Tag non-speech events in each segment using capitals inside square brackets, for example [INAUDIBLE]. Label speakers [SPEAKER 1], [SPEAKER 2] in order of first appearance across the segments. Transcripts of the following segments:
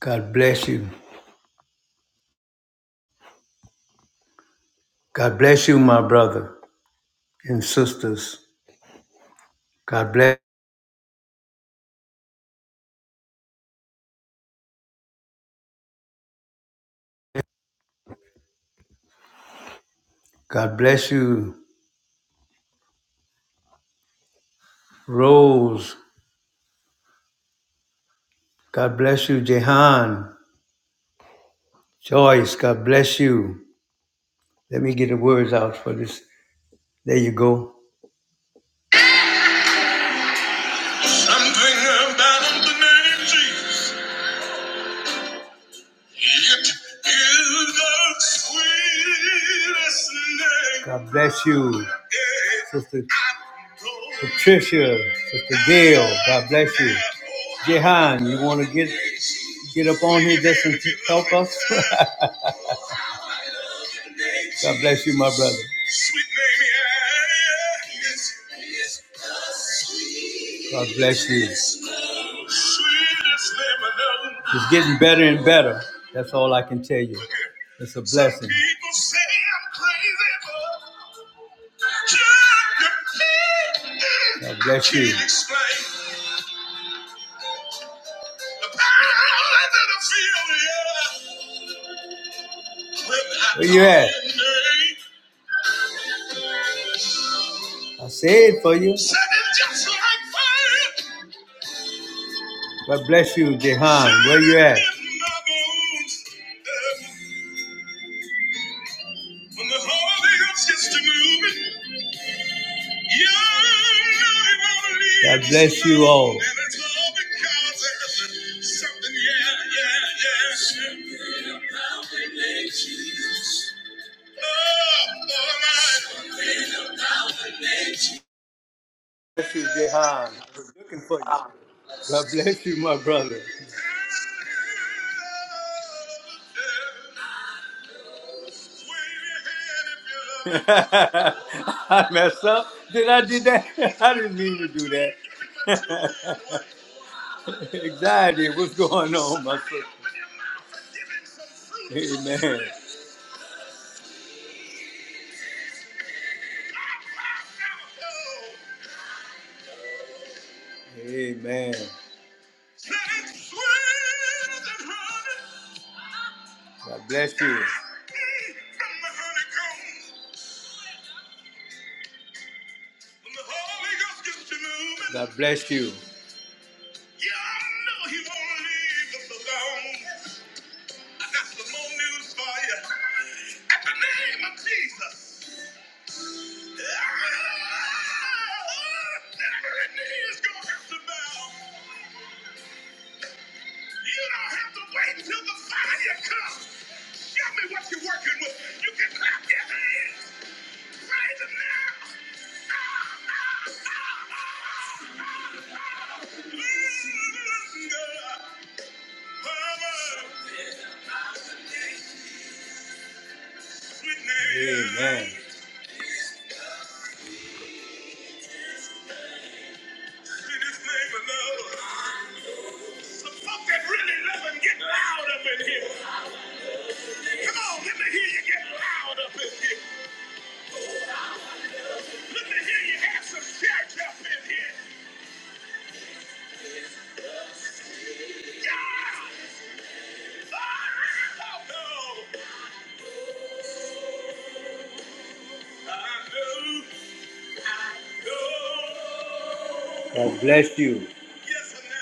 [SPEAKER 1] God bless you. God bless you, my brother and sisters. God bless. God bless you, Rose. God bless you, Jehan. Joyce, God bless you. Let me get the words out for this. There you go. Something about the name Jesus. It is the sweetest name. God bless you, Sister Patricia, Sister Gail, God bless you. Jehan, you want to get get up on here just to help us? [LAUGHS] God bless you, my brother. God bless you. It's getting better and better. That's all I can tell you. It's a blessing. God bless you. Where you at? I say it for you. like God bless you, Jehan. Where you at? um, God bless you all. yeah, yeah, yeah. Oh, oh, Bless you, Jehan. I was looking for you.
[SPEAKER 2] Um.
[SPEAKER 1] God bless you, my brother. [LAUGHS] I messed up. Did I do that? [LAUGHS] I didn't mean to do that. [LAUGHS] Anxiety, what's going on, my sister? Amen. Amen. God bless you. God bless you. Yeah, I know he won't leave us alone. I got some more news for you. At the name of Jesus, Ah, every knee is gonna have to bow. You don't have to wait till the fire comes. Show me what you're working with. You can clap your hands right now. Amen. Sweet name, sweetest name of love. Some folk that really love him get loud up in here. Come on, let me hear you get loud up in here. Let me hear you have some church up in here. Yeah! I know. I know. I know. God bless you. Yes, I know.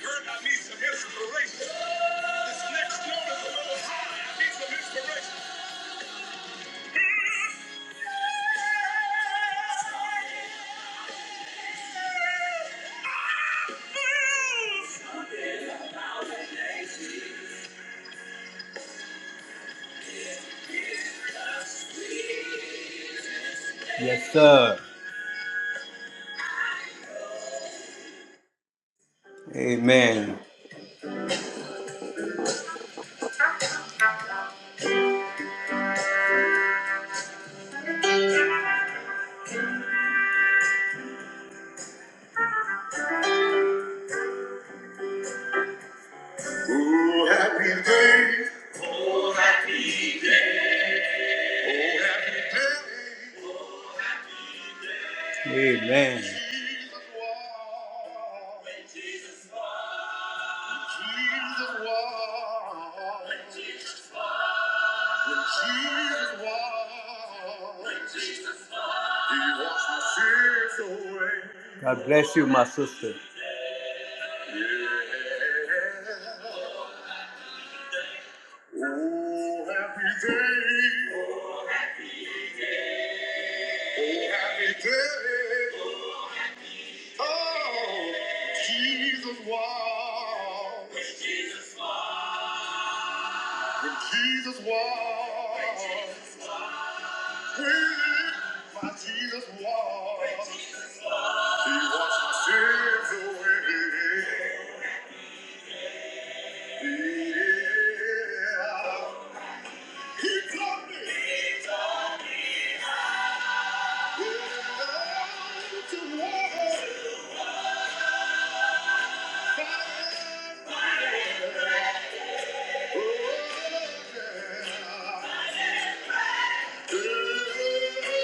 [SPEAKER 1] Heard I need some inspiration. This next note is a little high. I need some inspiration. Hmm? Yes, sir. Amen. Oh, happy day. Oh, happy day. Amen. God bless you, my sister. Yeah. Oh, happy day. Happy day. Oh, Jesus walked. When Jesus walked. When my Jesus walked. He washed my sins away. Yeah. He taught me. yeah, To walk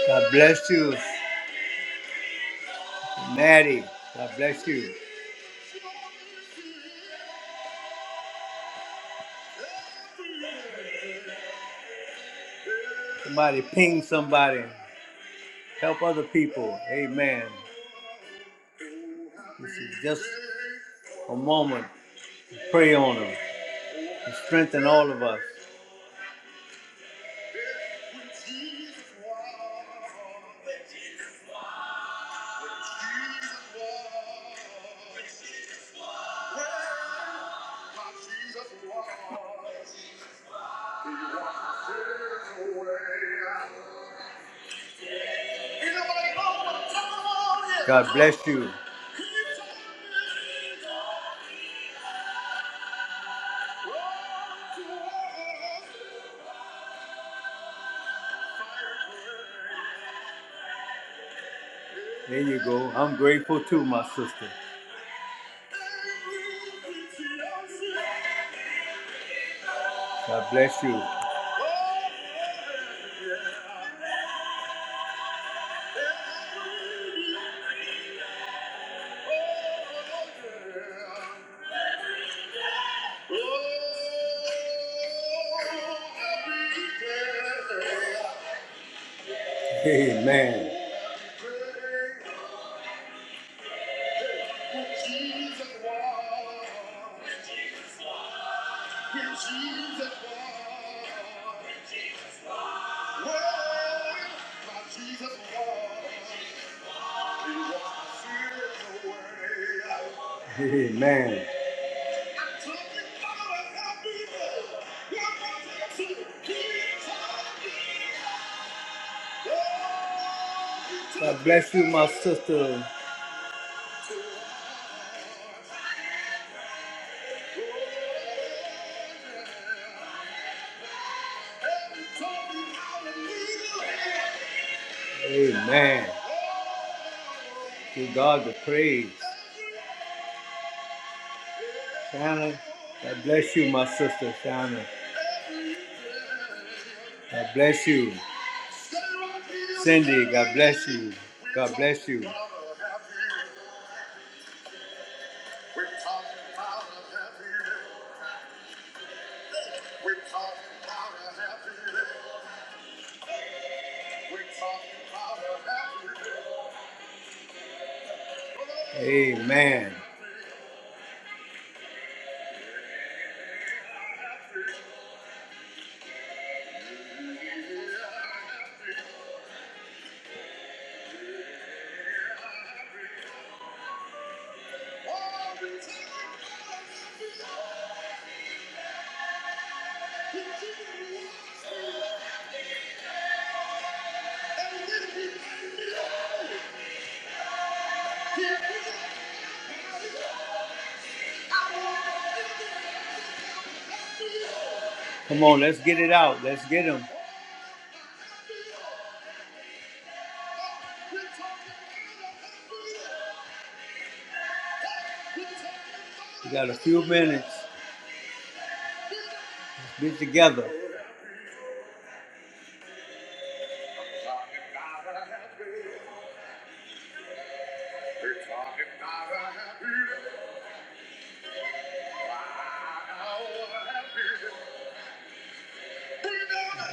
[SPEAKER 1] Oh yeah, God bless you. Maddie, God bless you. Somebody ping somebody. Help other people. Amen. This is just a moment to pray on them and strengthen all of us. God bless you. There you go. I'm grateful too, my sister. God bless you. Amen. Amen. God bless you, my sister. Amen. Give God the praise. Shannon, God bless you, my sister Shannon. God bless you. Cindy, God bless you. God bless you. Amen. Come on, let's get it out. Let's get them. We got a few minutes. Let's get together.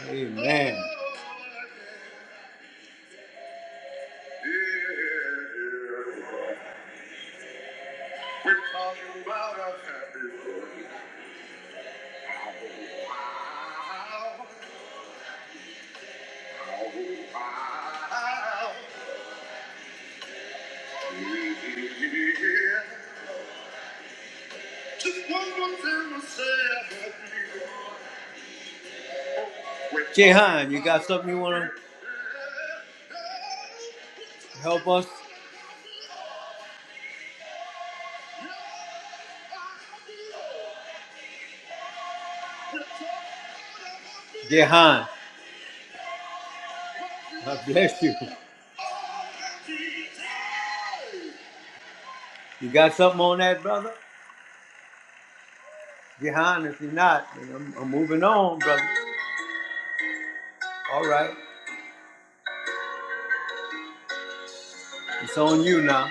[SPEAKER 1] Amen. We're talking about a happy birthday. Oh, wow. Just one more time to say a happy Jehan, you got something you want to help us? Jehan, God bless you. You got something on that, brother? Jehan, if you're not, then I'm, I'm moving on, brother. All right. It's on you now.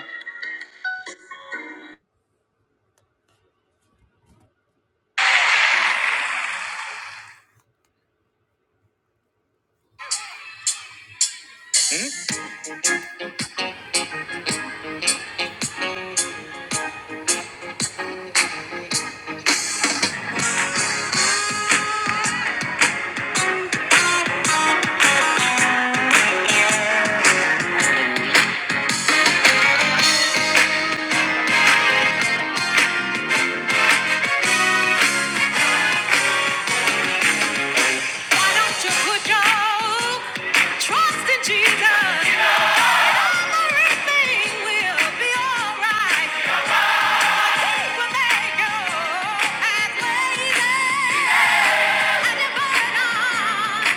[SPEAKER 2] Why don't you put your trust in Jesus? Everything will be alright. He will make your path lazy and your burden on.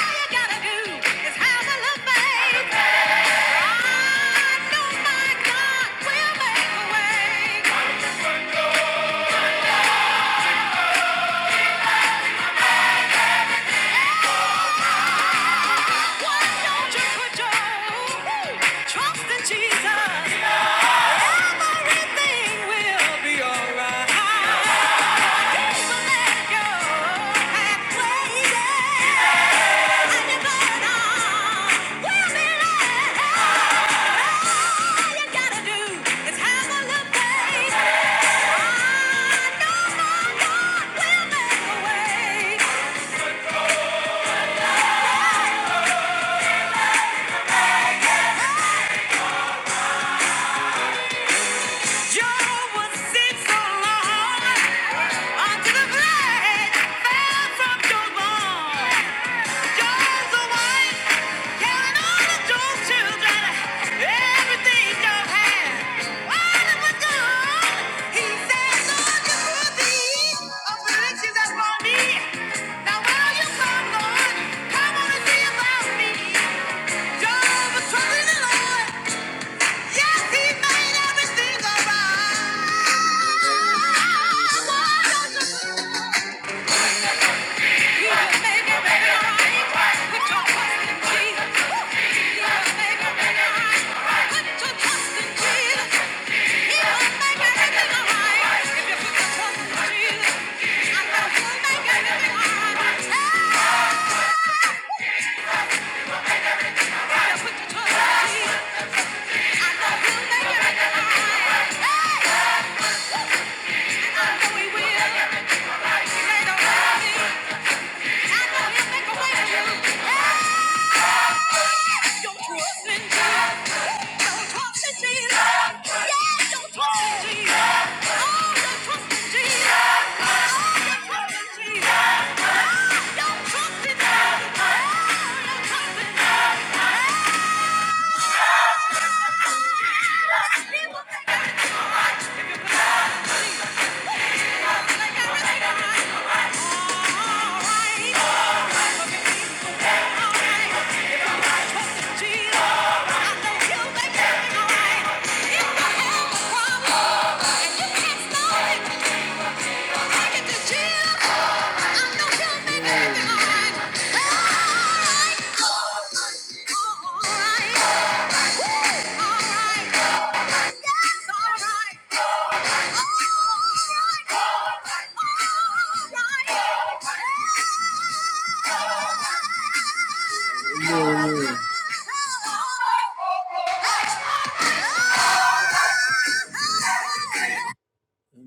[SPEAKER 2] All you gotta do is have a little faith. I know my God will make a way. Why don't you put your trust in Jesus? Everything will be alright. Until the blood fell from your bones. Joe's a wife, counting all of Joe's children, everything Joe had. All that was good, he said, Lord, you [LAUGHS] put these afflictions upon me. Now will you Lord? Come on and see about me. Job was trusting the Lord. Yes, he made everything alright you Hey!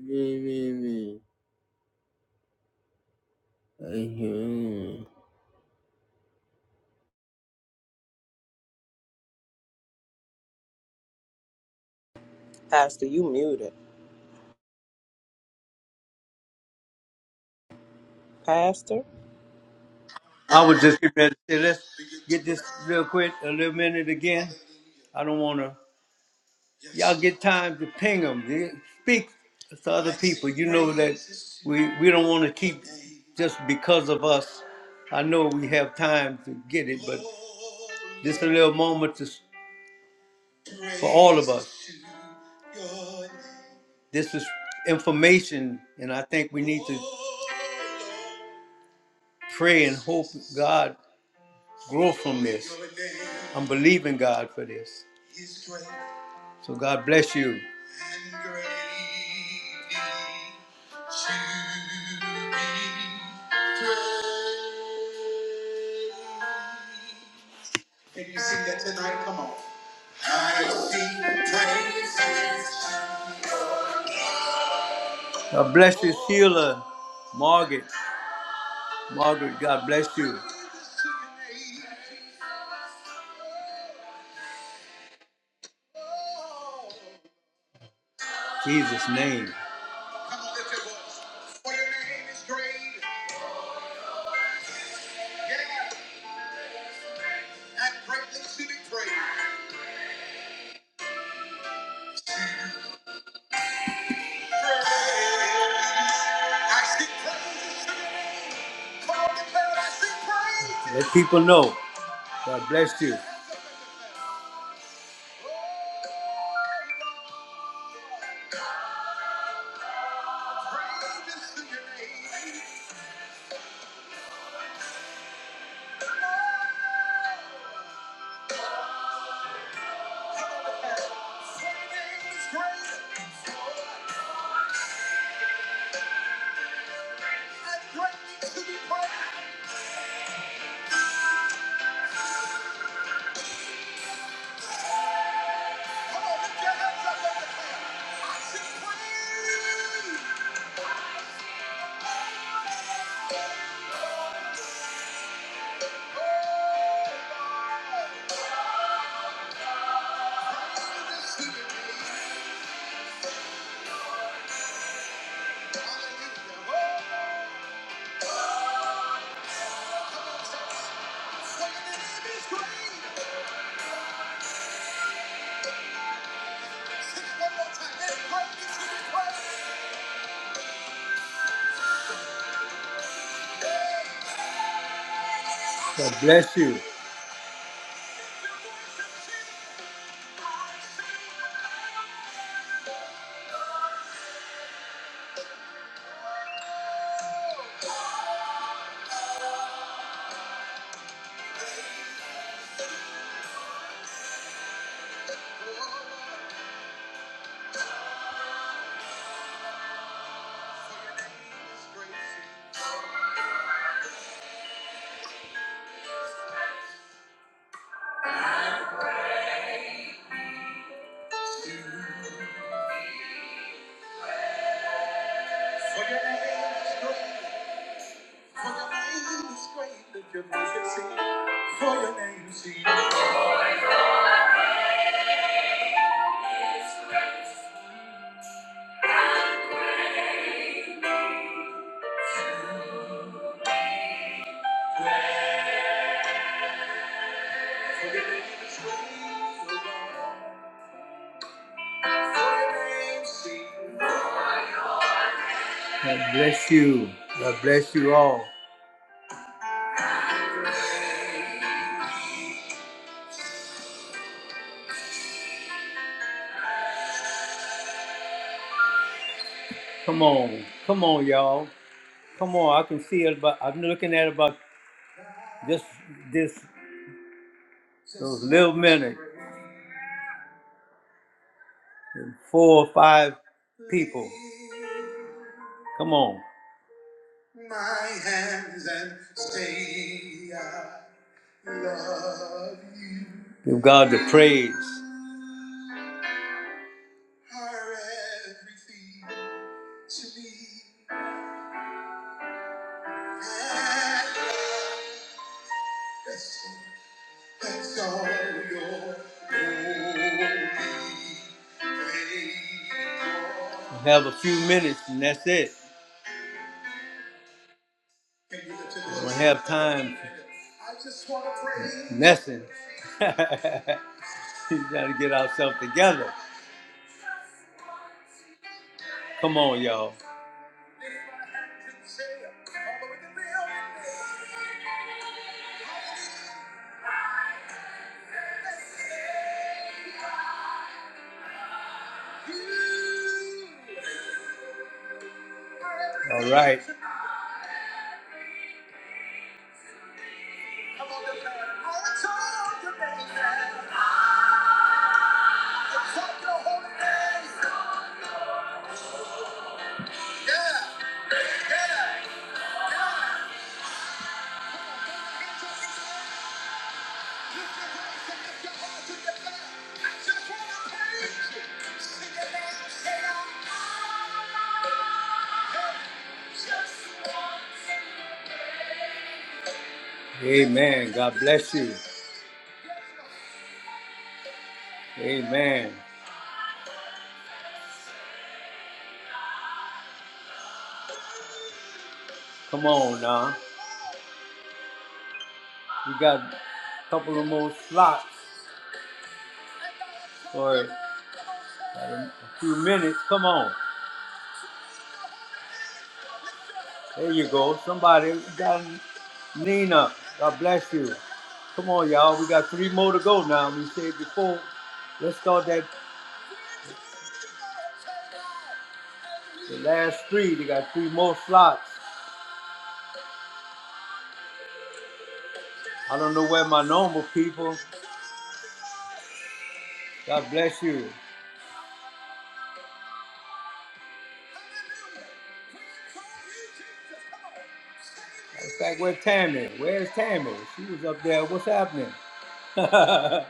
[SPEAKER 2] Yeah, me, me, yeah. I hear
[SPEAKER 3] Pastor, you muted. Pastor?
[SPEAKER 1] I was just getting ready to say, let's get this real quick, a little minute again. I don't want to. Y'all get time to ping them. Speak to other people. You know that we, we don't want to keep just because of us. I know we have time to get it, but just a little moment to for all of us. This is information, and I think we need to pray and hope God grow from this. I'm believing God for this. So God bless you. Can you sing that tonight? Come on. I sing praise. God bless you, Sheila, Margaret. Margaret, God bless you. Jesus' name. Come on, lift your voice. For your name is great, yeah, and greatly to be praised. I sing praise. Come on, declare it. I sing praise. Let people know. God bless you. For your name is great, greatly to be praised. Praise. Hallelujah. Oh, come on, church. For your name is great. Sing it one more time. And greatly to be praised. God bless you. For your name is great. God bless you. God bless you all. Come on. Come on, y'all. Come on. I can see it about I'm looking at about just this those little minute. Four or five people. Come on. Give God the praise. That's all your holy faithful. We have a few minutes and that's it. We don't have time for messing. [LAUGHS] you gotta get ourselves together. Come on, y'all. All right. Amen. God bless you. Amen. Come on now. We got a couple of more slots or a few minutes. Come on. There you go. Somebody got Nina. God bless you. Come on, y'all. We got three more to go now. We said before. Let's start that the last three. They got three more slots. I don't know where my normal people. God bless you. In fact, where Tammy? Where's Tammy? She was up there. What's happening? [LAUGHS]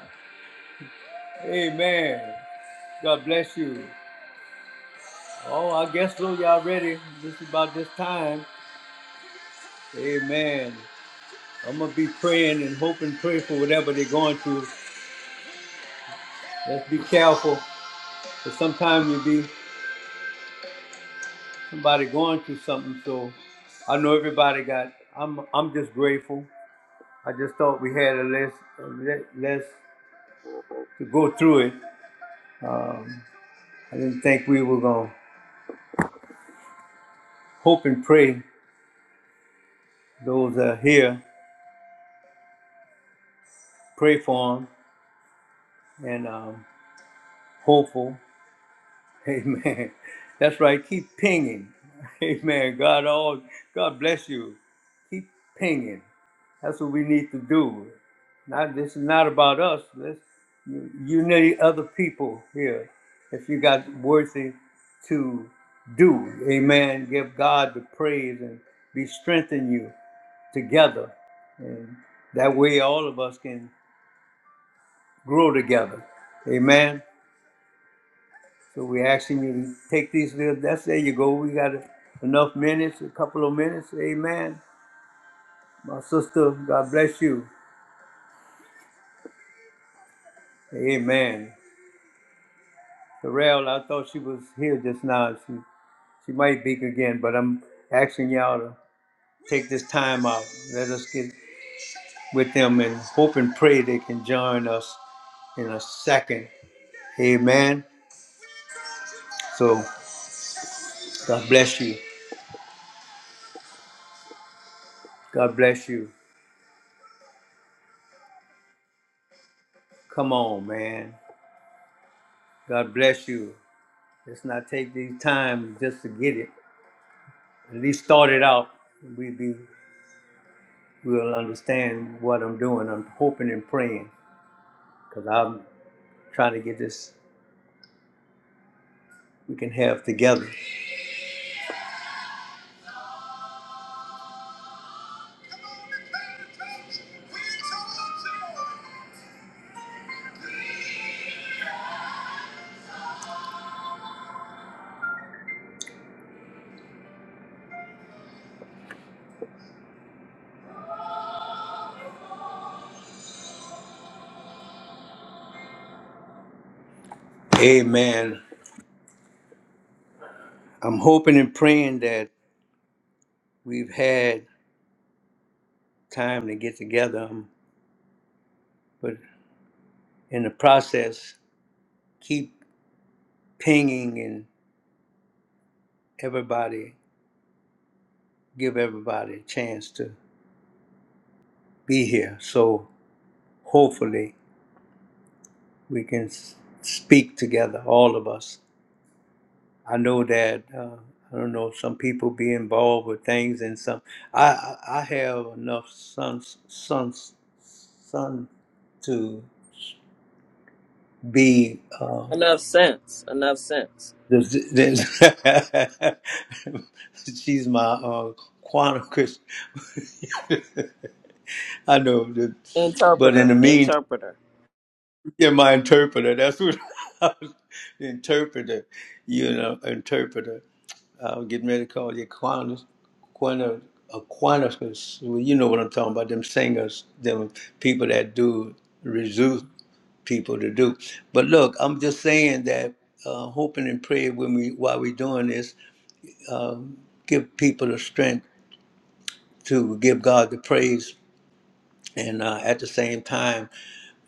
[SPEAKER 1] Amen. God bless you. Oh, I guess so. Y'all ready? This is about this time. Amen. I'm gonna be praying and hoping, pray for whatever they're going through. Let's be careful, because sometimes you be somebody going through something. So I know everybody got. I'm I'm just grateful. I just thought we had a list, a li- list to go through it. Um, I didn't think we were gonna hope and pray. Those that are here, pray for them and um, hopeful. Amen. That's right. Keep pinging. Amen. God all God bless you. Keep pinging. That's what we need to do. Not this is not about us. This you you need other people here. If you got worthy to do, Amen. Give God the praise and be strengthened you together, and that way all of us can grow together. Amen. So we asking you to take these little, that's, there you go. We got enough minutes, a couple of minutes. Amen. My sister, God bless you. Amen. Terrell, I thought she was here just now. She, she might be again, but I'm asking y'all to take this time out. Let us get with them and hope and pray they can join us in a second. Amen. So God bless you. God bless you. Come on, man. God bless you. Let's not take these times just to get it. At least start it out. We be we'll understand what I'm doing. I'm hoping and praying because I'm trying to get this we can have together. Amen. I'm hoping and praying that we've had time to get together, um, but in the process, keep pinging and everybody, give everybody a chance to be here. So hopefully we can s- speak together, all of us. I know that uh, I don't know some people be involved with things, and some I I I have enough sons sons son to be. Uh,
[SPEAKER 3] Enough sense. Enough sense.
[SPEAKER 1] this, this [LAUGHS] she's my uh, quantum Christian. [LAUGHS] I know, that, but in
[SPEAKER 3] Interpreter.
[SPEAKER 1] the meantime,
[SPEAKER 3] Interpreter.
[SPEAKER 1] yeah, my interpreter. That's what [LAUGHS] I was, interpreter. You know, interpreter. I was getting ready to call you Aquinas, Aquina, Aquinas. Well, you know what I'm talking about, them singers, them people that do reduce people to do. But look, I'm just saying that uh, hoping and praying when we while we're doing this, give people the strength to give God the praise. And uh, at the same time,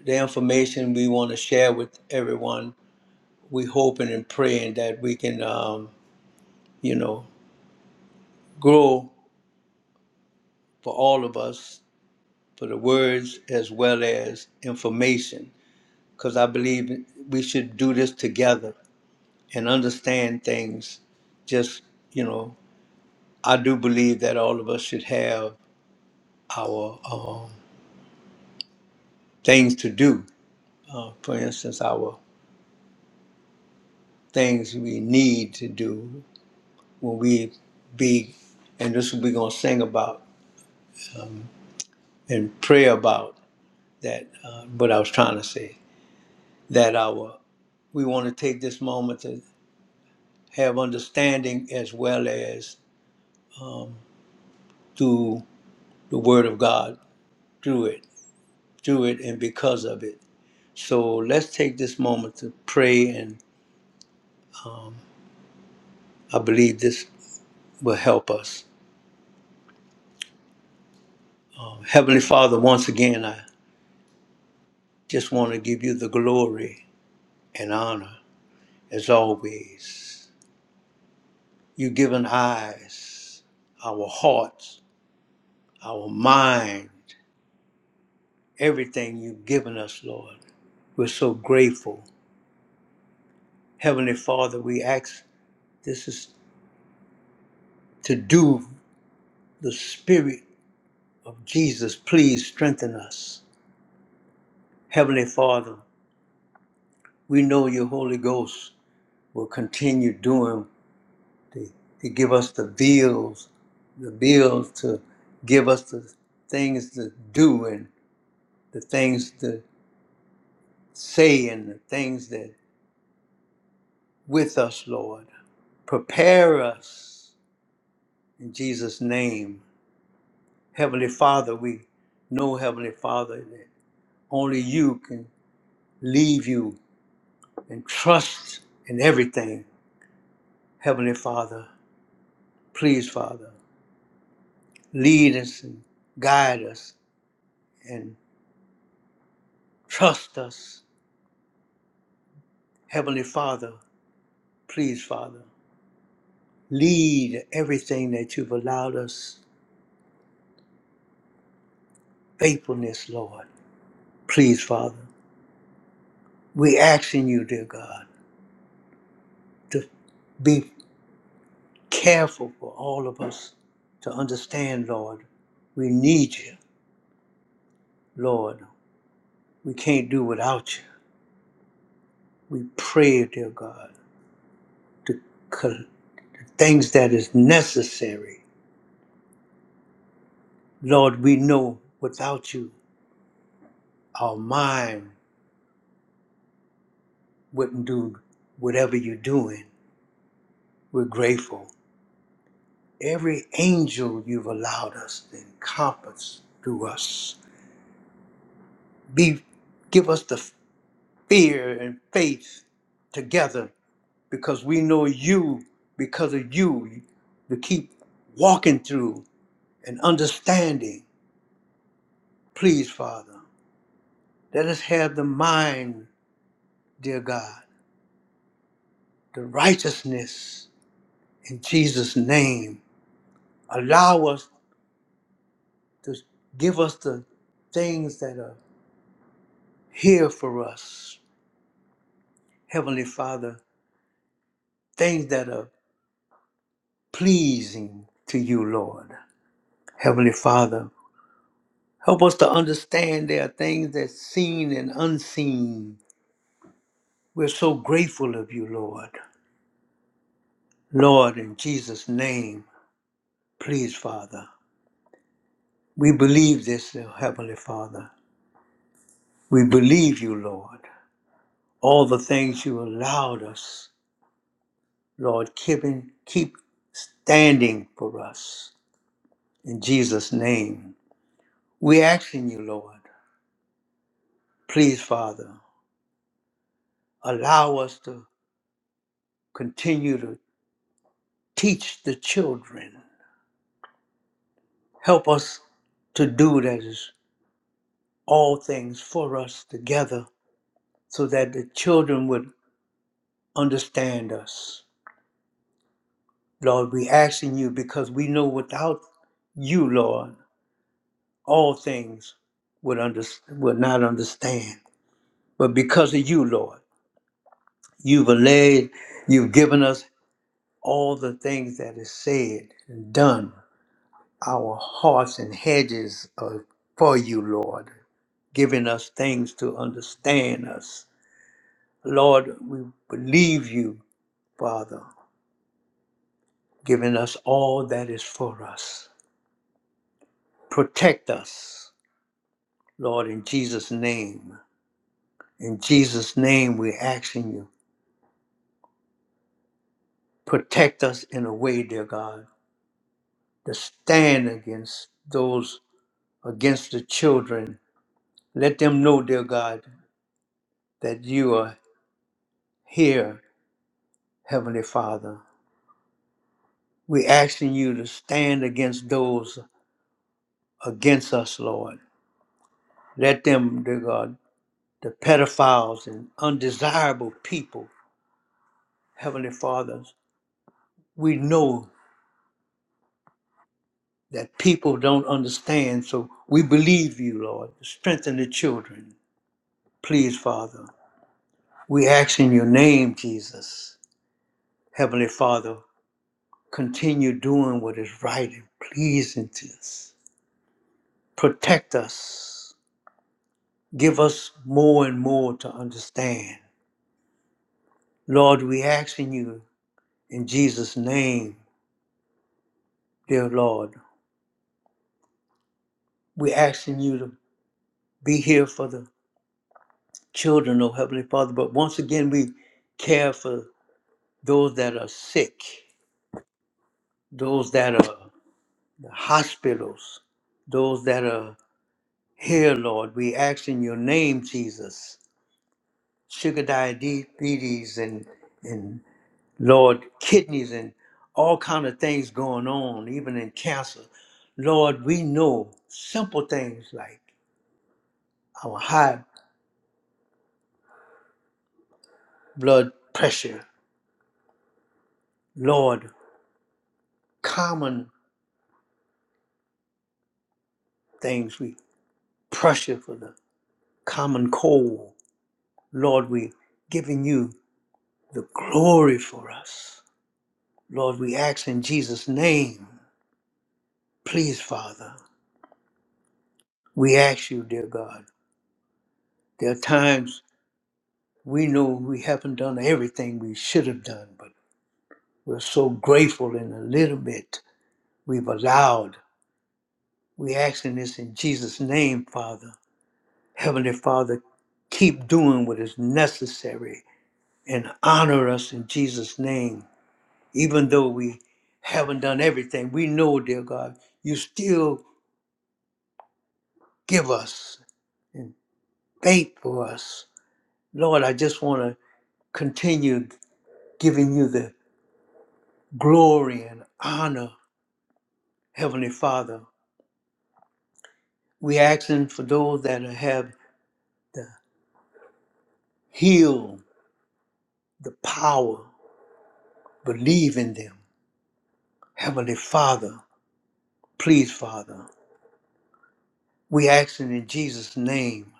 [SPEAKER 1] the information we want to share with everyone, we hoping and praying that we can, um, you know, grow for all of us for the words as well as information because I believe we should do this together and understand things. Just, you know, I do believe that all of us should have our um, things to do. Uh, for instance, our things we need to do when we be, and this we're going to sing about and pray about that, uh, what I was trying to say, that our we want to take this moment to. have understanding as well as through the Word of God, through it, through it, and because of it. So let's take this moment to pray, and I believe this will help us. Um, Heavenly Father, once again, I just want to give you the glory and honor as always. You've given eyes, our hearts, our mind, everything you've given us, Lord. We're so grateful. Heavenly Father, we ask this is to do the Spirit of Jesus. Please strengthen us. Heavenly Father, we know your Holy Ghost will continue doing to, to give us the bills, the bills to give us the things to do and the things to say and the things that with us, Lord. Prepare us in Jesus' name. Heavenly Father, we know, Heavenly Father, that only you can leave you and trust in everything. Heavenly Father, please, Father, lead us and guide us and trust us. Heavenly Father, please, Father, lead everything that you've allowed us faithfulness, Lord. Please, Father, we asking you, dear God, to be careful for all of us to understand, Lord, we need you, Lord. We can't do without you. We pray, dear God. the, the things that is necessary. Lord, we know without you, our mind wouldn't do whatever you're doing. We're grateful. Every angel you've allowed us to encompass through us. Be, give us the fear and faith together because we know you, because of you, to keep walking through and understanding. Please, Father, let us have the mind dear God, the righteousness in Jesus' name. Allow us to give us the things that are here for us, Heavenly Father, things that are pleasing to you, Lord. Heavenly Father, help us to understand there are things that's seen and unseen. We're so grateful of you, Lord. Lord, in Jesus' name, please, Father. We believe this, Heavenly Father. We believe you, Lord. all the things you allowed us, Lord, keeping, keep standing for us. In Jesus' name, we asking you, Lord, please, Father, allow us to continue to teach the children. Help us to do that is all things for us together so that the children would understand us. Lord, we asking you because we know without you, Lord. all things would under, would not understand. But because of you, Lord, you've allayed, you've given us all the things that is said and done. Our hearts and hedges are for you, Lord, giving us things to understand us. Lord, we believe you, Father, giving us all that is for us. Protect us, Lord, in Jesus' name. In Jesus' name, we're asking you protect us in a way, dear God, to stand against those against the children. Let them know, dear God, that you are here, Heavenly Father. We're asking you to stand against those against us, Lord. Let them, dear God, the pedophiles and undesirable people, Heavenly Fathers, we know that people don't understand, so we believe you, Lord. Strengthen the children, please, Father. We ask in your name, Jesus. Heavenly Father, continue doing what is right and pleasing to us. Protect us. Give us more and more to understand. Lord, we ask in you in Jesus' name, dear Lord. We ask in you to be here for the children, oh Heavenly Father. But once again, we care for those that are sick, those that are in hospitals, those that are Here, Lord, we ask in your name, Jesus, sugar diabetes and and Lord, kidneys and all kind of things going on, even in cancer. Lord, we know simple things like our high blood pressure. Lord, common things we pressure for the common cold. Lord, we giving you the glory for us. Lord, we ask in Jesus' name, please, Father. We ask you, dear God. There are times we know we haven't done everything we should have done, but we're so grateful in a little bit we've allowed. We asking this in Jesus' name, Father. Heavenly Father, keep doing what is necessary and honor us in Jesus' name. Even though we haven't done everything, we know, dear God, you still give us and faith for us. Lord, I just want to continue giving you the glory and honor, Heavenly Father. we asking for those that have the heal, the power, believe in them. Heavenly Father, please, Father. We asking in Jesus' name.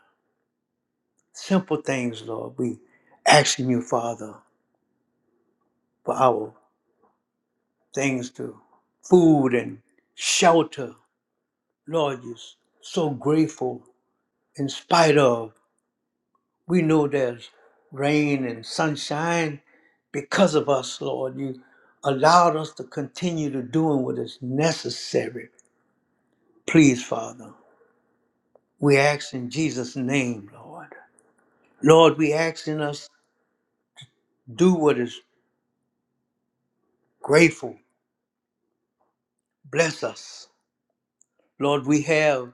[SPEAKER 1] Simple things, Lord. We asking you, Father, for our things to food and shelter. Lord, you're so grateful in spite of. We know there's rain and sunshine because of us, Lord. You allowed us to continue to doing what is necessary. Please, Father, we ask in Jesus' name, Lord. Lord, we ask in us do what is grateful. Bless us. Lord, we have,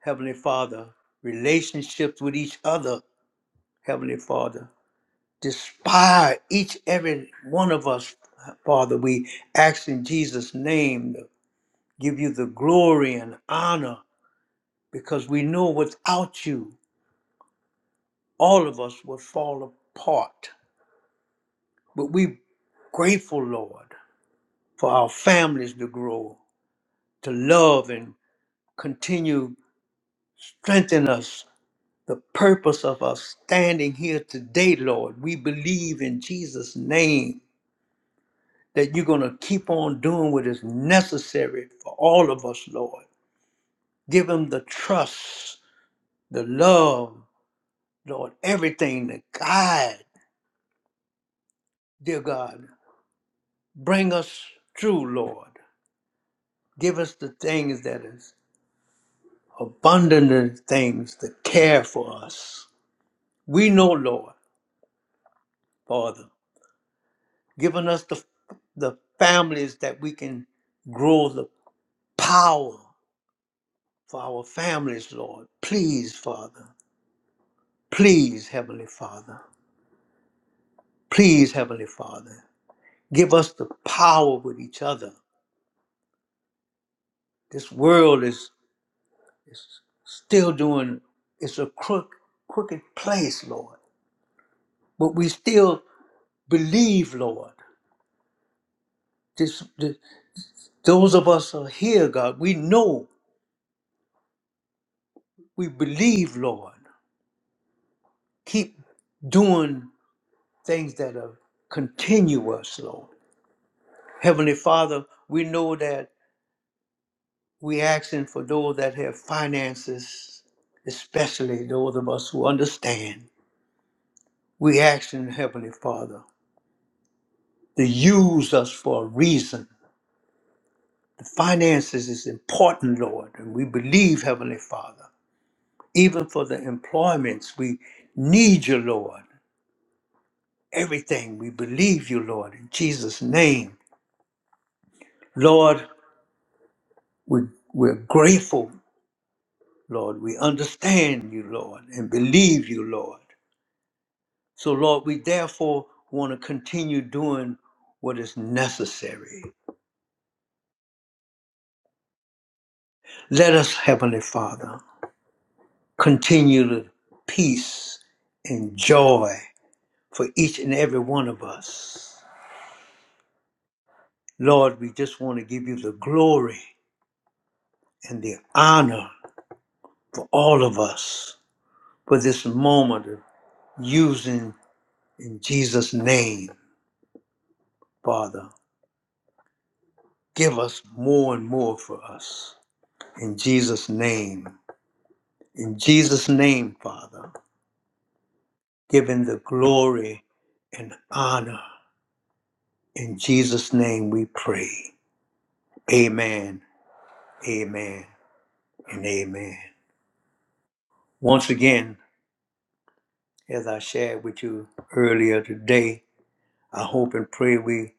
[SPEAKER 1] Heavenly Father, relationships with each other, Heavenly Father. Despite each every one of us, Father, we ask in Jesus' name to give you the glory and honor because we know without you, all of us would fall apart. But we grateful, Lord, for our families to grow, to love and continue strengthen us. The purpose of us standing here today, Lord, we believe in Jesus' name that you're going to keep on doing what is necessary for all of us, Lord. Give them the trust, the love, Lord, everything, the guide Dear God, bring us true, Lord. Give us the things that is abundant in things to care for us. We know, Lord, Father, giving us the, the families that we can grow the power for our families, Lord. Please, Father. Please, Heavenly Father. Please, Heavenly Father. Give us the power with each other. This world is It's still doing, it's a crook, crooked place, Lord. But we still believe, Lord. This, this, those of us who are here, God, we know, we believe, Lord. Keep doing things that are continuous, Lord. Heavenly Father, we know that we're asking for those that have finances, especially those of us who understand. We asking Heavenly Father to use us for a reason The finances is important, Lord, and we believe, Heavenly Father, even for the employments, we need you, Lord. Everything, we believe you, Lord, in Jesus' name. Lord, we, we're grateful, Lord. We understand you, Lord, and believe you, Lord. So, Lord, we therefore want to continue doing what is necessary. Let us, Heavenly Father, continue to peace and joy for each and every one of us. Lord, we just want to give you the glory and the honor for all of us for this moment of using in Jesus' name, Father. Give us more and more for us in Jesus' name. In Jesus' name, Father, give him the glory and honor. In Jesus' name we pray. Amen, amen, and amen. Once again, As I shared with you earlier today, I hope and pray we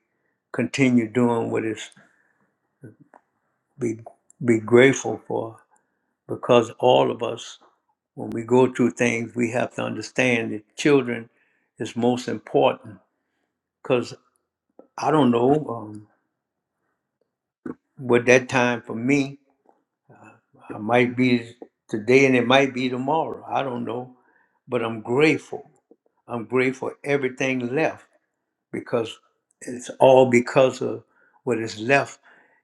[SPEAKER 1] continue doing what is be be grateful for because all of us when we go through things we have to understand that children is most important because I don't know um, what that time for me I might be today and it might be tomorrow. I don't know, but I'm grateful. I'm grateful everything left because it's all because of what is left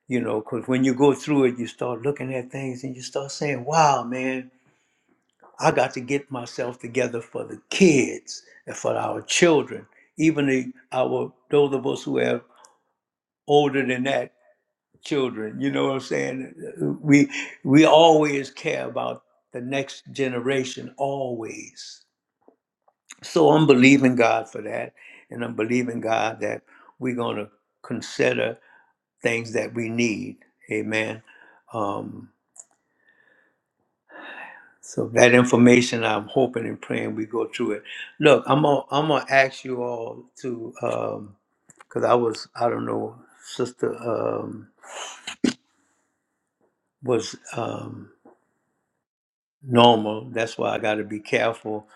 [SPEAKER 1] you know, because when you go through it, you start looking at things and you start saying, wow, man, I got to get myself together for the kids and for our children, even the, our those of us who are older than that children. You know what I'm saying? We we always care about the next generation, always. So I'm believing God for that, and I'm believing God that we're gonna consider things that we need. Amen. Um, So that information, I'm hoping and praying we go through it. Look, I'm gonna I'm gonna ask you all to um, because I was I don't know, sister um, was um, normal. That's why I got to be careful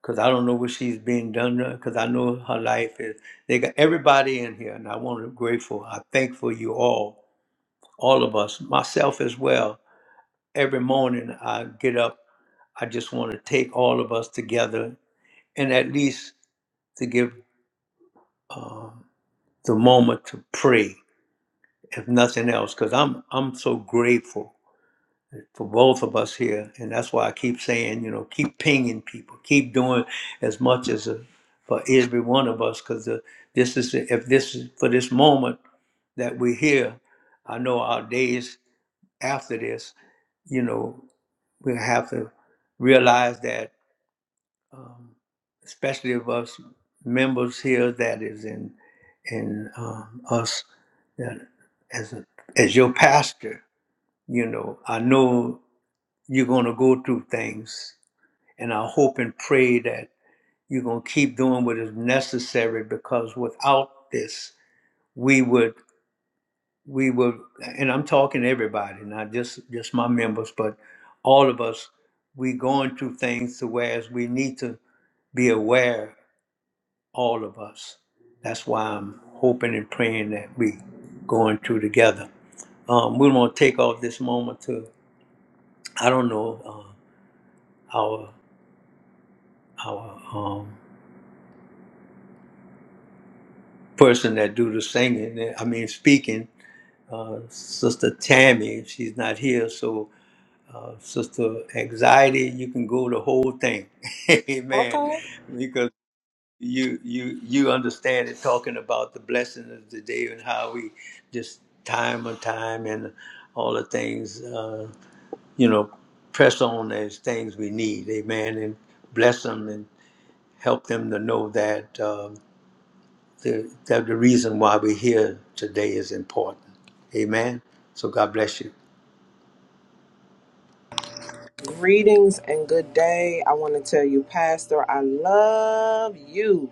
[SPEAKER 1] because I don't know what she's being done to. because I know her life is. They got everybody in here, and I want to grateful. I thank for you all, all of us, myself as well. Every morning I get up, I just want to take all of us together and at least to give. the moment to pray, if nothing else, because I'm I'm so grateful for both of us here, and that's why I keep saying, you know, keep pinging people, keep doing as much as uh for every one of us, because this is if this is for this moment that we're here. I know our days after this, you know, we have to realize that, especially of us members here, that is in in um, us that as a, as your pastor You know, I know you're going to go through things, and I hope and pray that you're going to keep doing what is necessary because without this, we would, we would, and I'm talking to everybody, not just just my members, but all of us, we going through things to whereas we need to be aware, all of us. That's why I'm hoping and praying that we going through together. Um, we want to take off this moment to, I don't know, uh, our our um, person that do the singing. eh, I mean, speaking. Uh, Sister Tammy, she's not here, so uh, Sister Anxiety, you can go the whole thing, [LAUGHS] Amen.
[SPEAKER 3] Okay.
[SPEAKER 1] Because you you you understand it, talking about the blessing of the day and how we just time on time and all the things, uh, you know, press on as things we need, Amen, and bless them and help them to know that. um, the, that the reason why we're here today is important. Amen. So God bless you.
[SPEAKER 3] Greetings and good day. I want to tell you, Pastor, I love you.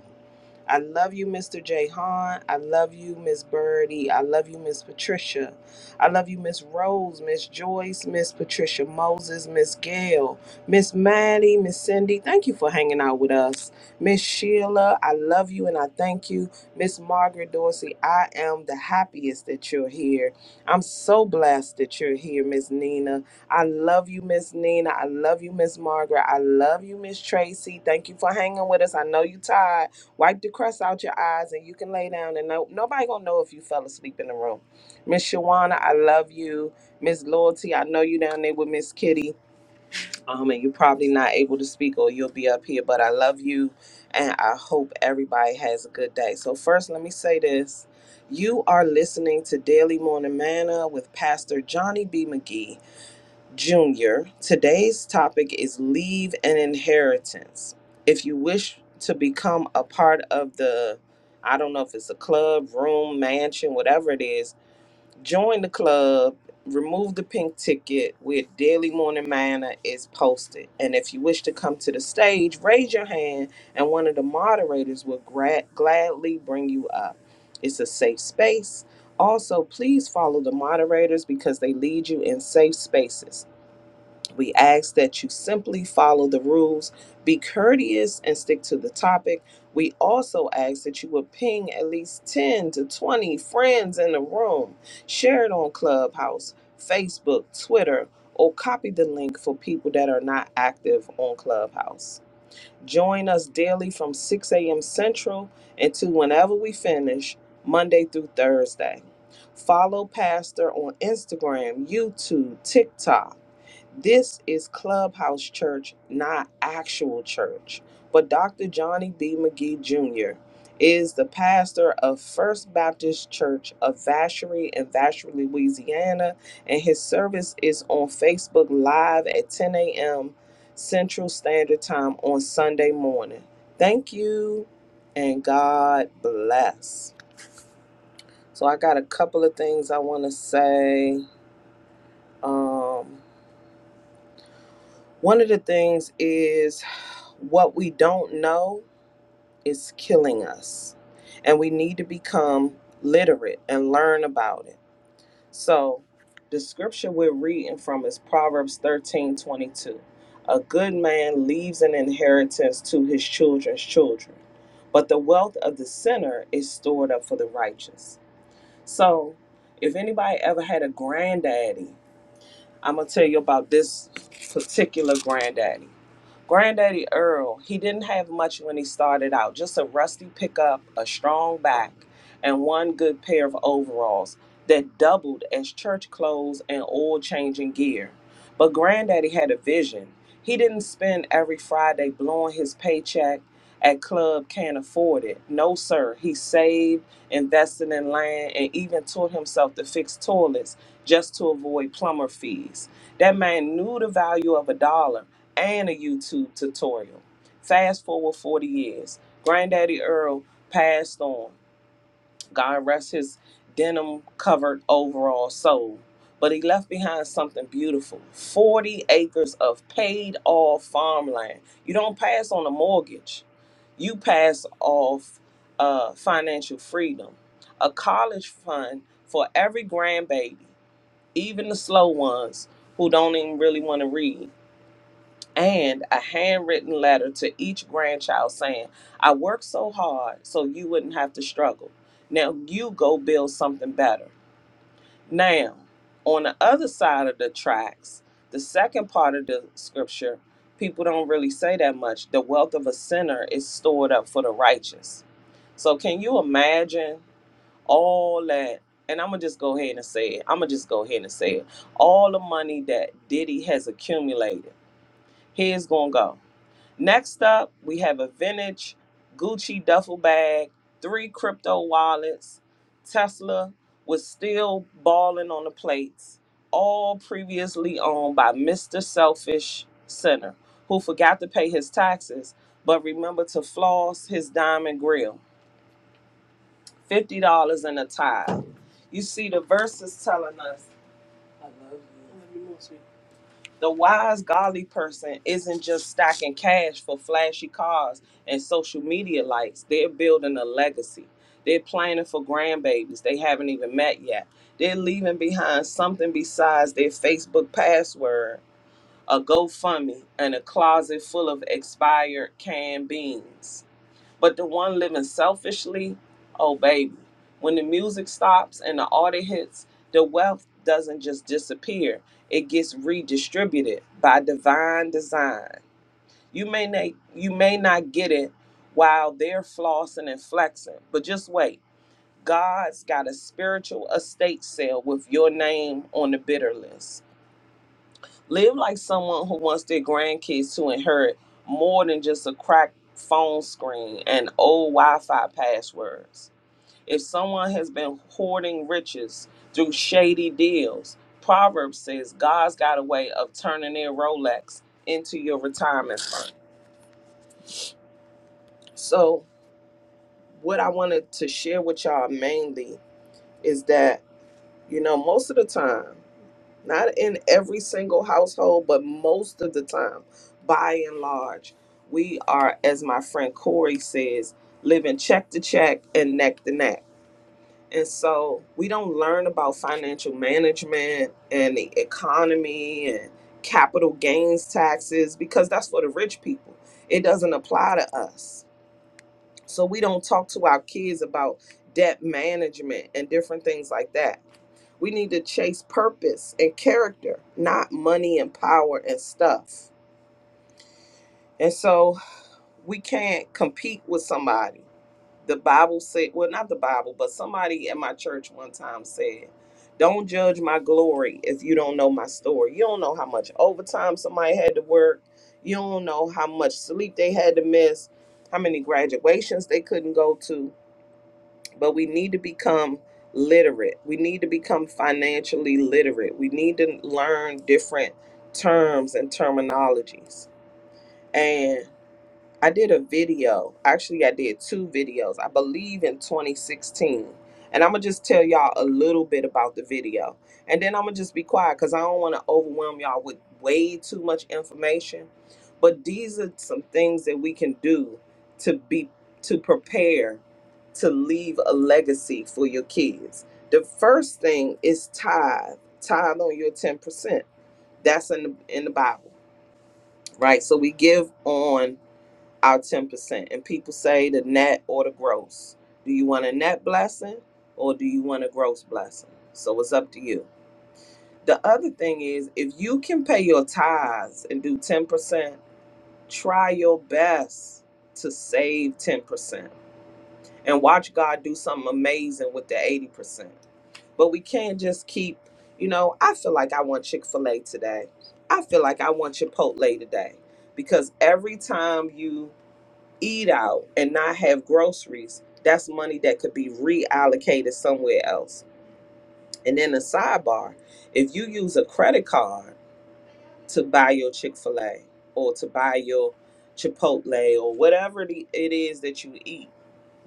[SPEAKER 3] I love you, Mr. Jay Hahn. I love you, Miss Birdie. I love you, Miss Patricia. I love you, Miss Rose, Miss Joyce, Miss Patricia Moses, Miss Gail, Miss Maddie, Miss Cindy. Thank you for hanging out with us. Miss Sheila, I love you and I thank you. Miss Margaret Dorsey, I am the happiest that you're here. I'm so blessed that you're here, Miss Nina. I love you, Miss Nina. I love you, Miss Margaret. I love you, Miss Tracy. Thank you for hanging with us. I know you tired. Wipe the crust out your eyes and you can lay down and no, nobody gonna know if you fell asleep in the room. Miss Shawana, I love you. Miss Loyalty, I know you down there with Miss Kitty. Um, and you're probably not able to speak or you'll be up here, but I love you and I hope everybody has a good day. So first let me say this. You are listening to Daily Morning Manna with Pastor Johnny B. McGee. Jr. Today's topic is leave and inheritance. If you wish to become a part of the, I don't know if it's a club, room, mansion, whatever it is, join the club. Remove the pink ticket with Daily Morning Manna is posted. And if you wish to come to the stage, raise your hand and one of the moderators will gra- gladly bring you up. It's a safe space. Also, please follow the moderators because they lead you in safe spaces. We ask that you simply follow the rules, be courteous, and stick to the topic. We also ask that you would ping at least 10 to 20 friends in the room. Share it on Clubhouse, Facebook, Twitter, or copy the link for people that are not active on Clubhouse. Join us daily from 6 a.m. Central until whenever we finish, Monday through Thursday. Follow Pastor on Instagram, YouTube, TikTok this is Clubhouse Church, not actual church. But Dr. Johnny B. McGee Jr. is the pastor of First Baptist Church of Vacherie in Vacherie, Louisiana, and his service is on Facebook Live at 10 a.m. Central Standard Time on Sunday morning. Thank you and God bless. So, I got a couple of things I want to say. Um, one of the things is What we don't know is killing us, and we need to become literate and learn about it. So, the scripture we're reading from is Proverbs thirteen twenty two. A good man leaves an inheritance to his children's children, but the wealth of the sinner is stored up for the righteous. So, if anybody ever had a granddaddy, I'm going to tell you about this particular granddaddy. Granddaddy Earl, he didn't have much when he started out, just a rusty pickup, a strong back, and one good pair of overalls that doubled as church clothes and oil changing gear. But Granddaddy had a vision. He didn't spend every Friday blowing his paycheck at club can't afford it. No, sir. He saved, invested in land, and even taught himself to fix toilets just to avoid plumber fees. That man knew the value of a dollar and a YouTube tutorial. Fast forward 40 years. Granddaddy Earl passed on. God rest his denim covered overall soul. But he left behind something beautiful 40 acres of paid off farmland. You don't pass on a mortgage, you pass off uh, financial freedom. A college fund for every grandbaby, even the slow ones who don't even really want to read and a handwritten letter to each grandchild saying, I worked so hard so you wouldn't have to struggle. Now you go build something better. Now, on the other side of the tracks, the second part of the scripture, people don't really say that much. The wealth of a sinner is stored up for the righteous. So, can you imagine all that? And I'm going to just go ahead and say it. I'm going to just go ahead and say it. All the money that Diddy has accumulated, here's going to go. Next up, we have a vintage Gucci duffel bag, three crypto wallets. Tesla was still balling on the plates, all previously owned by Mr. Selfish Sinner, who forgot to pay his taxes but remembered to floss his diamond grill. $50 in a tie. You see, the verse is telling us the wise godly person isn't just stacking cash for flashy cars and social media likes they're building a legacy they're planning for grandbabies they haven't even met yet they're leaving behind something besides their facebook password a gofundme and a closet full of expired canned beans but the one living selfishly, oh baby, when the music stops and the audit hits, the wealth doesn't just disappear. It gets redistributed by divine design. You may not you may not get it while they're flossing and flexing, but just wait. God's got a spiritual estate sale with your name on the bidder list. Live like someone who wants their grandkids to inherit more than just a cracked phone screen and old Wi Fi passwords. If someone has been hoarding riches through shady deals, Proverbs says God's got a way of turning their Rolex into your retirement fund. So, what I wanted to share with y'all mainly is that, you know, most of the time, not in every single household, but most of the time, by and large, we are, as my friend Corey says, living check to check and neck to neck. And so we don't learn about financial management and the economy and capital gains taxes because that's for the rich people. It doesn't apply to us. So we don't talk to our kids about debt management and different things like that we need to chase purpose and character, not money and power and stuff. And so we can't compete with somebody. The Bible said, well, not the Bible, but somebody at my church one time said, Don't judge my glory if you don't know my story. You don't know how much overtime somebody had to work. You don't know how much sleep they had to miss, how many graduations they couldn't go to but we need to become literate. We need to become financially literate. We need to learn different terms and terminologies. and. I did a video. Actually, I did two videos, I believe in 2016. And I'm going to just tell y'all a little bit about the video. And then I'm going to just be quiet because I don't want to overwhelm y'all with way too much information. But these are some things that we can do to be to prepare to leave a legacy for your kids. The first thing is tithe. Tithe on your 10%. That's in the, in the Bible, right? So we give on our 10%. And people say the net or the gross. Do you want a net blessing or do you want a gross blessing? So it's up to you. The other thing is if you can pay your tithes and do 10%, try your best to save 10% and watch God do something amazing with the 80%. But we can't just keep, you know, I feel like I want Chick fil A today. I feel like I want Chipotle today. Because every time you eat out and not have groceries, that's money that could be reallocated somewhere else. And then a sidebar, if you use a credit card to buy your Chick-fil-A or to buy your Chipotle or whatever the- it is that you eat,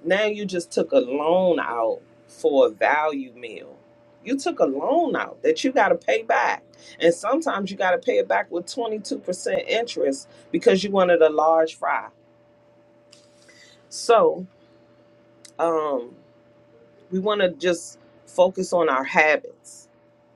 [SPEAKER 3] now you just took a loan out for a value meal. You took a loan out that you got to pay back. And sometimes you got to pay it back with 22% interest because you wanted a large fry. So, um we want to just focus on our habits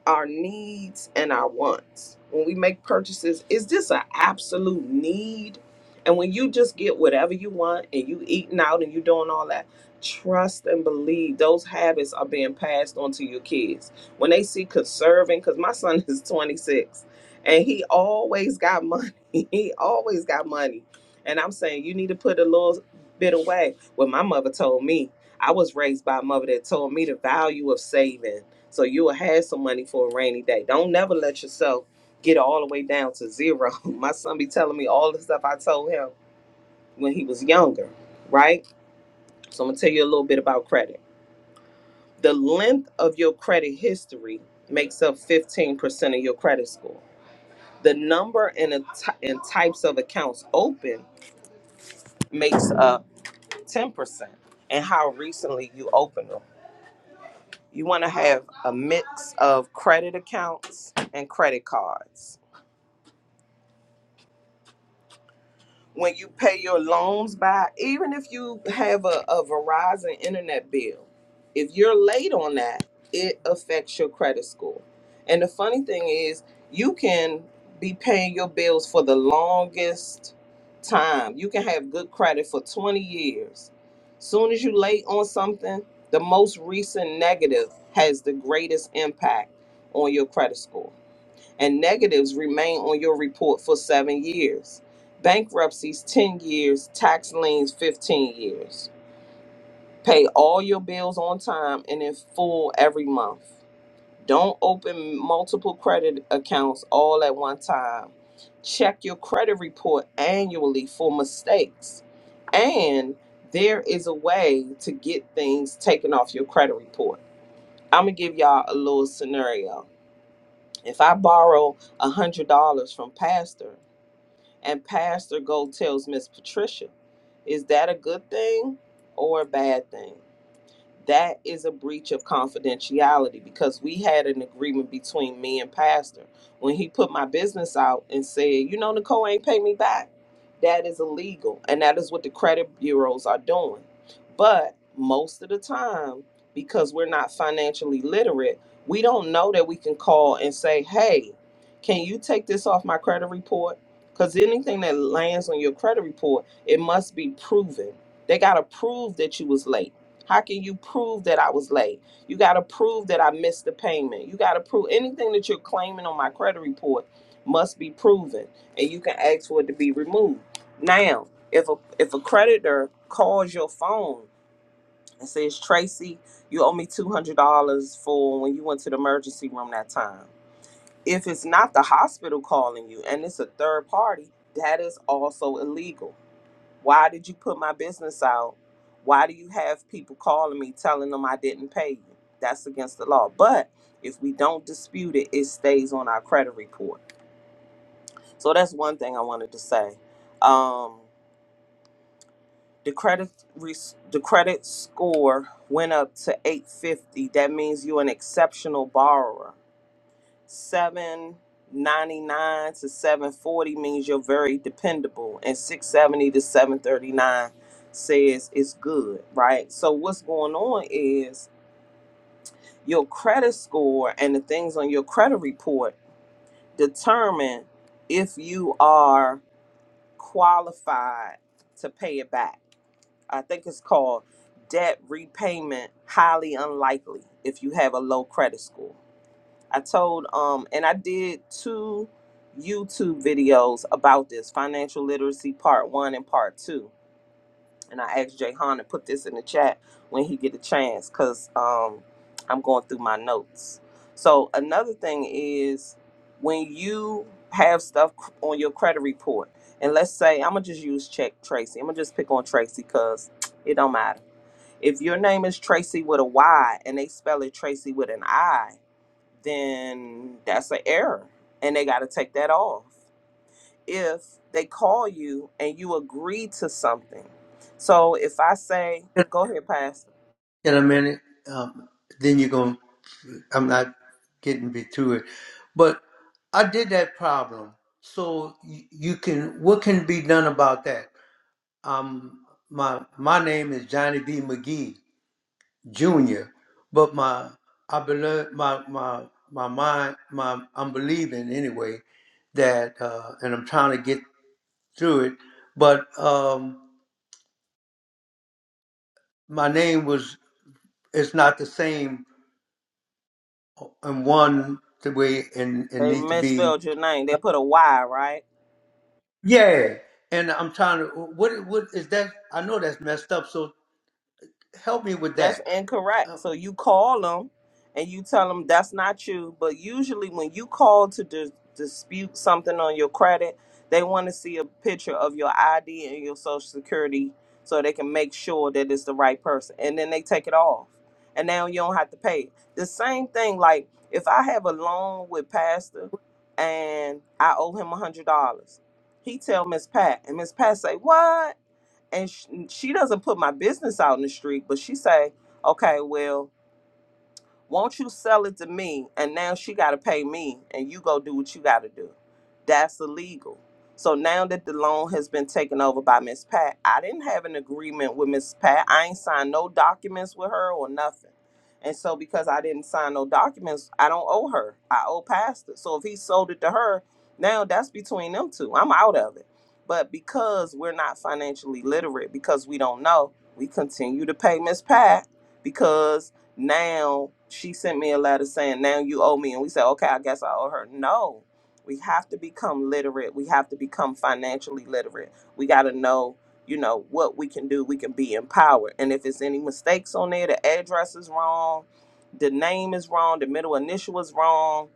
[SPEAKER 3] our needs and our wants. When we make purchases, is this an absolute need? And when you just get whatever you want and you eating out and you doing all that, trust and believe those habits are being passed on to your kids. When they see conserving, because my son [LAUGHS] is 26 and he always got money. [LAUGHS] he always got money. And I'm saying you need to put a little bit away. Well, my mother told me I was raised by a mother that told me the value of saving so you'll have some money for a rainy day. Don't never let yourself get all the way down to zero. [LAUGHS] My son be telling me all the stuff I told him when he was younger, right? So I'm gonna tell you a little bit about credit. The length of your credit history makes up 15% of your credit score. The number and, the ty- and types of accounts open makes up 10% and how recently you open them. You want to have a mix of credit accounts and credit cards when you pay your loans by, even if you have a, a Verizon internet bill, if you're late on that, it affects your credit score. And the funny thing is, you can be paying your bills for the longest time. You can have good credit for 20 years. Soon as you late on something, the most recent negative has the greatest impact on your credit score and negatives remain on your report for seven years. Bankruptcies, 10 years. Tax liens, 15 years. Pay all your bills on time and in full every month. Don't open multiple credit accounts all at one time. Check your credit report annually for mistakes. And there is a way to get things taken off your credit report. I'm going to give y'all a little scenario. If I borrow $100 from Pastor And Pastor Gold tells Miss Patricia, is that a good thing or a bad thing? that is a breach of confidentiality because we had an agreement between me and pastor when he put my business out and said you know nicole ain't pay me back that is illegal and that is what the credit bureaus are doing but most of the time because we're not financially literate we don't know that we can call and say hey can you take this off my credit report because anything that lands on your credit report it must be proven they got to prove that you was late how can you prove that I was late? You got to prove that I missed the payment. You got to prove anything that you're claiming on my credit report must be proven, and you can ask for it to be removed. Now, if a if a creditor calls your phone and says, "Tracy, you owe me two hundred dollars for when you went to the emergency room that time," if it's not the hospital calling you and it's a third party, that is also illegal why did you put my business out? Why do you have people calling me telling them I didn't pay you? That's against the law. But if we don't dispute it, it stays on our credit report. So that's one thing I wanted to say. Um, the credit res- the credit score went up to 850. That means you're an exceptional borrower. seven ninety nine to seven forty means you're very dependable, and six seventy to seven thirty nine says it's good, right? So what's going on is your credit score and the things on your credit report determine if you are qualified to pay it back. I think it's called debt repayment highly unlikely if you have a low credit score I told um and I did two YouTube videos about this financial literacy part one and part two. And I asked Jay Han to put this in the chat when he get a chance because um I'm going through my notes. So another thing is when you have stuff c- on your credit report, and let's say I'm gonna just use check Tracy. I'm gonna just pick on Tracy because it don't matter. If your name is Tracy with a Y and they spell it Tracy with an I, then that's an error and they got to take that off if they call you and you agree to something so if i say
[SPEAKER 1] In
[SPEAKER 3] go ahead pastor
[SPEAKER 1] a minute, um, then you're going. to I'm not getting be to it, but I did that problem. So you, you can. What can be done about that? Um, my my name is Johnny B. McGee Jr., but my I believe my my my mind my I'm believing anyway that uh, and I'm trying to get through it. But um, my name was it's not the same in one the way and it
[SPEAKER 3] they
[SPEAKER 1] need to be.
[SPEAKER 3] misspelled your name they put a y right
[SPEAKER 1] Yeah, and I'm trying to what what is that? I know that's messed up. So help me with
[SPEAKER 3] That's
[SPEAKER 1] that. Uh,
[SPEAKER 3] incorrect. So you call them and you tell them that's not you. But usually, when you call to dis- dispute something on your credit, they want to see a picture of your ID and your social security so they can make sure that it's the right person. And then they take it off. And now you don't have to pay. it. The same thing, like if I have a loan with Pastor and I owe him a $100, he tell Miss Pat, and Miss Pat say, What? and she, she doesn't put my business out in the street, but she say, okay, well, won't you sell it to me? And now she got to pay me, and you go do what you got to do. That's illegal. So now that the loan has been taken over by Miss Pat, I didn't have an agreement with Miss Pat. I ain't signed no documents with her or nothing. And so because I didn't sign no documents, I don't owe her. I owe Pastor. So if he sold it to her, now that's between them two. I'm out of it. But because we're not financially literate, because we don't know, we continue to pay Miss Pat because now she sent me a letter saying now you owe me and we said okay i guess i owe her no we have to become literate we have to become financially literate we got to know you know what we can do we can be empowered and if it's any mistakes on there the address is wrong the name is wrong the middle initial is wrong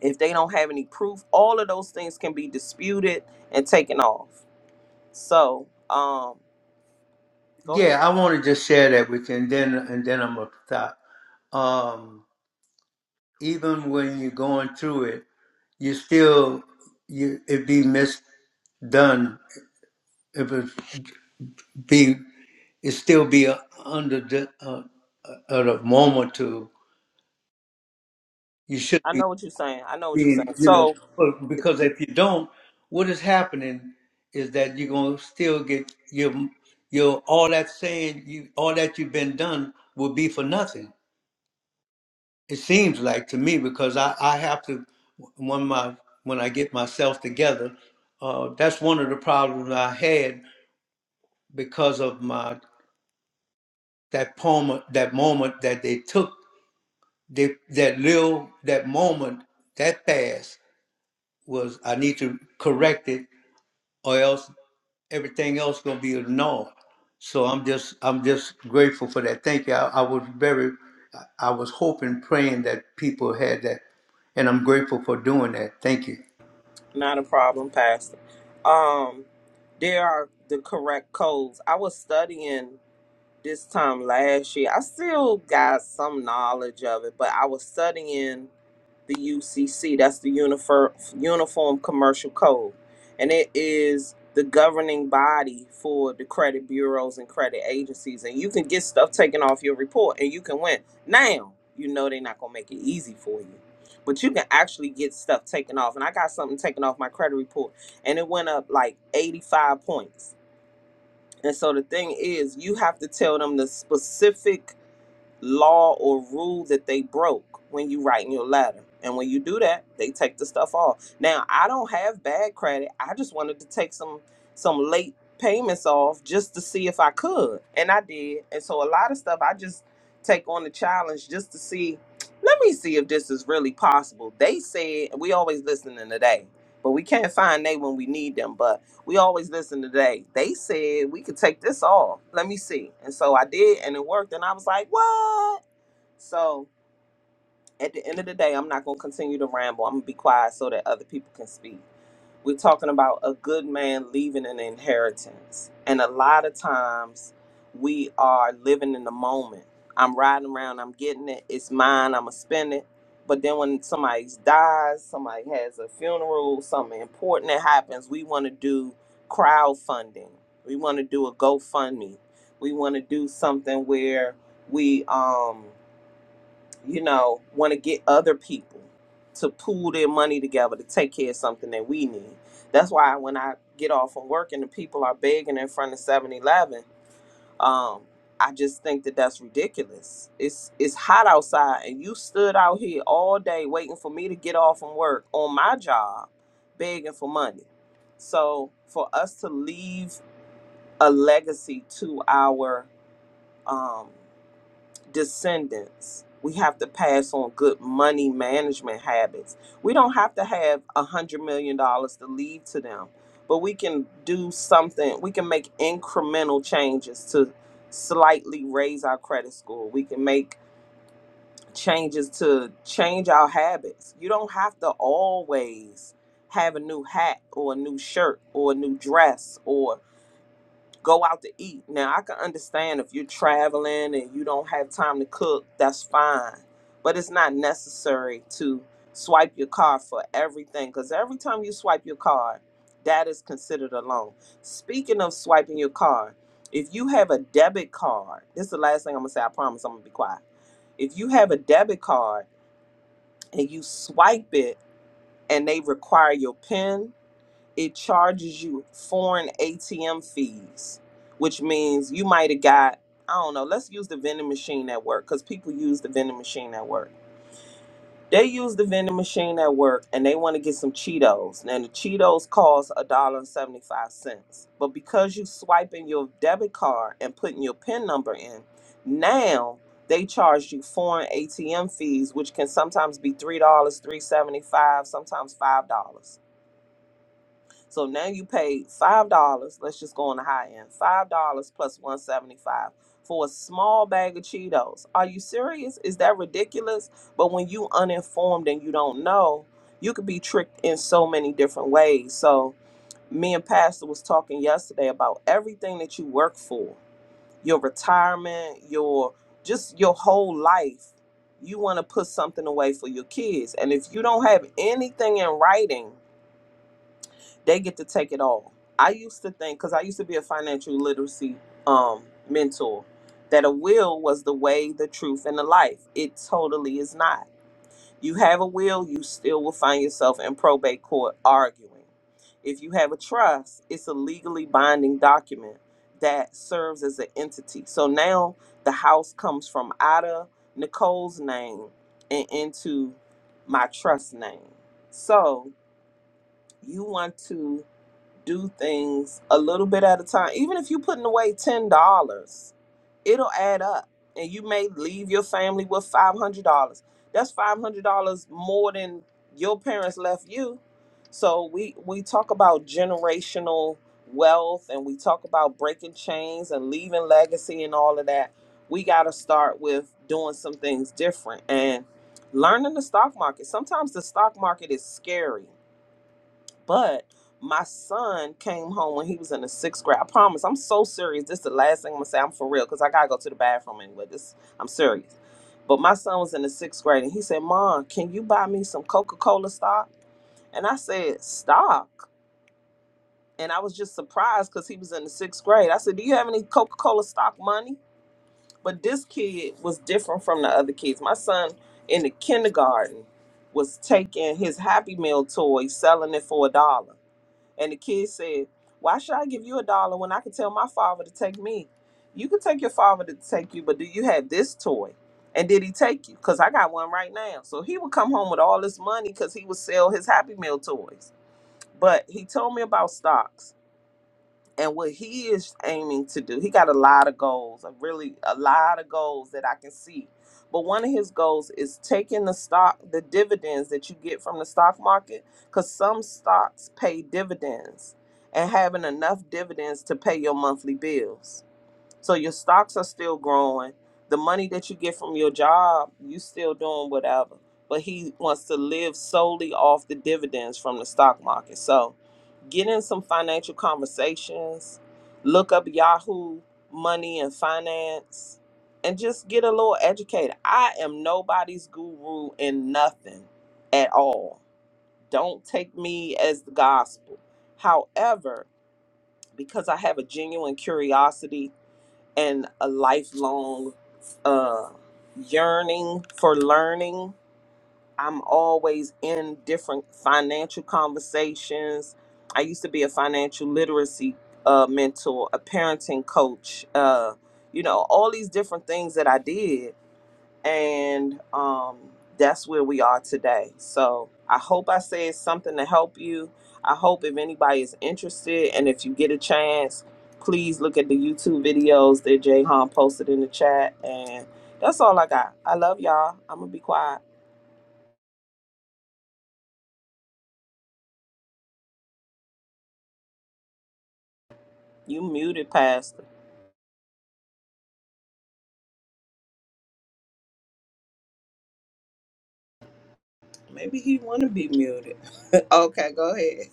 [SPEAKER 3] if they don't have any proof all of those things can be disputed and taken off so um go ahead
[SPEAKER 1] yeah, I want to just share that with you, and then and then I'm gonna stop. Um, even when you're going through it, you still you it be misdone. It was. be it still be uh, under the uh, uh, at a moment to you should
[SPEAKER 3] i
[SPEAKER 1] be
[SPEAKER 3] know what you're saying i know what you're
[SPEAKER 1] being
[SPEAKER 3] saying
[SPEAKER 1] you know
[SPEAKER 3] so
[SPEAKER 1] but- because if you don't what is happening is that you're going to still get your your all that saying you all that you've been done will be for nothing it seems like to me because i i have to when my when i get myself together uh that's one of the problems i had because of my that poem that moment that they took They, that little, that moment, that past was I need to correct it, or else everything else gonna be ignored. So I'm just, I'm just grateful for that. Thank you. I, I was very, I I was hoping, praying that people had that, and I'm grateful for doing that. Thank you.
[SPEAKER 3] Not a problem, Pastor. Um, there are the correct codes. I was studying this time last year. I still got some knowledge of it, but I was studying the UCC. That's the Uniform Uniform Commercial Code, and it is the governing body for the credit bureaus and credit agencies. And you can get stuff taken off your report, and you can win. Now you know they're not gonna make it easy for you, but you can actually get stuff taken off. And I got something taken off my credit report, and it went up like eighty five points and so the thing is, you have to tell them the specific law or rule that they broke when you write in your letter. And when you do that, they take the stuff off. Now, I don't have bad credit. I just wanted to take some some late payments off just to see if I could. And I did. And so a lot of stuff I just take on the challenge just to see, let me see if this is really possible. They said we always listening today, but we can't find they when we need them. But we always listen today. They said we could take this off. Let me see. And so I did, and it worked. And I was like, what? So at the end of the day, I'm not going to continue to ramble. I'm going to be quiet so that other people can speak. We're talking about a good man leaving an inheritance. And a lot of times we are living in the moment. I'm riding around, I'm getting it, it's mine, I'm going to spend it. But then when somebody dies, somebody has a funeral, something important that happens, we want to do crowdfunding. We want to do a GoFundMe. We want to do something where we um you know, want to get other people to pool their money together to take care of something that we need. That's why when I get off from work and the people are begging in front of Seven Eleven, um, I just think that that's ridiculous. It's it's hot outside, and you stood out here all day waiting for me to get off from work on my job, begging for money. So for us to leave a legacy to our um, descendants, we have to pass on good money management habits. We don't have to have a hundred million dollars to leave to them, but we can do something. We can make incremental changes to slightly raise our credit score. We can make changes to change our habits. You don't have to always have a new hat or a new shirt or a new dress or go out to eat. Now I can understand if you're traveling and you don't have time to cook, that's fine. But it's not necessary to swipe your card for everything because every time you swipe your card, that is considered a loan. Speaking of swiping your card, if you have a debit card, this is the last thing I'm gonna say, I promise I'm gonna be quiet. If you have a debit card and you swipe it and they require your PIN, it charges you foreign ATM fees, which means you might have got, I don't know, let's use the vending machine at work because people use the vending machine at work. They use the vending machine at work and they want to get some Cheetos. Now the Cheetos cost a dollar and seventy-five cents, But because you swiping your debit card and putting your PIN number in, now they charge you foreign ATM fees, which can sometimes be $3, dollars three seventy-five, sometimes $5. So now you paid five dollars. Let's just go on the high end. Five dollars plus one seventy five for a small bag of Cheetos. Are you serious? Is that ridiculous? But when you uninformed and you don't know, you could be tricked in so many different ways. So me and Pastor was talking yesterday about everything that you work for, your retirement, your just your whole life. You want to put something away for your kids. And if you don't have anything in writing, they get to take it all. I used to think because I used to be a financial literacy um, mentor that a will was the way, the truth, and the life. It totally is not. You have a will, you still will find yourself in probate court arguing. If you have a trust, it's a legally binding document that serves as an entity. So now the house comes from out of Nicole's name and into my trust name. So you want to do things a little bit at a time, even if you're putting away ten dollars, it'll add up, and you may leave your family with five hundred dollars. That's five hundred dollars more than your parents left you. So we we talk about generational wealth, and we talk about breaking chains and leaving legacy and all of that. We got to start with doing some things different and learning the stock market. Sometimes the stock market is scary but my son came home when he was in the sixth grade. I promise, I'm so serious. This is the last thing I'm gonna say. I'm for real because I gotta go to the bathroom anyway. This, I'm serious. But my son was in the sixth grade and he said, "Mom, can you buy me some Coca-Cola stock?" And I said, "Stock." And I was just surprised because he was in the sixth grade. I said, "Do you have any Coca-Cola stock money?" But this kid was different from the other kids. My son in the kindergarten was taking his Happy Meal toy, selling it for a dollar. And the kid said, Why should I give you a dollar when I can tell my father to take me? You can take your father to take you, but do you have this toy? And did he take you? Because I got one right now. So he would come home with all this money because he would sell his Happy Meal toys. But he told me about stocks and what he is aiming to do he got a lot of goals a really a lot of goals that i can see but one of his goals is taking the stock the dividends that you get from the stock market because some stocks pay dividends and having enough dividends to pay your monthly bills so your stocks are still growing the money that you get from your job you still doing whatever but he wants to live solely off the dividends from the stock market so get in some financial conversations, look up Yahoo money and finance, and just get a little educated. I am nobody's guru in nothing at all. Don't take me as the gospel. However, because I have a genuine curiosity and a lifelong uh, yearning for learning, I'm always in different financial conversations. I used to be a financial literacy uh, mentor, a parenting coach, uh, you know, all these different things that I did. And um, that's where we are today. So I hope I said something to help you. I hope if anybody is interested and if you get a chance, please look at the YouTube videos that Jay Han posted in the chat. And that's all I got. I love y'all. I'm going to be quiet. You muted, Pastor. Maybe he want to be muted. [LAUGHS] okay, go ahead.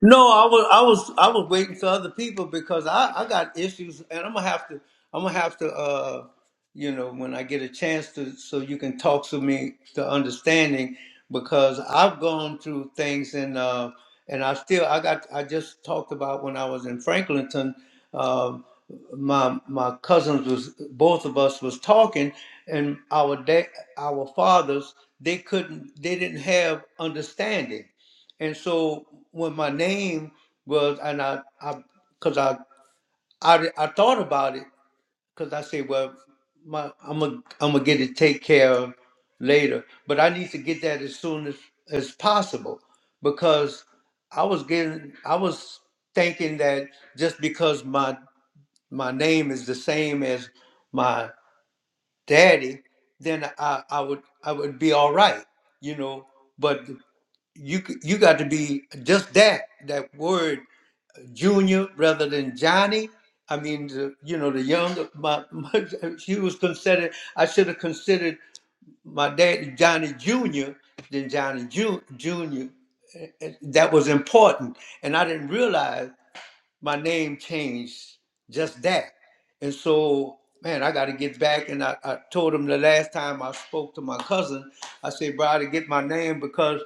[SPEAKER 1] No, I was I was I was waiting for other people because I, I got issues and I'm gonna have to I'm gonna have to uh you know when I get a chance to so you can talk to me to understanding because I've gone through things and uh and I still I got I just talked about when I was in Franklinton um my my cousins was both of us was talking and our da- our fathers they couldn't they didn't have understanding and so when my name was, and I, I, cause I, I, I thought about it, cause I said, well, my, I'm gonna, I'm gonna get it take care of later, but I need to get that as soon as, as possible, because I was getting, I was thinking that just because my, my name is the same as my daddy, then I, I would, I would be all right, you know, but you c- you got to be just that that word junior rather than Johnny. I mean, the, you know, the young my, my [LAUGHS] she was considered. I should have considered my dad Johnny Junior than Johnny Ju, Junior. Eh, eh, That was important, and I didn't realize my name changed just that. And so, man, I got to get back. And I, I told him the last time I spoke to my cousin, I said, bro, I got to get my name because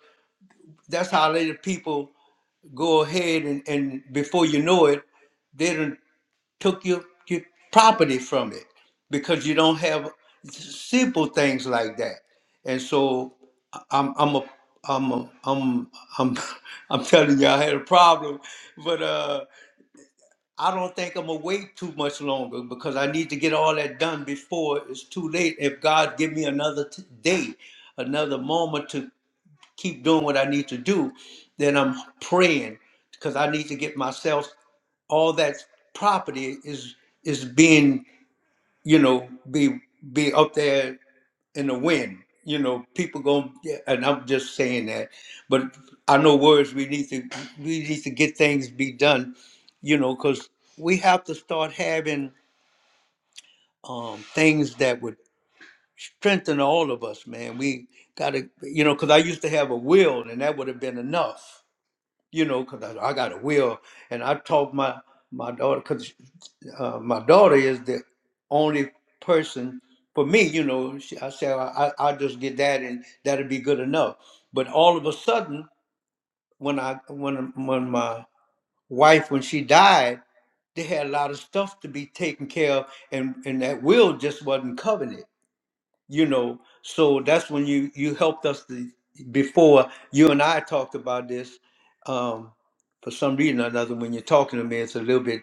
[SPEAKER 1] that's how later people go ahead and, and before you know it, they done took your, your property from it because you don't have simple things like that. And so I- I'm I'm a I'm a, I'm I'm [LAUGHS] I'm telling you I had a problem, but uh, I don't think I'm gonna wait too much longer because I need to get all that done before it's too late. If God give me another t- day, another moment to keep doing what I need to do, then I'm praying because I need to get myself all that property is is being you know be be up there in the wind. You know, people going yeah, and I'm just saying that, but I know words we need to we need to get things be done. You know, because we have to start having um, things that would strengthen all of us, man. We got to, you know, because I used to have a will, and that would have been enough you know, 'cause I, I got a will. And I taught my, my daughter, because uh, my daughter is the only person for me, you know. She, I said, I, I, I'll just get that and that'll be good enough. But all of a sudden, when I when when my wife when she died, they had a lot of stuff to be taken care of, and and that will just wasn't covered you know so that's when you you helped us the, before you and i talked about this um for some reason or another when you're talking to me it's a little bit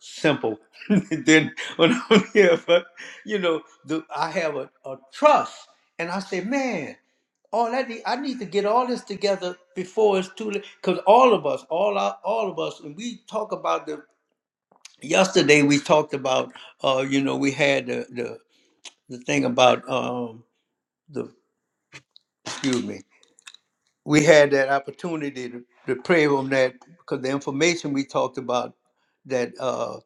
[SPEAKER 1] simple [LAUGHS] then when i'm here but you know the, i have a, a trust and i say man all that need, I need to get all this together before it's too late. Because all of us, all our, all of us, and we talk about the. Yesterday we talked about, uh, you know, we had the the, the thing about um, the excuse me, we had that opportunity to, to pray on that because the information we talked about that uh,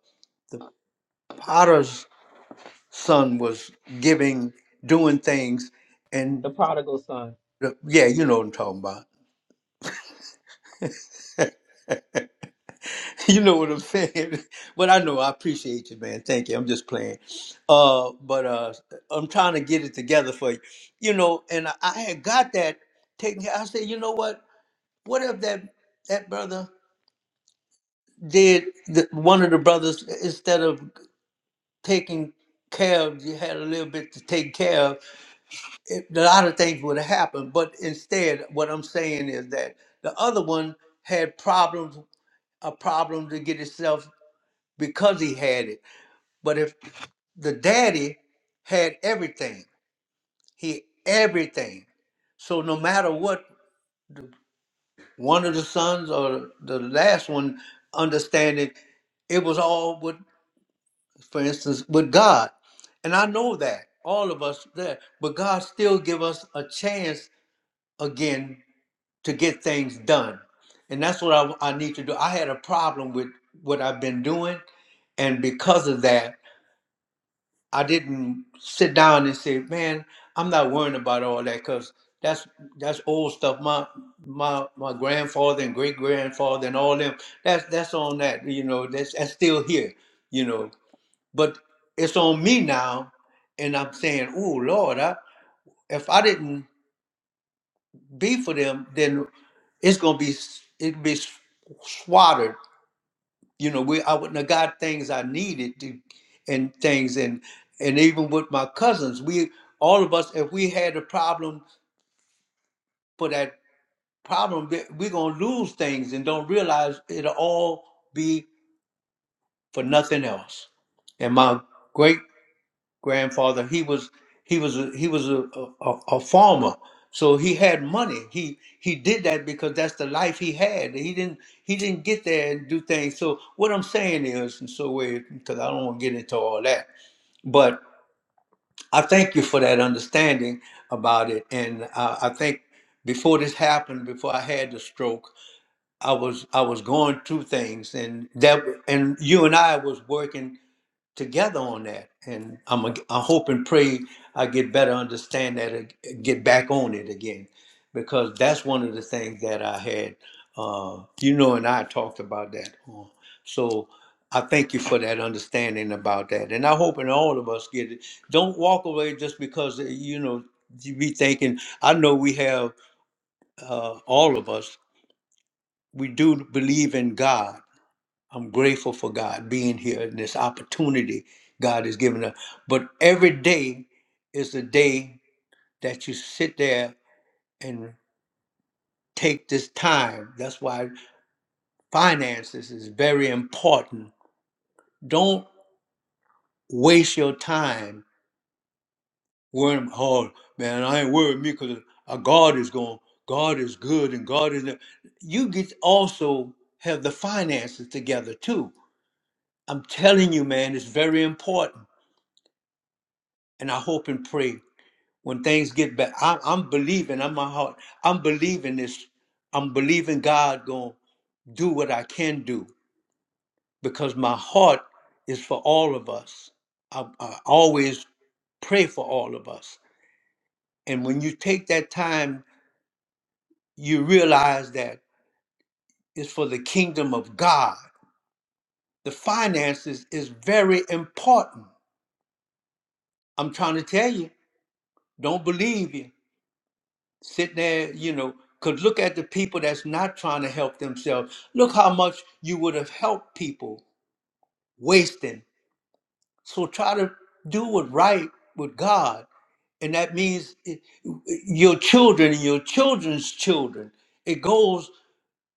[SPEAKER 1] the potter's son was giving, doing things,
[SPEAKER 3] the
[SPEAKER 1] and
[SPEAKER 3] prodigal son.
[SPEAKER 1] the, yeah, you know what I'm talking about. [LAUGHS] You know what I'm saying, [LAUGHS] but I know I appreciate you, man. Thank you. I'm just playing, uh, but uh, I'm trying to get it together for you, you know. And I, I had got that taken. care- I said, you know what? What if that that brother did the, one of the brothers instead of taking care of, you had a little bit to take care of, it, a lot of things would have happened. But instead, what I'm saying is that the other one had problems, a problem to get itself because he had it. But if the daddy had everything, he everything. So no matter what, one of the sons or the last one understanding, it was all what for instance, with God. And I know that all of us there, but God still give us a chance again to get things done. And that's what I, I need to do. I had a problem with what I've been doing. And because of that, I didn't sit down and say, man, I'm not worrying about all that because that's that's old stuff. My my my grandfather and great grandfather and all them, that's that's on that, you know, that's that's still here, you know. But it's on me now, and I'm saying, "Oh Lord, I, if I didn't be for them, then it's gonna be s- it'd be s- swatted. You know, we I wouldn't have got things I needed to, and things, and and even with my cousins, we all of us, if we had a problem for that problem, we- we're gonna lose things and don't realize it'll all be for nothing else. And my great grandfather he was he was a, he was a, a, a farmer so he had money he he did that because that's the life he had he didn't he didn't get there and do things so what i'm saying is and so because i don't want to get into all that but i thank you for that understanding about it and i, I think before this happened before i had the stroke i was i was going through things and that and you and i was working together on that. And I'm a, I hope and pray I get better understand that and get back on it again, because that's one of the things that I had. Uh, you know, and I talked about that. Uh, So I thank you for that understanding about that, and I hope and all of us get it. Don't walk away just because uh, you know you be thinking. I know we have uh, all of us. We do believe in God I'm grateful for God being here and this opportunity God has given us. But every day is a day that you sit there and take this time. That's why finances is very important. Don't waste your time worrying, oh man, I ain't worried me because God is going, God is good and God is. You get also have the finances together too. I'm telling you, man, it's very important. And I hope and pray when things get back. I, I'm believing. I'm my heart. I'm believing this. I'm believing God gonna do what I can do because my heart is for all of us. I, I always pray for all of us. And when you take that time, you realize that it's for the kingdom of God. The finances is very important. I'm trying to tell you, don't believe you. sitting there, you know, because look at the people that's not trying to help themselves. Look how much you would have helped people wasting. So try to do what right with God. And that means it, your children and your children's children. It goes,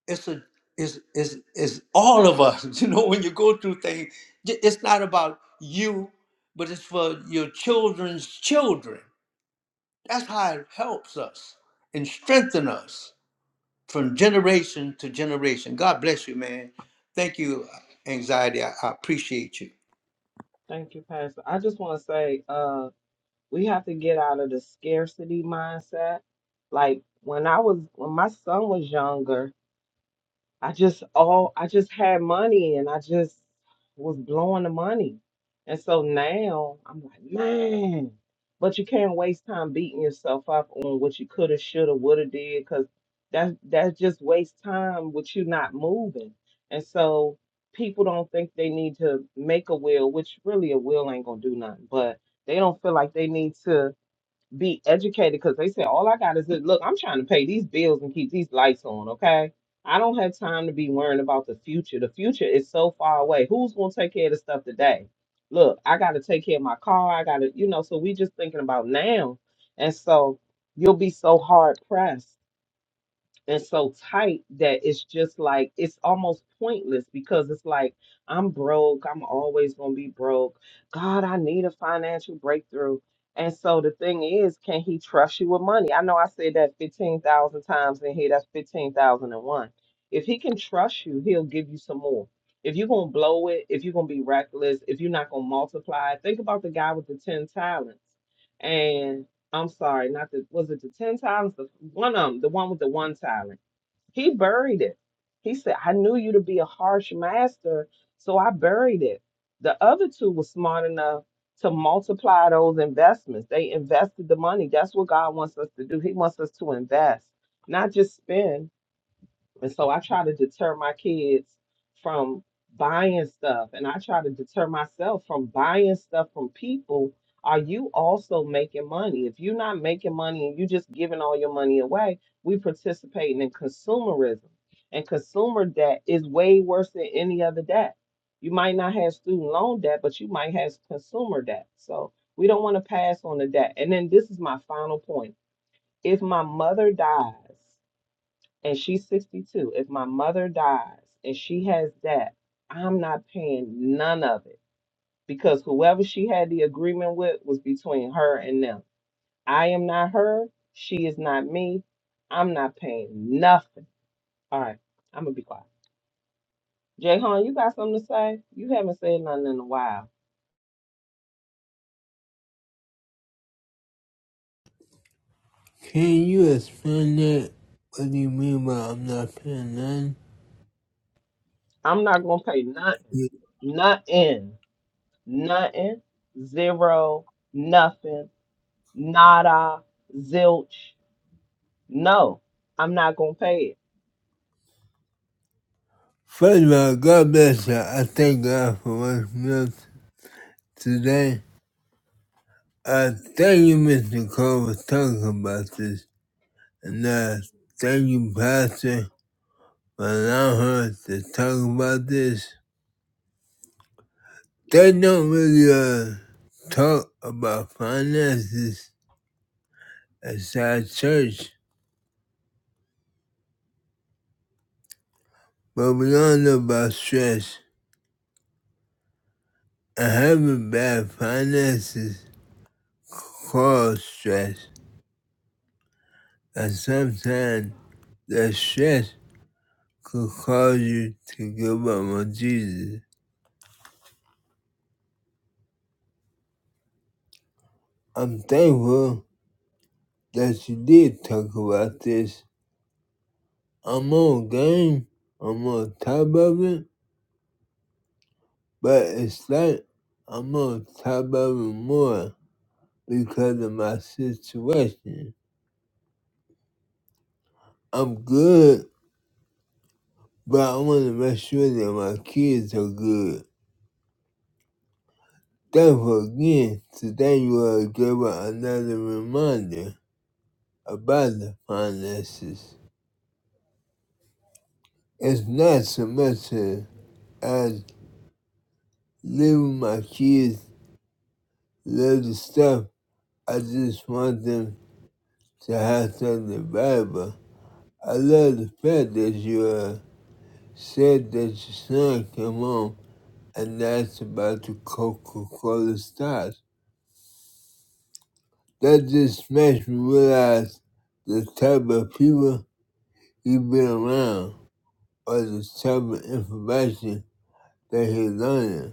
[SPEAKER 1] it's a is is is all of us. [LAUGHS] You know, when you go through things, j- it's not about you, but it's for your children's children. That's how it helps us and strengthen us. from generation to generation. God bless you, man. Thank you, anxiety. I, I appreciate you.
[SPEAKER 3] Thank you, Pastor. I just want to say, uh, we have to get out of the scarcity mindset. Like when I was when my son was younger, I just all I just had money and I just was blowing the money. And so now I'm like, man, but you can't waste time beating yourself up on what you could have, should have, would have did, because that that just wastes time with you not moving. And so people don't think they need to make a will, which really a will ain't gonna do nothing, but they don't feel like they need to be educated because they said all I got is this. Look, I'm trying to pay these bills and keep these lights on. Okay, I don't have time to be worrying about the future. The future is so far away. Who's gonna take care of the stuff today? Look, I got to take care of my car. I got to, you know. So we just thinking about now, and so you'll be so hard pressed and so tight that it's just like it's almost pointless because it's like I'm broke. I'm always gonna be broke. God, I need a financial breakthrough. And so the thing is, can he trust you with money? I know I said that 15,000 times in here. That's 15,001. If he can trust you, he'll give you some more. If you're gonna blow it, if you're gonna be reckless, if you're not gonna multiply, think about the guy with the 10 talents. And I'm sorry, not the was it the ten talents? The one of them, the one with the one talent. He buried it. He said, I knew you to be a harsh master, so I buried it. The other two were smart enough to multiply those investments. They invested the money. That's what God wants us to do. He wants us to invest, not just spend. And so I try to deter my kids from buying stuff. And I try to deter myself from buying stuff from people. Are you also making money? If you're not making money and you're just giving all your money away, we participating in consumerism. And consumer debt is way worse than any other debt. You might not have student loan debt, but you might have consumer debt. So we don't want to pass on the debt. And then this is my final point. If my mother dies, and she's 62, if my mother dies and she has that, I'm not paying none of it because whoever she had the agreement with was between her and them. I am not her. She is not me. I'm not paying nothing. All right, I'm gonna be quiet. Jay Hon, you got something to say? You haven't said nothing in a while.
[SPEAKER 2] Can you explain that? What do you mean by I'm not paying none?
[SPEAKER 3] I'm not gonna pay nothing, nothing, nothing, zero, nothing, nada, zilch. No, I'm not gonna pay it.
[SPEAKER 2] First of all, God bless you. I thank God for what's meals today. I thank you, Mr. Cole, for talking about this. And I thank you, Pastor, for allowing her to talk about this. They don't really uh, talk about finances inside church, but we all know about stress. I have a bad finances cause stress, and sometimes that stress could cause you to give up on Jesus. I'm thankful that you did talk about this. I'm on game, I'm on top of it, but it's like I'm on top of it more because of my situation. I'm good, but I want to make sure that my kids are good. Thankful again, today you are given another reminder about the finances. It's not so much uh, as leaving my kids love the stuff. I just want them to have something valuable. I love the fact that you uh, said that your son came home and asked about the Coca-Cola stars. That just makes me realize the type of people he has been around or the type of information that he's learning.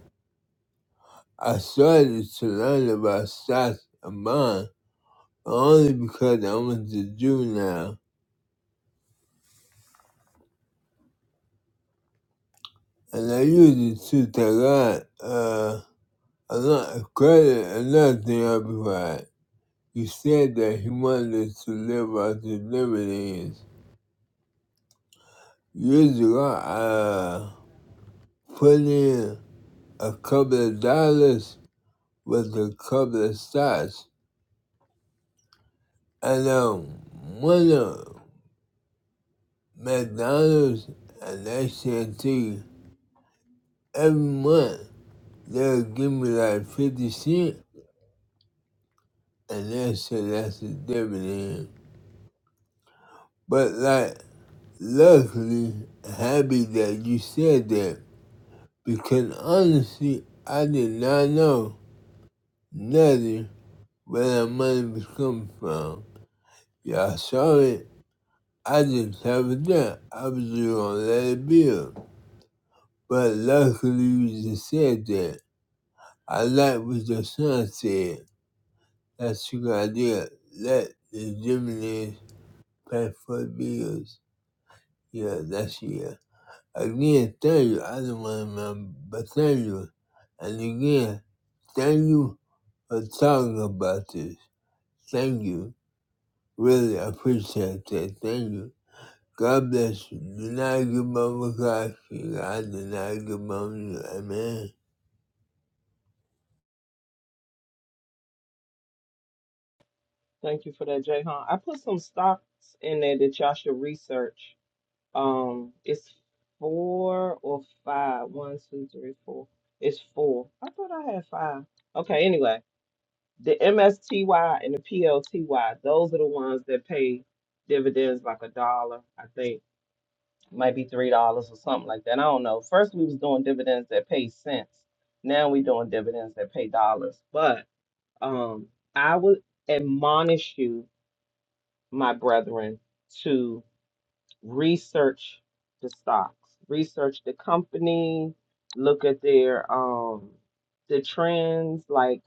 [SPEAKER 2] I started to learn about stocks and bonds only because I was a juvenile, and I used it to take on uh, a lot of credit and nothing amplified. He said that he wanted to live out his dividends. Years ago, I uh, put in a couple of dollars with a couple of stocks, and um, one of McDonald's and AT&T every month. They'll give me like 50 cents and they'll say that's a dividend. But like, luckily, happy that you said that because honestly, I did not know nothing where that money was coming from. Y'all saw it. I just haven't done. I was just gonna let it build. But luckily, you just said that. I like what your son said. That's a good idea. Let the dividends past four bills. Yeah, that's yeah. Again, thank you. I don't want to, but thank you. And again, thank you for talking about this. Thank you. Really appreciate that. Thank you. God bless you. Do not give mama God. I do not give mama. Amen.
[SPEAKER 3] Thank you for that, Jay Hunt. I put some stocks in there that y'all should research. Um, it's four or five. One, two, three, four. It's four. I thought I had five. Okay, anyway, the MSTY and the PLTY, those are the ones that pay dividends like a dollar, I think. Might be three dollars or something like that. I don't know. First we was doing dividends that pay cents. Now we doing dividends that pay dollars. But Um, I would admonish you, my brethren, to research the stocks, research the company, look at their um the trends, like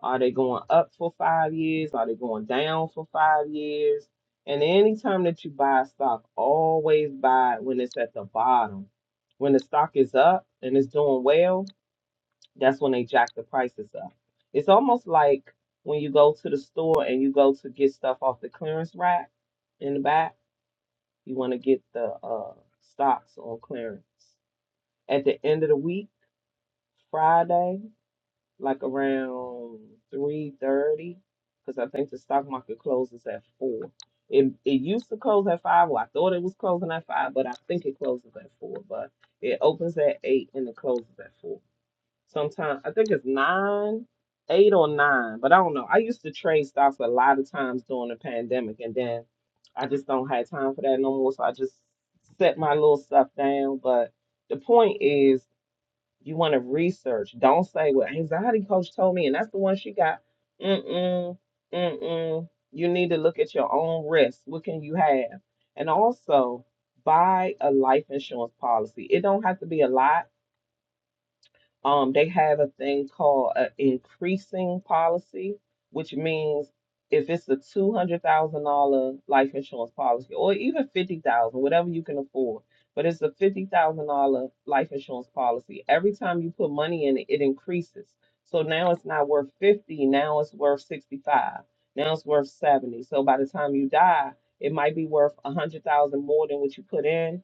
[SPEAKER 3] are they going up for five years? Are they going down for five years? And anytime that you buy a stock, always buy it when it's at the bottom. When the stock is up and it's doing well, that's when they jack the prices up. It's almost like when you go to the store and you go to get stuff off the clearance rack in the back, you want to get the uh, stocks on clearance. At the end of the week, Friday, like around 3:30, because I think the stock market closes at 4. It, it used to close at 5. Well, I thought it was closing at 5, but I think it closes at 4. But it opens at 8 and it closes at 4. Sometimes I think it's nine, eight or nine, but I don't know. I used to trade stocks a lot of times during the pandemic, and then I just don't have time for that no more. So I just set my little stuff down. But the point is, you want to research. Don't say, "Well, anxiety coach told me," and that's the one she got. Mm-mm, mm-mm. You need to look at your own risk. What can you have? And also buy a life insurance policy. It don't have to be a lot um, they have a thing called an increasing policy, which means if it's a two hundred thousand dollar life insurance policy, or even fifty thousand, whatever you can afford, but it's a fifty thousand dollar life insurance policy. Every time you put money in it, it increases. So now it's not worth fifty. Now it's worth sixty five. Now it's worth seventy. So by the time you die, it might be worth a hundred thousand more than what you put in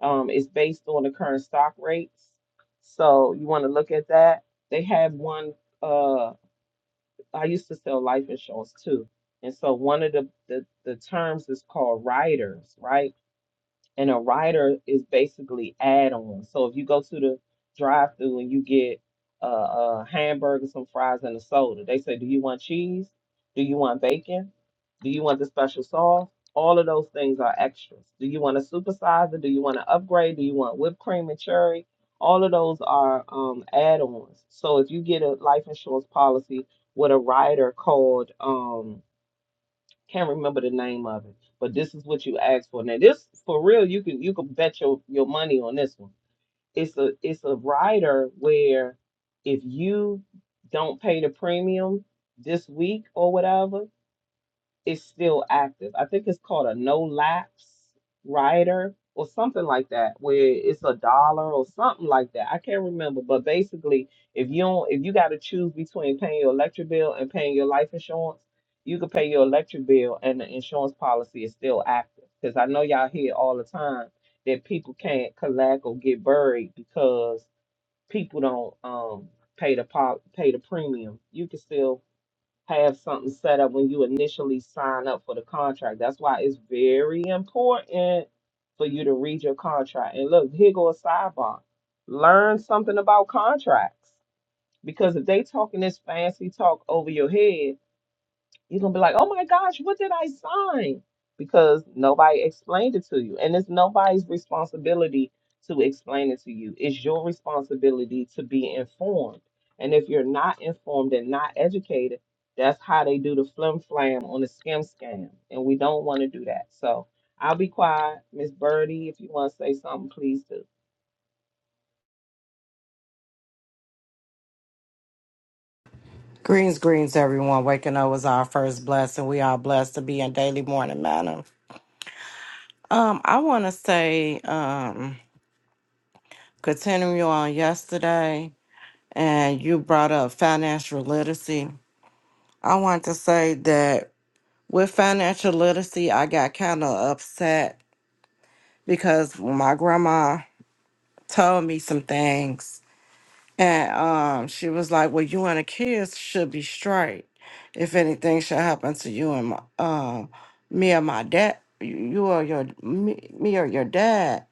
[SPEAKER 3] um, is based on the current stock rates. So you want to look at that. They had one. Uh, I used to sell life insurance too, and so one of the the, the terms is called riders, right? and a rider is basically add-on. So if you go to the drive-through and you get a, a hamburger, some fries, and a soda, they say, "Do you want cheese? Do you want bacon? Do you want the special sauce?" All of those things are extras. Do you want to supersize it? Do you want to upgrade? Do you want whipped cream and cherry? All of those are um, add-ons. So if you get a life insurance policy with a rider called um. Can't remember the name of it. But this is what you asked for. Now this for real, you can you can bet your, your money on this one. It's a it's a rider where if you don't pay the premium this week or whatever, is still active. I think it's called a no lapse rider or something like that, where it's a dollar or something like that. I can't remember, but basically, if you don't, if you got to choose between paying your electric bill and paying your life insurance, you could pay your electric bill and the insurance policy is still active. Because I know y'all hear all the time that people can't collect or get buried because people don't um pay the pop pay the premium. You can still have something set up when you initially sign up for the contract. That's why it's very important for you to read your contract. And look, here go a sidebar. Learn something about contracts. Because if they talking this fancy talk over your head, you're gonna be like, oh my gosh, what did I sign? Because nobody explained it to you. And it's nobody's responsibility to explain it to you. It's your responsibility to be informed. And if you're not informed and not educated, that's how they do the flim flam on the skim scam. And we don't want to do that. So I'll be quiet. Miss Birdie, if you want to say something, please do.
[SPEAKER 4] Greens, greens, everyone. Waking up was our first blessing. We are blessed to be in daily morning manner. Um, I want to say, um, continuing on yesterday, and you brought up financial literacy. I want to say that with financial literacy, I got kind of upset because my grandma told me some things And um, she was like, "Well, you and the kids should be straight. If anything should happen to you and my, um, me or my dad, you you or your me, me or your dad.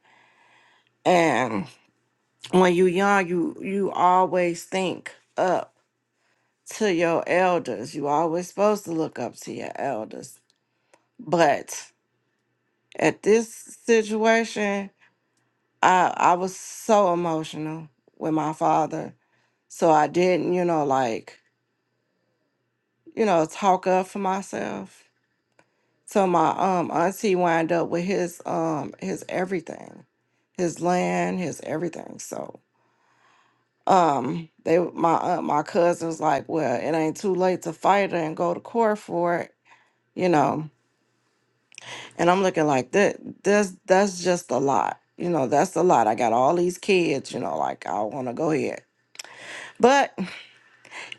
[SPEAKER 4] And when you young, you you always think up to your elders. You always supposed to look up to your elders. But at this situation, I I was so emotional with my father, so I didn't, you know, like." you know, talk up for myself. So my um auntie wind up with his um his everything, his land, his everything. So um they my uh, my cousin was like, well, it ain't too late to fight it and go to court for it, you know. And I'm looking like that. That's that's just a lot. You know, that's a lot. I got all these kids, you know, like I want to go ahead. But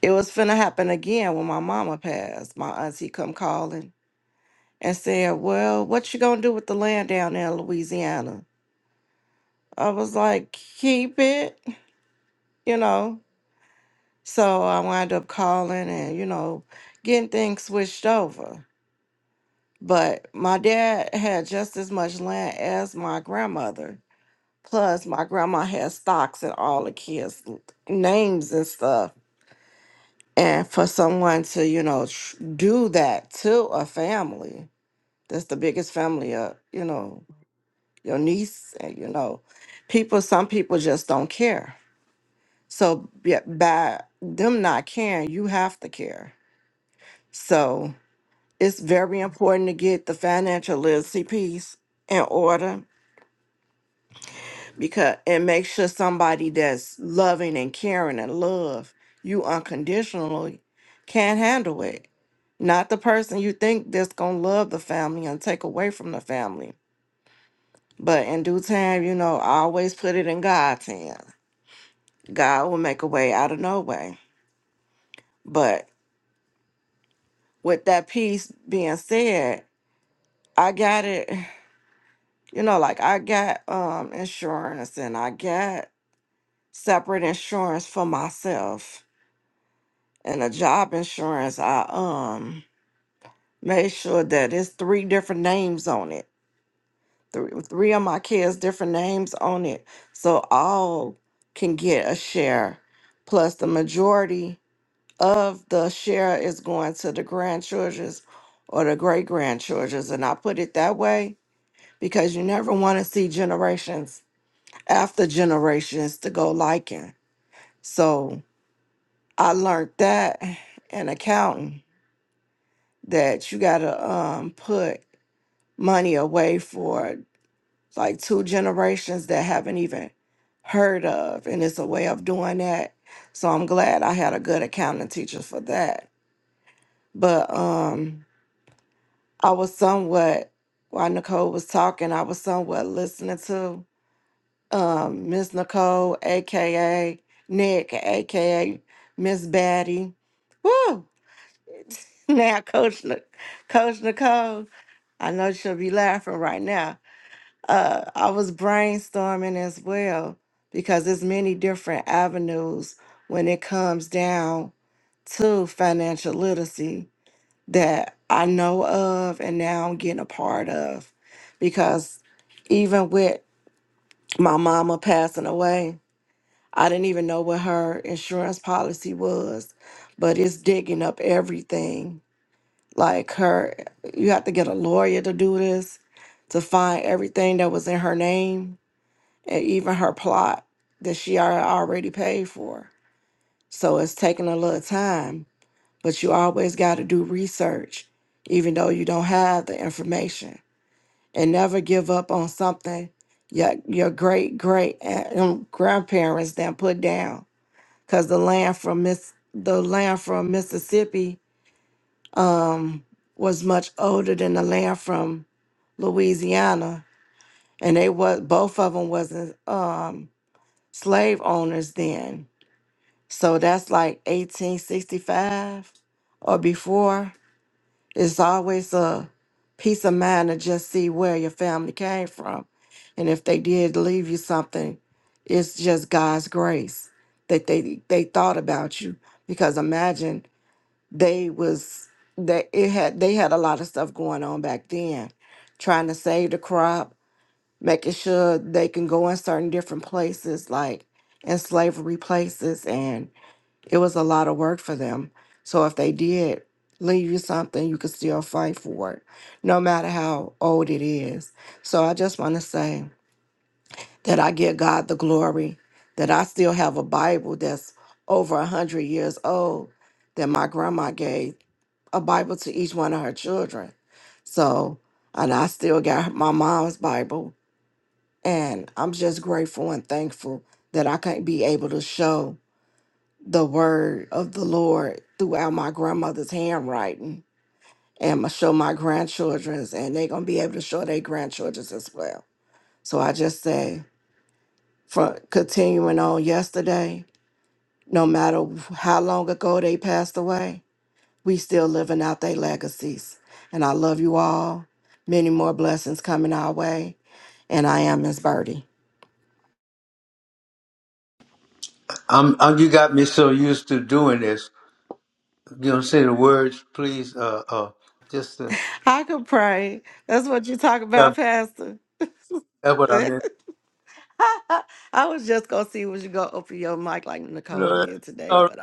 [SPEAKER 4] it was finna happen again when my mama passed. My auntie come calling and said, Well, what you gonna do with the land down there in Louisiana? I was like, Keep it, you know. So I wound up calling and, you know, getting things switched over. But my dad had just as much land as my grandmother. Plus, my grandma had stocks in all the kids' l- names and stuff. And for someone to, you know, tr- do that to a family, that's the biggest family up, you know, your niece, and you know, people, some people just don't care. So yeah, by them not caring, you have to care. So it's very important to get the financial literacy piece in order because and make sure somebody that's loving and caring and love you unconditionally can't handle it. Not the person you think that's gonna love the family and take away from the family. But in due time, you know, I always put it in God's hands God will make a way out of no way. But with that piece being said, I got it, you know, like I got um insurance and I got separate insurance for myself and a job insurance. I um made sure that it's three different names on it. Three, three of my kids different names on it. So all can get a share plus the majority of the share is going to the grandchildrens or the great grandchildrens. And I put it that way because you never want to see generations after generations to go liking. So I learned that in accounting that you got to um, put money away for like two generations that haven't even heard of. And it's a way of doing that. So I'm glad I had a good accounting teacher for that. But um I was somewhat while Nicole was talking, I was somewhat listening to um Miss Nicole, aka Nick, aka Miss Batty. Woo! [LAUGHS] Now Coach Ni- Coach Nicole, I know she'll be laughing right now. Uh I was brainstorming as well because there's many different avenues when it comes down to financial literacy that I know of and now I'm getting a part of. Because even with my mama passing away, I didn't even know what her insurance policy was, but it's digging up everything. Like her, you have to get a lawyer to do this, to find everything that was in her name and even her plot that she al- already paid for. So it's taking a little time but you always got to do research, even though you don't have the information, and never give up on something your your great great eh, um, grandparents then put down, because the land from Miss the land from Mississippi um was much older than the land from Louisiana, and they was both of them wasn't um slave owners then, so that's like 1865 or before It's always a peace of mind to just see where your family came from. And if they did leave you something, it's just God's grace that they they thought about you. Because imagine they was that it had they had a lot of stuff going on back then, trying to save the crop, making sure they can go in certain different places like in slavery places it was a lot of work for them. So if they did leave you something, you could still fight for it, no matter how old it is. So I just want to say that I give God the glory that I still have a Bible that's over a hundred years old that my grandma gave a Bible to each one of her children. So and I still got my mom's Bible, and I'm just grateful and thankful that I can be able to show the word of the Lord throughout my grandmother's handwriting. And I'm gonna show my grandchildren's, and they're gonna be able to show their grandchildren's as well. So I just say, from continuing on yesterday, no matter how long ago they passed away, we still living out their legacies. And I love you all. Many more blessings coming our way. And I am Miss Birdie.
[SPEAKER 1] I'm, i you got me so used to doing this. You don't say the words, please. Uh, uh, just to,
[SPEAKER 4] I could pray. That's what you talk about,
[SPEAKER 1] God,
[SPEAKER 4] Pastor.
[SPEAKER 1] that's what I
[SPEAKER 4] [LAUGHS]
[SPEAKER 1] meant.
[SPEAKER 4] [LAUGHS] I was just gonna see was you gonna open your mic like Nicole
[SPEAKER 1] Lord,
[SPEAKER 4] did today,
[SPEAKER 1] all
[SPEAKER 4] but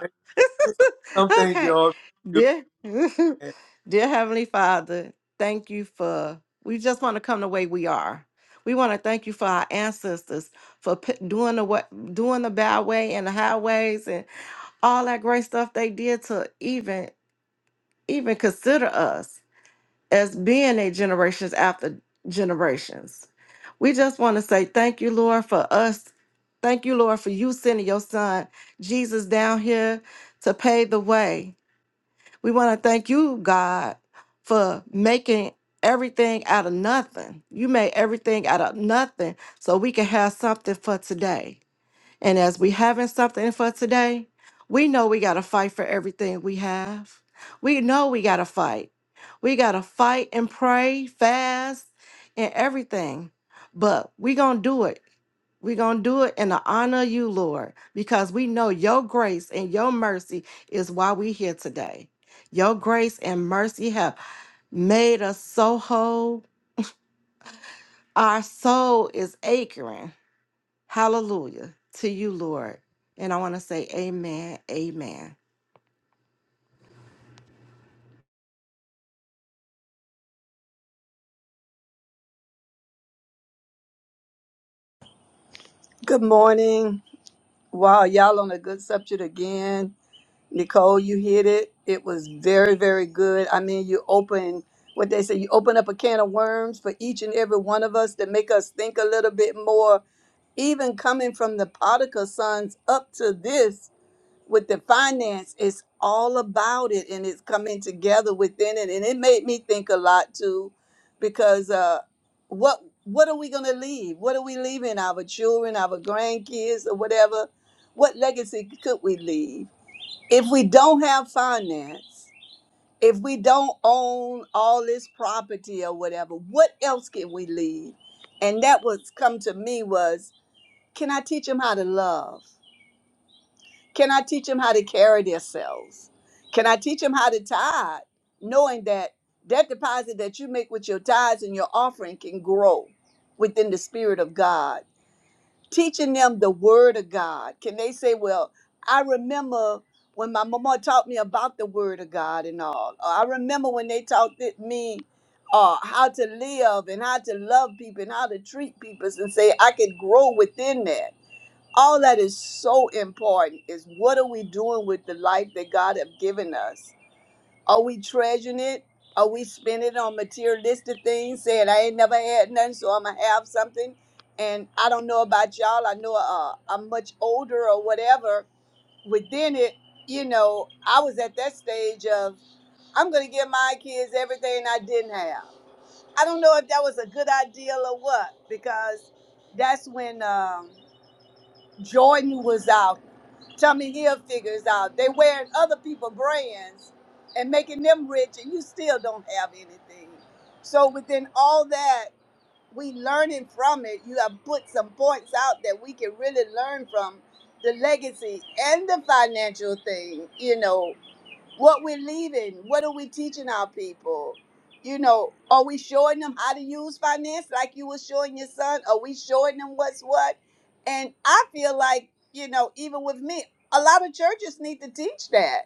[SPEAKER 1] right. Some
[SPEAKER 4] uh,
[SPEAKER 1] things you
[SPEAKER 4] okay,
[SPEAKER 1] already do.
[SPEAKER 4] dear,
[SPEAKER 1] Man.
[SPEAKER 4] [LAUGHS] dear Heavenly Father, thank you for. We just want to come the way we are. We want to thank you for our ancestors for p- doing the what, doing the bad way and the highways and all that great stuff they did to even even consider us as being a generations after generations. We just want to say thank you, Lord, for us. Thank you, Lord, for you sending your son Jesus down here to pave the way. We want to thank you, God, for making everything out of nothing. You made everything out of nothing so we can have something for today. And as we having something for today, we know we gotta fight for everything we have. We know we gotta fight. We gotta fight and pray, fast, and everything. But we gonna do it. we gonna do it in the honor of you, Lord, because we know your grace and your mercy is why we here today. Your grace and mercy have made us so whole. Our soul is aching Hallelujah to you, Lord. And I want to say, Amen, Amen.
[SPEAKER 5] Good morning. Wow, y'all on a good subject again. Nicole, you hit it. It was very, very good. I mean, you open what they say, you open up a can of worms for each and every one of us to make us think a little bit more. Even coming from the Potiphar sons up to this, with the finance, it's all about it and it's coming together within it. And it made me think a lot too, because uh, what what are we gonna leave? What are we leaving our children, our grandkids, or whatever? What legacy could we leave if we don't have finance? If we don't own all this property or whatever, what else can we leave? And that was come to me was, can I teach them how to love? Can I teach them how to carry themselves? Can I teach them how to tithe, knowing that that deposit that you make with your tithes and your offering can grow within the Spirit of God? Teaching them the Word of God. Can they say, Well, I remember when my mama taught me about the Word of God and all. Or I remember when they taught it- me uh, how to live and how to love people and how to treat people and say, I could grow within that all that is so important is what are we doing with the life that God have given us? Are we treasuring it? Are we spending it on materialistic things, saying I ain't never had nothing, so I'ma have something? And I don't know about y'all. I know uh, I'm much older or whatever. Within it, you know, I was at that stage of I'm gonna give my kids everything I didn't have. I don't know if that was a good idea or what, because that's when. Um, Jordan was out. Tommy Hill figures out. They wearing other people brands and making them rich, and you still don't have anything. So within all that, we learning from it. You have put some points out that we can really learn from the legacy and the financial thing. You know, what we're leaving what are we teaching our people you know are we showing them how to use finance like you were showing your son are we showing them what's what and i feel like you know even with me a lot of churches need to teach that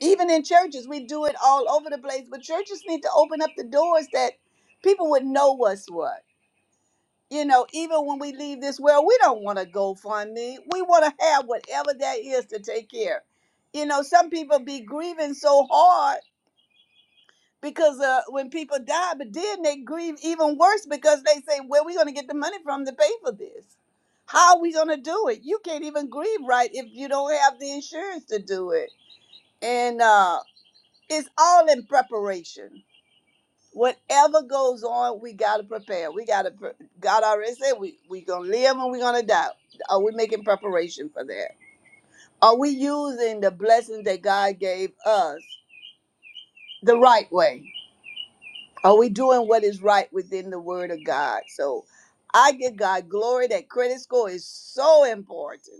[SPEAKER 5] even in churches we do it all over the place but churches need to open up the doors that people would know what's what you know even when we leave this world we don't want to go fund me we want to have whatever that is to take care you know some people be grieving so hard because uh, when people die, but then they grieve even worse because they say, "Where we going to get the money from to pay for this? How are we going to do it? You can't even grieve right if you don't have the insurance to do it." And uh, it's all in preparation. Whatever goes on, we got to prepare. We got to. Pre- God already said we we gonna live and we gonna die. Are we making preparation for that? Are we using the blessings that God gave us the right way? Are we doing what is right within the word of God? So I give God glory that credit score is so important.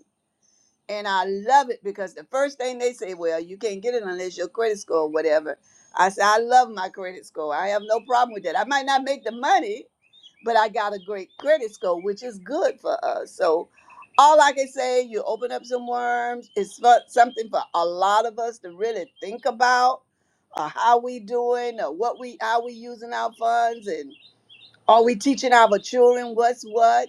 [SPEAKER 5] And I love it because the first thing they say, well, you can't get it unless your credit score or whatever. I say, I love my credit score. I have no problem with that. I might not make the money, but I got a great credit score, which is good for us. So all I can say, you open up some worms. It's for, something for a lot of us to really think about. Uh, how we doing, or what we how we using our funds, and. Are we teaching our children what's what?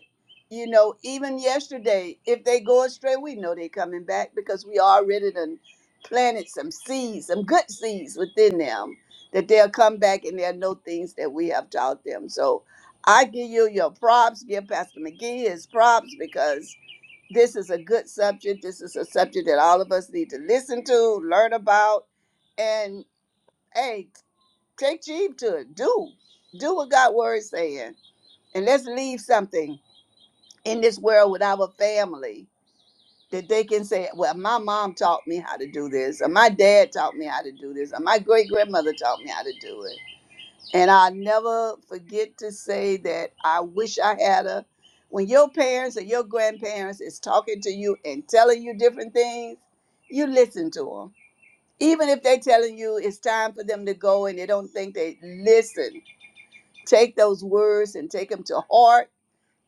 [SPEAKER 5] You know, even yesterday, if they go astray, we know they're coming back because we already done planted some seeds, some good seeds within them that they'll come back and they'll know things that we have taught them. So I give you your props, give Pastor McGee his props because this is a good subject. This is a subject that all of us need to listen to, learn about, and hey, take heed to it. Do. Do what God's word is saying and let's leave something in this world with our family that they can say, well, my mom taught me how to do this, or my dad taught me how to do this, or my great grandmother taught me how to do it. And I'll never forget to say that I wish I had a. When your parents or your grandparents is talking to you and telling you different things, you listen to them. Even if they're telling you it's time for them to go and they don't think they listen, take those words and take them to heart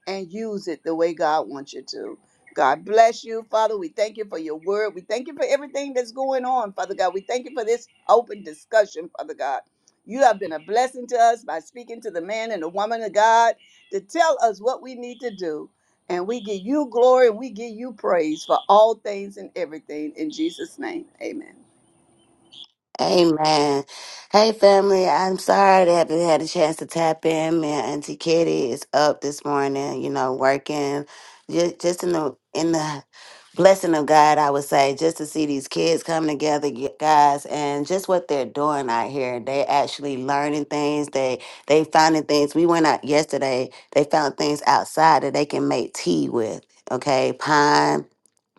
[SPEAKER 5] and use it the way God wants you to. God bless you, Father. We thank you for your word. We thank you for everything that's going on, Father God. We thank you for this open discussion, Father God. You have been a blessing to us by speaking to the man and the woman of God to tell us what we need to do. And we give you glory and we give you praise for all things and everything. In Jesus' name, amen.
[SPEAKER 6] Amen. Hey, family. I'm sorry that I haven't had a chance to tap in. Man, Auntie Kitty is up this morning. You know, working. Just, just in the in the blessing of God, I would say, just to see these kids come together, you guys, and just what they're doing out here. They actually learning things. They they finding things. We went out yesterday. They found things outside that they can make tea with. Okay, pine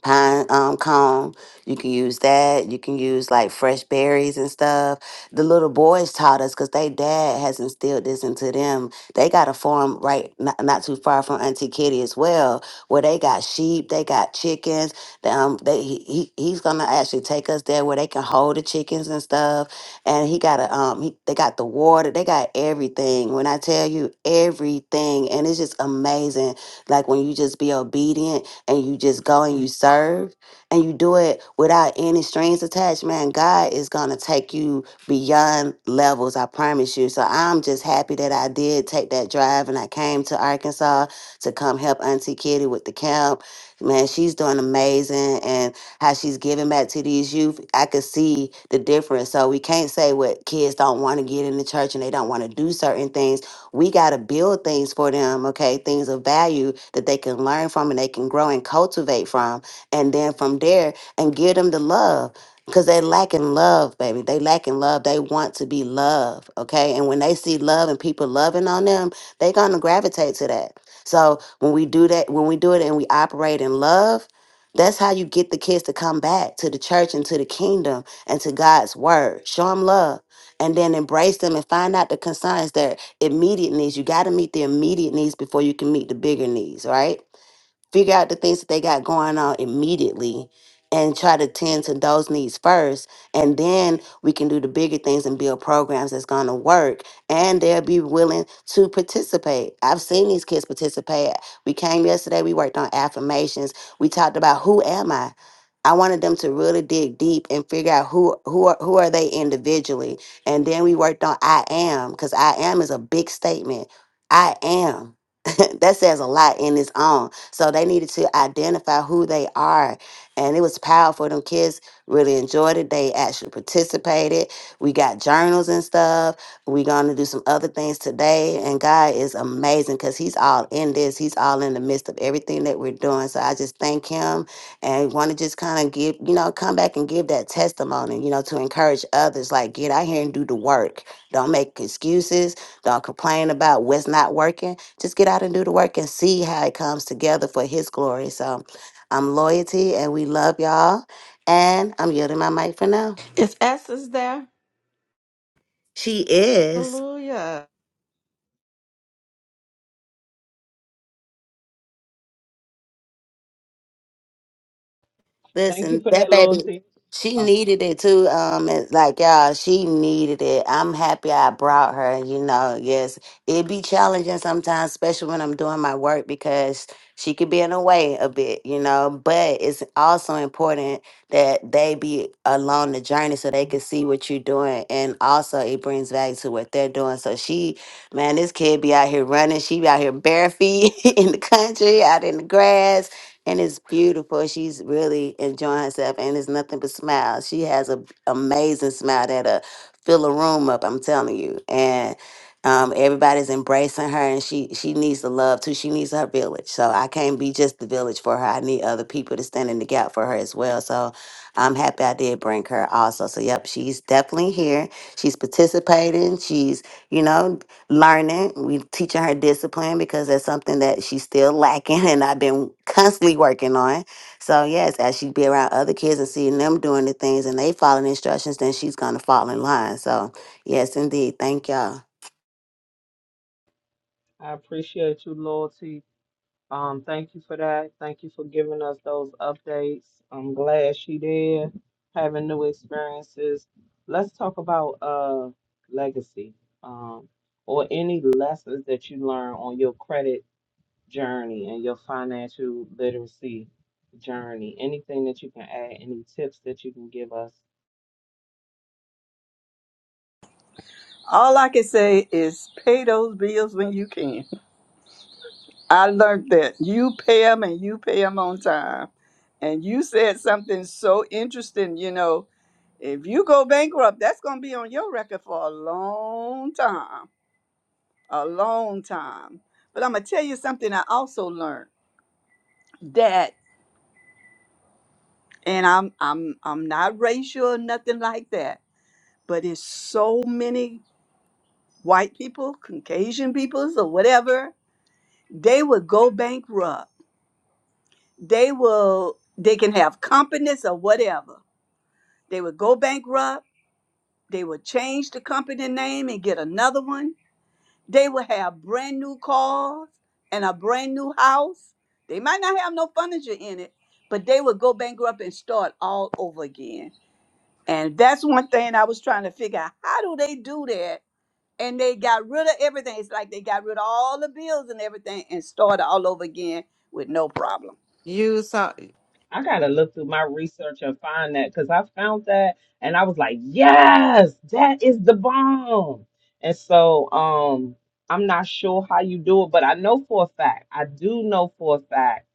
[SPEAKER 6] pine um, cone. You can use that. You can use like fresh berries and stuff. The little boys taught us because they dad has instilled this into them. They got a farm right not, not too far from Auntie Kitty as well, where they got sheep, they got chickens. the, Um, they he, he he's gonna actually take us there where they can hold the chickens and stuff. And he got a um he, they got the water, they got everything. When I tell you everything, and it's just amazing. Like when you just be obedient and you just go and you serve and you do it without any strings attached, man, God is going to take you beyond levels, I promise you. So I'm just happy that I did take that drive and I came to Arkansas to come help Auntie Kitty with the camp. Man, she's doing amazing and how she's giving back to these youth. I could see the difference. So we can't say what kids don't want to get in the church and they don't want to do certain things we got to build things for them, okay? Things of value that they can learn from and they can grow and cultivate from. And then from there, and give them the love because they lacking love, baby. They lacking love. They want to be loved, okay? And when they see love and people loving on them, they're going to gravitate to that. So when we do that, when we do it and we operate in love, that's how you get the kids to come back to the church and to the kingdom and to God's word. Show them love and then embrace them and find out the concerns, immediate needs. You got to meet the immediate needs before you can meet the bigger needs, right? figure out the things that they got going on immediately and try to tend to those needs first and then we can do the bigger things and build programs that's going to work and they'll be willing to participate i've seen these kids participate we came yesterday we worked on affirmations we talked about who am i i wanted them to really dig deep and figure out who who are, who are they individually and then we worked on i am because i am is a big statement i am [LAUGHS] that says a lot in its own so they needed to identify who they are. And it was powerful. Them kids really enjoyed it. They actually participated. We got journals and stuff. We're going to do some other things today. And God is amazing because He's all in this. He's all in the midst of everything that we're doing. So I just thank Him and want to just kind of give, you know, come back and give that testimony, you know, to encourage others. Like, get out here and do the work. Don't make excuses. Don't complain about what's not working just get out and do the work and see how it comes together for his glory. So I'm loyalty and we love y'all. And I'm yielding my mic for now.
[SPEAKER 4] Is Essence there?
[SPEAKER 6] She is.
[SPEAKER 4] Hallelujah.
[SPEAKER 3] Thank you
[SPEAKER 6] Listen,
[SPEAKER 3] for
[SPEAKER 6] that
[SPEAKER 3] that
[SPEAKER 6] baby,
[SPEAKER 3] loyalty.
[SPEAKER 6] she
[SPEAKER 3] Uh,
[SPEAKER 6] needed it too. Um, it's like y'all, she needed it. I'm happy I brought her. You know, yes, it be challenging sometimes, especially when I'm doing my work because she could be in the way a bit. You know, but it's also important that they be along the journey so they can see what you're doing, and also it brings value to what they're doing. So she, man, this kid be out here running. She be out here bare feet [LAUGHS] in the country, out in the grass and it's beautiful. She's really enjoying herself, and it's nothing but smiles. She has an amazing smile that'll fill a room up. I'm telling you, and um, everybody's embracing her, and she she needs the love too. She needs her village. So I can't be just the village for her. I need other people to stand in the gap for her as well. So I'm happy I did bring her also. So yep, she's definitely here. She's participating. She's you know learning. We teaching her discipline because that's something that she's still [LAUGHS] lacking, and I've been constantly working on. So yes, as she be around other kids and seeing them doing the things and they following instructions, then she's gonna fall in line. So yes, indeed. Thank y'all.
[SPEAKER 3] I appreciate you, loyalty. Um, thank you for that. Thank you for giving us those updates. I'm glad she did, having new experiences. Let's talk about uh legacy, um, or any lessons that you learn on your credit journey and your financial literacy journey. Anything that you can add, any tips that you can give us
[SPEAKER 5] All I can say is pay those bills when you can. I learned that you pay them and you pay them on time. And you said something so interesting, you know, if you go bankrupt, that's going to be on your record for a long time, a long time. But I'm going to tell you something I also learned that and I'm I'm I'm not racial or nothing like that, but it's so many white people, Caucasian peoples or whatever, they will go bankrupt. They will they can have companies or whatever They would go bankrupt. They would change the company name and get another one. They would have brand new cars and a brand new house. They might not have no furniture in it, but they would go bankrupt and start all over again. And that's one thing I was trying to figure out. How do they do that? And they got rid of everything. It's like they got rid of all the bills and everything and started all over again with no problem.
[SPEAKER 4] You saw.
[SPEAKER 3] I gotta look through my research and find that because I found that and I was like, yes, that is the bomb. And so um I'm not sure how you do it, but I know for a fact, I do know for a fact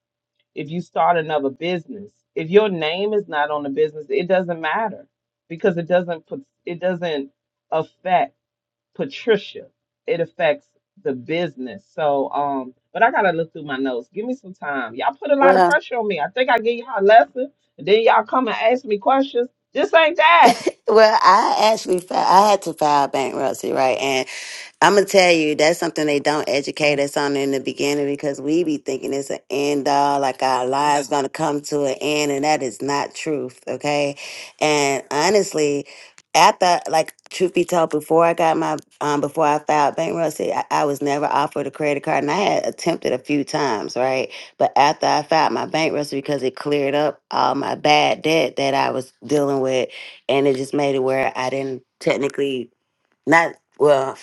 [SPEAKER 3] if you start another business, if your name is not on the business, it doesn't matter because it doesn't put it doesn't affect Patricia. It affects the business. So, um, but I gotta look through my notes. Give me some time. Y'all put a lot of
[SPEAKER 6] Well,
[SPEAKER 3] pressure on me. I think I gave y'all a lesson, and then y'all come and ask me questions. This ain't that.
[SPEAKER 6] well, I actually fi- I had to file bankruptcy, right? I'm gonna tell you that's something they don't educate us on in the beginning because we be thinking it's an end all, like our lives gonna come to an end, and that is not truth. Okay, and honestly, after like truth be told, before I got my um before I filed bankruptcy, I, I was never offered a credit card, and I had attempted a few times, right? But after I filed my bankruptcy, because it cleared up all my bad debt that I was dealing with, and it just made it where I didn't technically not well.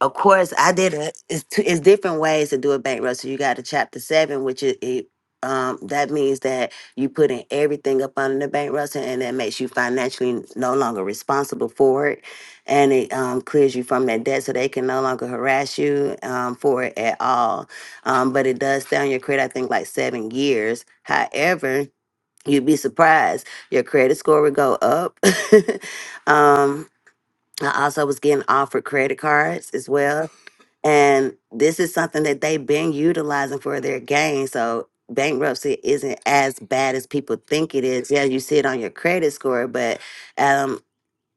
[SPEAKER 6] Of course, I did it. It's two, it's different ways to do a bankruptcy. You got a chapter seven, which is it. Um, that means that you put in everything up under the bankruptcy, and that makes you financially no longer responsible for it, and it um, clears you from that debt, so they can no longer harass you um, for it at all. Um, but it does stay on your credit, I think, like seven years. However, you'd be surprised your credit score would go up. [LAUGHS] um, I also was getting offered credit cards as well. And this is something that they've been utilizing for their gain. So bankruptcy isn't as bad as people think it is. Yeah, you see it on your credit score, but um,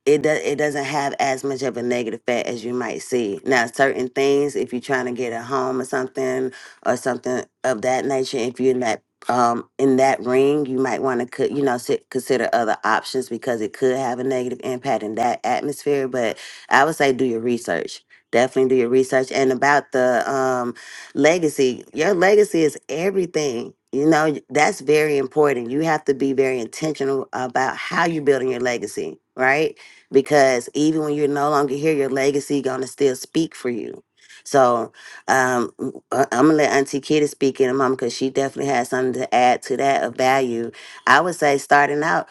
[SPEAKER 6] it does it doesn't have as much of a negative effect as you might see. Now, certain things, if you're trying to get a home or something or something of that nature, if you're in that um in that ring, you might want to co- you know sit, consider other options because it could have a negative impact in that atmosphere. But I would say do your research. Definitely do your research. And about the um legacy, your legacy is everything. You know, that's very important. You have to be very intentional about how you're building your legacy, right? because even when you're no longer here, your legacy gonna still speak for you. So um, I'm gonna let Auntie Kitty speak in a moment because she definitely has something to add to that of value. I would say starting out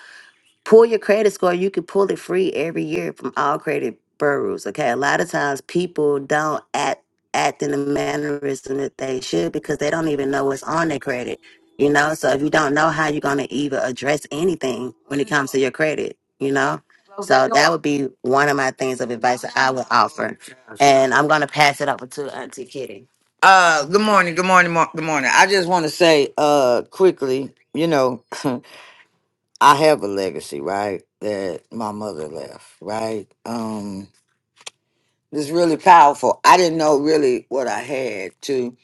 [SPEAKER 6] pull your credit score you can pull it free every year from all credit bureaus okay a lot of times people don't act act in the mannerism that they should because they don't even know what's on their credit you know so if you don't know how you're going to even address anything when it comes to your credit you know so that would be one of my things of advice that i would offer and i'm going to pass it over to auntie kitty Uh, good morning, good morning, mor- good morning. I just want to say, uh, quickly, you know, [LAUGHS] I have a legacy, right? That my mother left, right? Um, it's really powerful. I didn't know really what I had to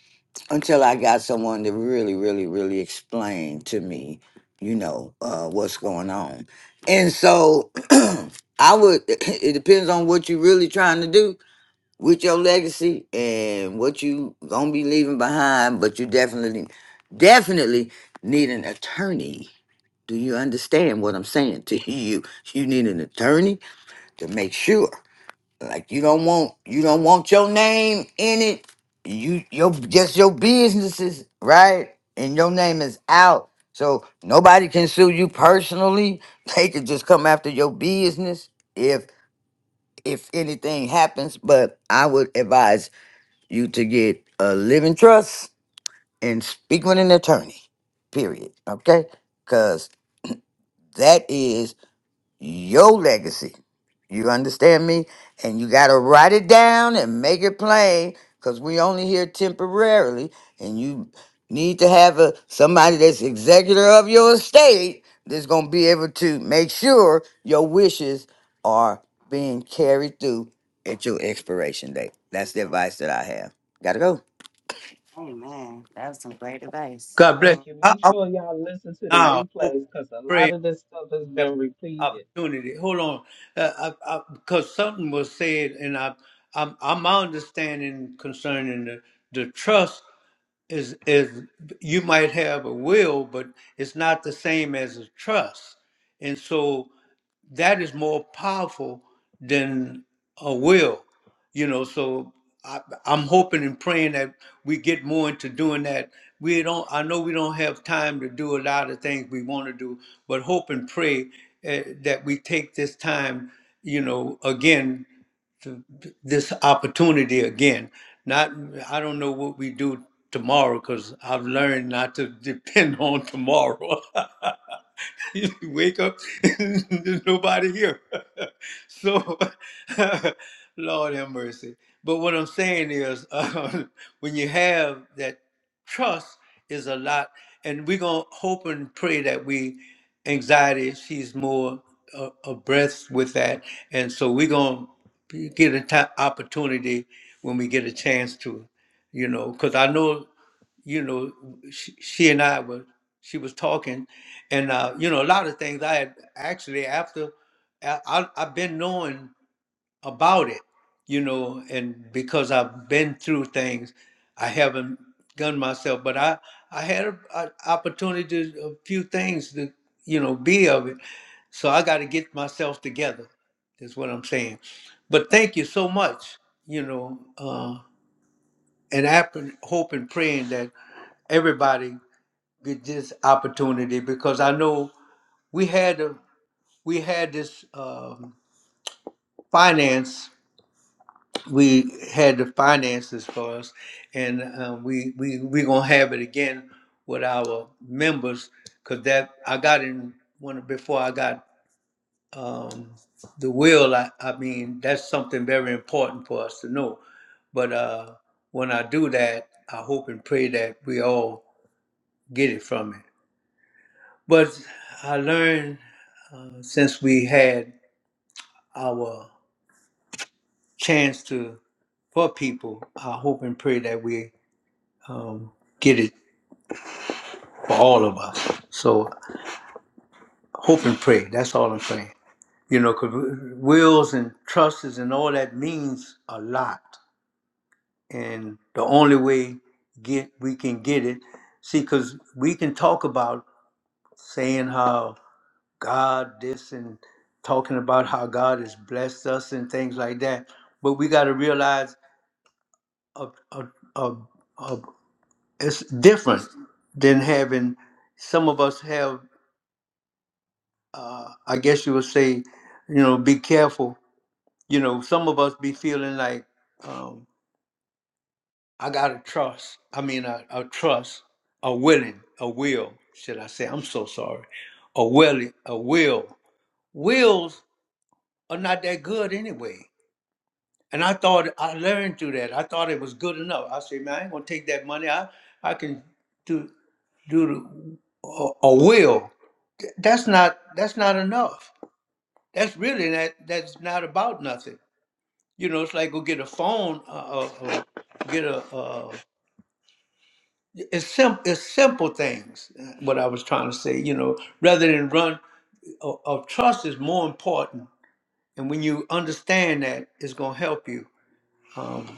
[SPEAKER 6] until I got someone to really, really, really explain to me, you know, uh, what's going on. And so [CLEARS THROAT] I would, [CLEARS THROAT] it depends on what you're really trying to do with your legacy and what you gonna be leaving behind, but you definitely, definitely need an attorney. Do you understand what I'm saying to [LAUGHS] you? You need an attorney to make sure. Like you don't want you don't want your name in it. You your just your businesses, right? And your name is out. So nobody can sue you personally. [LAUGHS] They could just come after your business if if anything happens. But I would advise you to get a living trust and speak with an attorney. Period. Okay? Because that is your legacy. You understand me? And you got to write it down and make it plain because we only here temporarily and you need to have a somebody that's executor of your estate that's going to be able to make sure your wishes are being carried through at your expiration date. That's the advice that I have. Got to go. Amen. That was some great advice.
[SPEAKER 1] God bless.
[SPEAKER 3] Thank you.
[SPEAKER 1] You. I,
[SPEAKER 3] Make
[SPEAKER 1] I was
[SPEAKER 3] sure y'all listen to the
[SPEAKER 1] now hoping,
[SPEAKER 3] replays because a lot
[SPEAKER 1] praying,
[SPEAKER 3] of this stuff has
[SPEAKER 1] have
[SPEAKER 3] been repeated.
[SPEAKER 1] opportunity. Hold on, uh, I, I, because something was said, and I, I'm, I'm my understanding concerning the, the trust is is you might have a will, but it's not the same as a trust, and so that is more powerful than a will. You know, so I, I'm hoping and praying that we get more into doing that. We don't. I know we don't have time to do a lot of things we want to do, but hope and pray uh, that we take this time. You know, again to this opportunity again. Not, I don't know what we do tomorrow because I've learned not to depend [LAUGHS] on tomorrow. [LAUGHS] you wake up, [LAUGHS] there's nobody here. [LAUGHS] so, [LAUGHS] Lord have mercy. But what I'm saying is, [LAUGHS] uh, when you have that trust is a lot, and we're gonna hope and pray that we anxiety. She's more uh, abreast with that, and so we're gonna get an opportunity when we get a chance to, you know, because I know, you know, she, she and I were she was talking, and uh, you know, a lot of things I had actually after I, I I've been knowing about it, you know, and because I've been through things, I haven't done myself, but I I had an opportunity to a few things to you know be of it, so I got to get myself together. Is what I'm saying. But thank you so much, you know, uh, and I happen- hope and praying that everybody get this opportunity because I know we had a we had this um, finance. we had the finances for us, and um, we we we gonna have it again with our members because that I got in one before I got um, the will. I, I mean that's something very important for us to know. But uh, when I do that, I hope and pray that we all get it from it. But I learned uh, since we had our chance to for people, I hope and pray that we um, get it for all of us. So hope and pray. That's all I'm saying. You know, because wills and trusts and all that means a lot. And the only way get we can get it, see, because we can talk about saying how God this and talking about how God has blessed us and things like that. But we got to realize a, a, a, a, it's different than having some of us have, I guess you would say, you know, be careful you know, some of us be feeling like um, I gotta trust. I mean, a, a trust, a willing, a will. Should I say? I'm so sorry. A willing, a will. Wills are not that good anyway. And I thought I learned through that. I thought it was good enough. I said, man, I ain't gonna take that money. I I can do do the, a, a will. That's not that's not enough. That's really that that's not about nothing. You know, it's like go get a phone, uh, uh, uh, get a. Uh, it's simple. It's simple things. uh, What I was trying to say, you know, rather than run of, of trust is more important. And when you understand that, it's gonna help you. Um,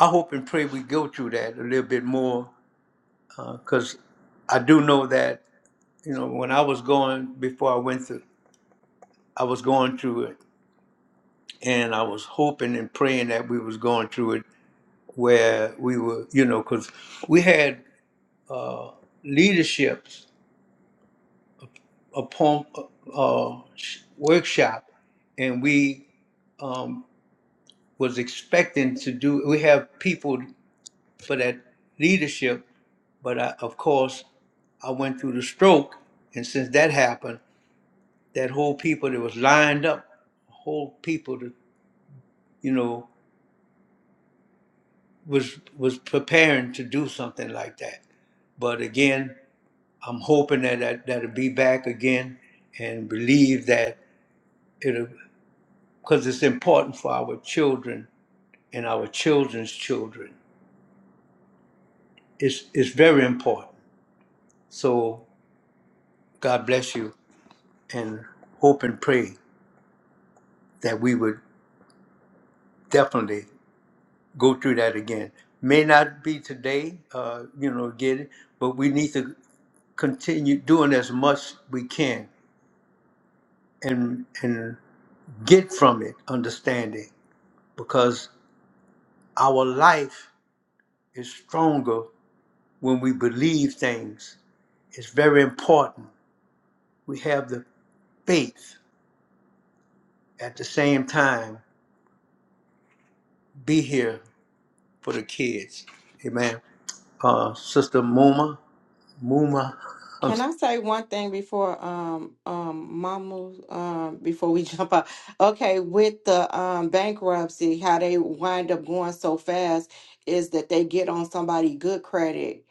[SPEAKER 1] I hope and pray we go through that a little bit more, because I do know that you know when I was going before I went through, I was going through it, and I was hoping and praying that we was going through it where we were, you know, because we had leaderships upon uh, workshop, and we um, was expecting to do. We have people for that leadership, but I, of course, I went through the stroke, and since that happened, that whole people that was lined up, whole people that you know was was preparing to do something like that. But again, I'm hoping that that, that'll be back again, and believe that it'll. because it's important for our children and our children's children. It's, it's very important. So God bless you and hope and pray that we would definitely go through that again. May not be today, uh, you know, get it, but we need to continue doing as much we can and and get from it understanding because our life is stronger when we believe things. It's very important. We have the faith at the same time be here for the kids. Amen. Uh, Sister Muma, Muma, [LAUGHS] um,
[SPEAKER 4] Can I say one thing before um um Mama um before we [LAUGHS] jump out? Okay, with the um bankruptcy, how they wind up going so fast is that they get on somebody good credit,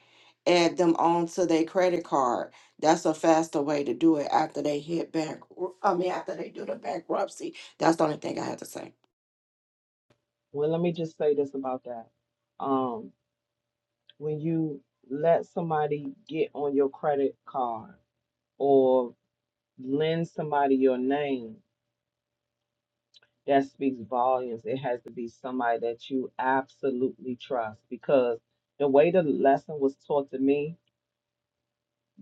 [SPEAKER 4] add them onto their credit card. That's a faster way to do it after they hit bank. I mean, after they do the bankruptcy. That's the only thing I had to say.
[SPEAKER 3] Well, let me just say this about that. Um, when you let somebody get on your credit card or lend somebody your name, that speaks volumes. It has to be somebody that you absolutely trust because the way the lesson was taught to me,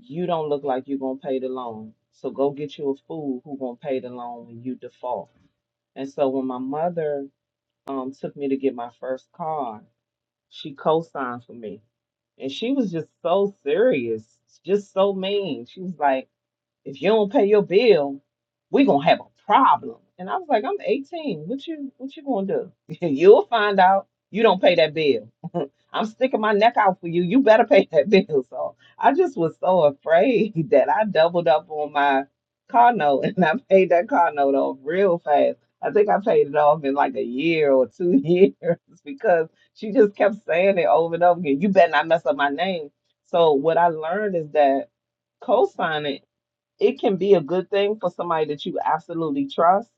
[SPEAKER 3] you don't look like you're gonna pay the loan. So go get you a fool who gonna pay the loan when you default. And so when my mother um took me to get my first car, she co-signed for me. And she was just so serious, just so mean. She was like, if you don't pay your bill, we gonna have a problem. And I was like, I'm 18. What you what you gonna do? [LAUGHS] You'll find out. You don't pay that bill. I'm sticking my neck out for you. You better pay that [LAUGHS] bill. So I just was so afraid [LAUGHS] that I doubled up on my car note [LAUGHS] and I paid that car note off real fast. I think I paid it off in like a year or two [LAUGHS] years because she just kept saying it over and over again. You better not mess up my name. So what I learned is that co-signing it can be a good thing for somebody that you absolutely trust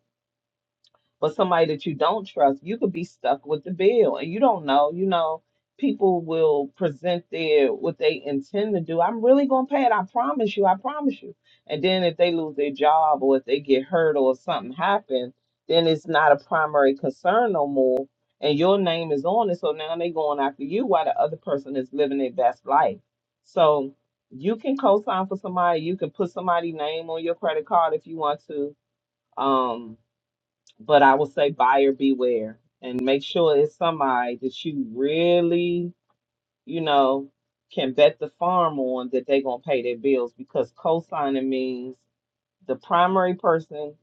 [SPEAKER 3] but somebody that you don't trust, you could be stuck with the bill and you don't know, you know, people will present their what they intend to do. I'm really gonna pay it, I promise you, I promise you. And then if they lose their job or if they get hurt or something happens, then it's not a primary concern no more. And your name is on it. So now they going after you while the other person is living their best life. So you can co-sign for somebody, you can put somebody's name on your credit card if you want to. Um, but I would say buyer beware and make sure it's somebody that you really, you know, can bet the farm on that they're gonna pay their bills because co-signing means the primary person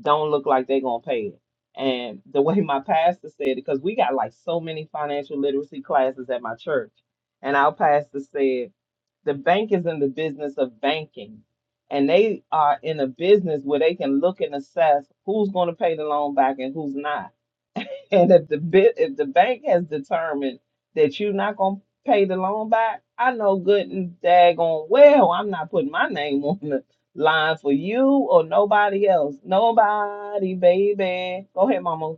[SPEAKER 3] don't look like they're gonna pay it. And the way my pastor said it, because we got like so many financial literacy classes at my church, and our pastor said the bank is in the business of banking and they are in a business where they can look and assess who's going to pay the loan back and who's not and if the bit if the bank has determined that you're not gonna pay the loan back, I know good and daggone well I'm not putting my name [LAUGHS] on the line for you or nobody else. Nobody, baby. Go ahead, Mama.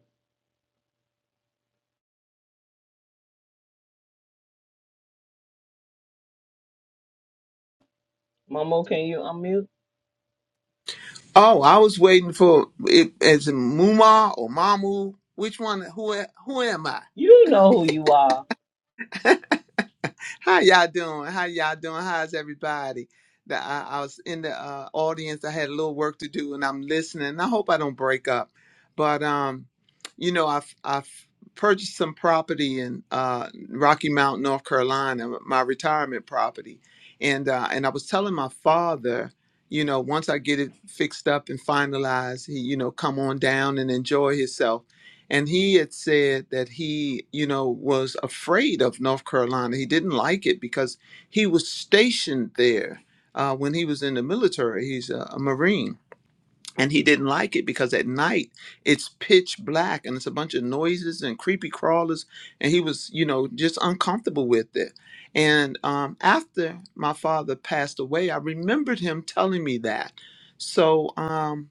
[SPEAKER 3] Mama, can you unmute?
[SPEAKER 7] Oh, I was waiting for it as in Muma or Mamu. Which one? Who? Who am I?
[SPEAKER 3] You know who you are.
[SPEAKER 7] How y'all doing? How y'all doing? How's everybody? That I, I was in the uh, audience. I had a little work to do, and I'm listening. I hope I don't break up, but um, you know, I've I've purchased some property in uh, Rocky Mount, North Carolina, my retirement property, and uh, and I was telling my father, you know, once I get it fixed up and finalized, he you know come on down and enjoy himself and he had said that he you know was afraid of north carolina he didn't like it because he was stationed there uh, when he was in the military he's a, a marine and he didn't like it because at night it's pitch black and it's a bunch of noises and creepy crawlers and he was you know just uncomfortable with it and um, after my father passed away i remembered him telling me that so um,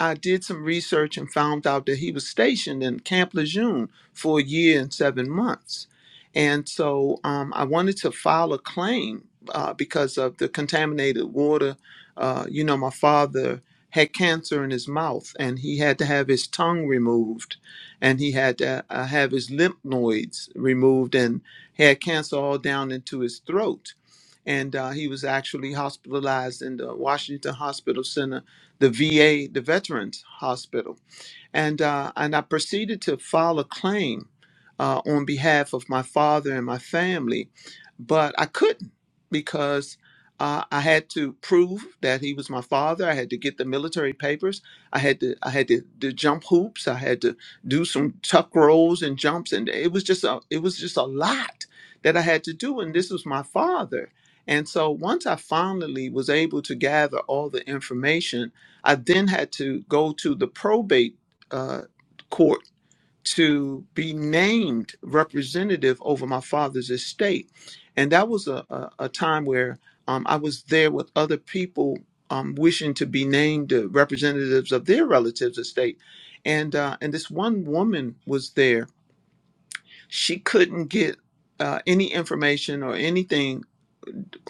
[SPEAKER 7] i did some research and found out that he was stationed in camp lejeune for a year and seven months and so um, i wanted to file a claim uh, because of the contaminated water uh, you know my father had cancer in his mouth and he had to have his tongue removed and he had to uh, have his lymph nodes removed and he had cancer all down into his throat and uh, he was actually hospitalized in the washington hospital center the va the veterans hospital and uh, and I proceeded to file a claim uh, on behalf of my father and my family, but I couldn't because uh, I had to prove that he was my father. I had to get the military papers. I had to I had to, to jump hoops. I had to do some tuck rolls and jumps, and it was just a it was just a lot that I had to do. And this was my father. And so once I finally was able to gather all the information, I then had to go to the probate uh, court to be named representative over my father's estate. And that was a, a, a time where um, I was there with other people um, wishing to be named uh, representatives of their relatives' estate. And, uh, and this one woman was there. She couldn't get uh, any information or anything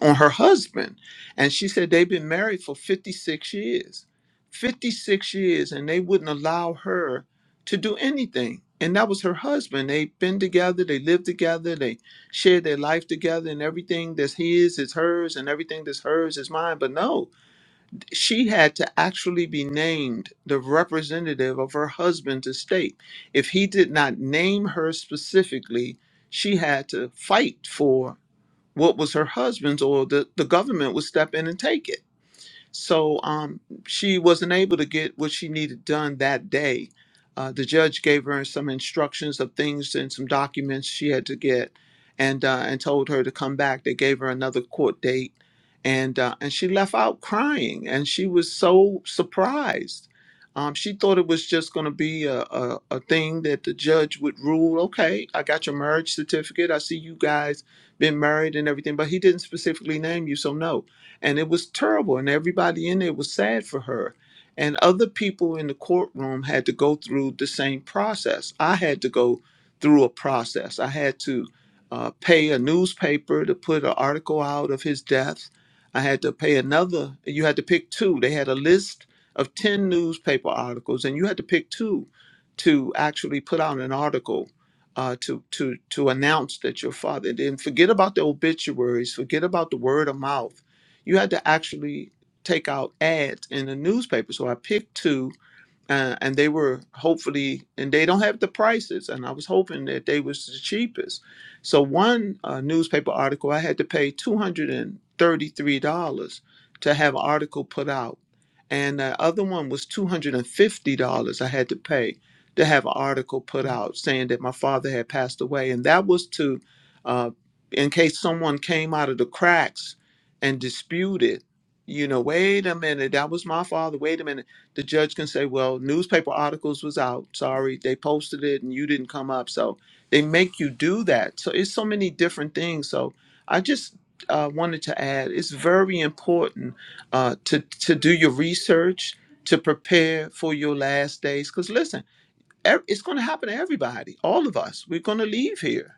[SPEAKER 7] on her husband. And she said they've been married for 56 years. 56 years, and they wouldn't allow her to do anything. And that was her husband. They've been together, they lived together, they shared their life together, and everything that's his is hers, and everything that's hers is mine. But no, she had to actually be named the representative of her husband's estate. If he did not name her specifically, she had to fight for what was her husband's or the, the government would step in and take it so um, she wasn't able to get what she needed done that day. Uh, the judge gave her some instructions of things and some documents she had to get, and uh, and told her to come back. They gave her another court date, and uh, and she left out crying, and she was so surprised. Um, she thought it was just going to be a, a, a thing that the judge would rule. Okay, I got your marriage certificate. I see you guys been married and everything, but he didn't specifically name you, so no and it was terrible and everybody in there was sad for her and other people in the courtroom had to go through the same process i had to go through a process i had to uh, pay a newspaper to put an article out of his death i had to pay another you had to pick two they had a list of 10 newspaper articles and you had to pick two to actually put out an article uh, to to to announce that your father and then forget about the obituaries forget about the word of mouth you had to actually take out ads in the newspaper. So I picked two uh, and they were hopefully and they don't have the prices and i was hoping that they was the cheapest so one uh, newspaper article i had to pay $233 to have an article put out and the other one was $250 i had to pay to have an article put out saying that my father had passed away and that was to uh, in case someone came out of the cracks and disputed you know wait a minute that was my father wait a minute the judge can say, well, newspaper articles was out. Sorry, they posted it and you didn't come up. So they make you do that. So it's so many different things. So I just uh, wanted to add, it's very important uh, to to do your research to prepare for your last days. Because listen ev- it's going to happen to everybody all of us we're going to leave here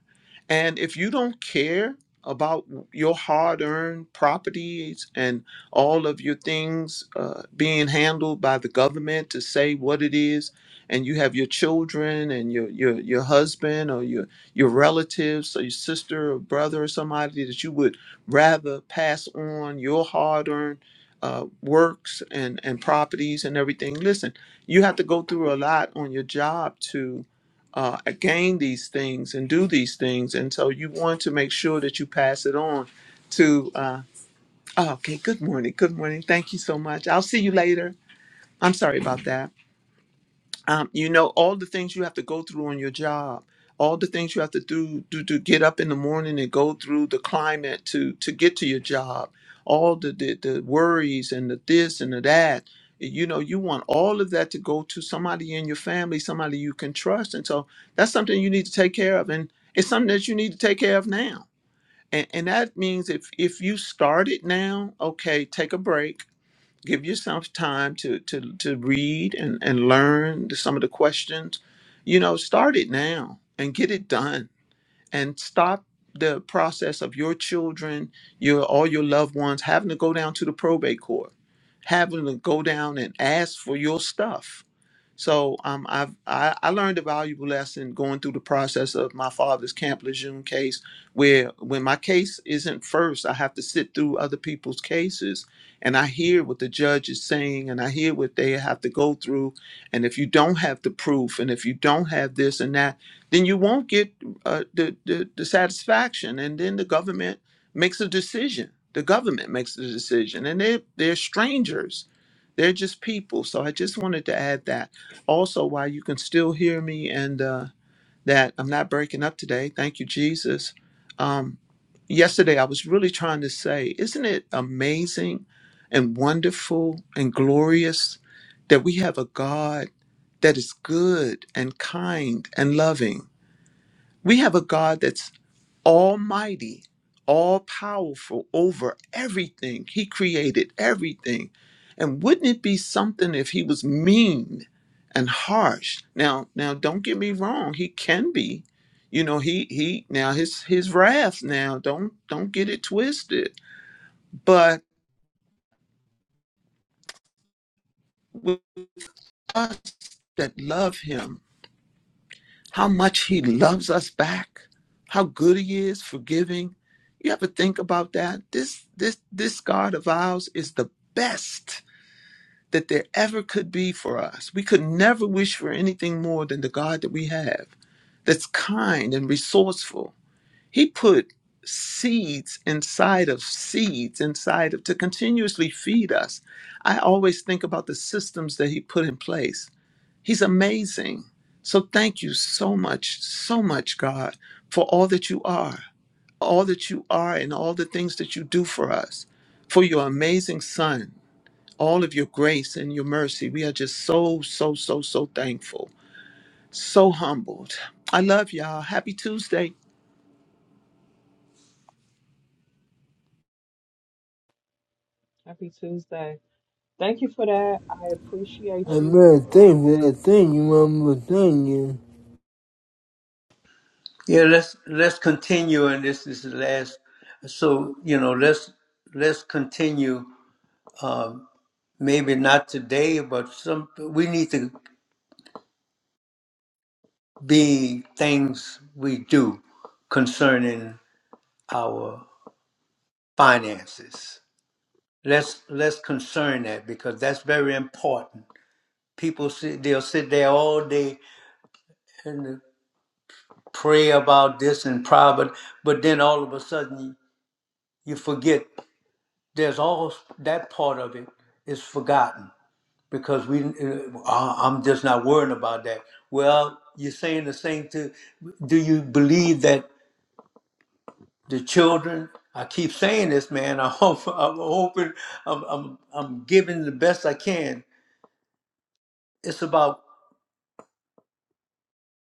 [SPEAKER 7] and if you don't care about your hard-earned properties and all of your things uh, being handled by the government to say what it is and you have your children and your your, your husband or your your relatives or your sister or brother or somebody that you would rather pass on your hard-earned uh, works and and properties and everything listen you have to go through a lot on your job to uh, gain these things and do these things. And so you want to make sure that you pass it on to, uh, oh, okay, good morning. Good morning. Thank you so much. I'll see you later. I'm sorry about that um, you know all the things you have to go through on your job all the things you have to do, do to get up in the morning and go through the climate to to get to your job all the the, the worries and the this and the that eh, you know you want all of that to go to somebody in your family somebody you can trust and so that's something you need to take care of and it's something that you need to take care of now and, and that means if if you start it now okay take a break give yourself time to to to read and and learn some of the questions you know start it now and get it done and stop the process of your children your all your loved ones having to go down to the probate court having to go down and ask for your stuff so um, I've I, I learned a valuable lesson going through the process of my father's Camp Lejeune case, where when my case isn't first, I have to sit through other people's cases, and I hear what the judge is saying, and I hear what they have to go through, and if you don't have the proof, and if you don't have this and that, then you won't get uh, the, the the satisfaction, and then the government makes a decision. The government makes the decision, and they they're strangers. They're just people. So I just wanted to add that also why you can still hear me and uh, that I'm not breaking up today. Thank you, Jesus. Um, yesterday, I was really trying to say, isn't it amazing and wonderful and glorious that we have a God that is good and kind and loving? We have a God that's almighty, all powerful over everything. He created everything. And wouldn't it be something if he was mean and harsh? Now, now don't get me wrong, he can be. You know, he he now his his wrath now, don't don't get it twisted. But with us that love him, how much he loves us back, how good he is, forgiving. You ever think about that? This this this God of ours is the best that there ever could be for us. We could never wish for anything more than the God that we have, that's kind and resourceful. He put seeds inside of seeds inside of to continuously feed us. I always think about the systems that he put in place He's amazing. So thank you so much, so much, God, for all that you are, all that you are, and all the things that you do for us, for your amazing Son, all of your grace and your mercy. We are just so, so, so, so thankful, so humbled. I love y'all. Happy Tuesday.
[SPEAKER 3] Happy Tuesday. Thank you for that. I appreciate you.
[SPEAKER 2] Amen.
[SPEAKER 3] Uh,
[SPEAKER 2] Thank you for that. Thank you, mama. Thank you.
[SPEAKER 1] yeah. Let's let's continue, and this is the last. So you know, let's let's continue. Um, maybe not today, but some we need to be things we do concerning our finances. Let's let's concern that because that's very important. People sit they'll sit there all day and to pray about this in private, but then all of a sudden you forget. There's all that part of it is forgotten because we. Uh, "Ah, I'm just not worrying about that. Well, you're saying the same to. Do you believe that the children? I keep saying this, man. [LAUGHS] I hope I'm hoping I'm I'm I'm giving the best I can. It's about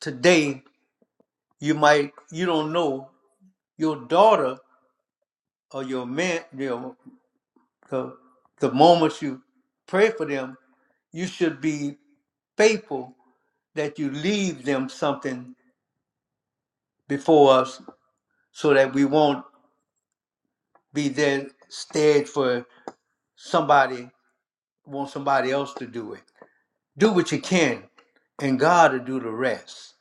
[SPEAKER 1] today. You might you don't know your daughter or your man. You know, So the moment you pray for them, you should be faithful that you leave them something before us so that we won't be there stead for somebody want somebody else to do it. Do what you can and God will do the rest.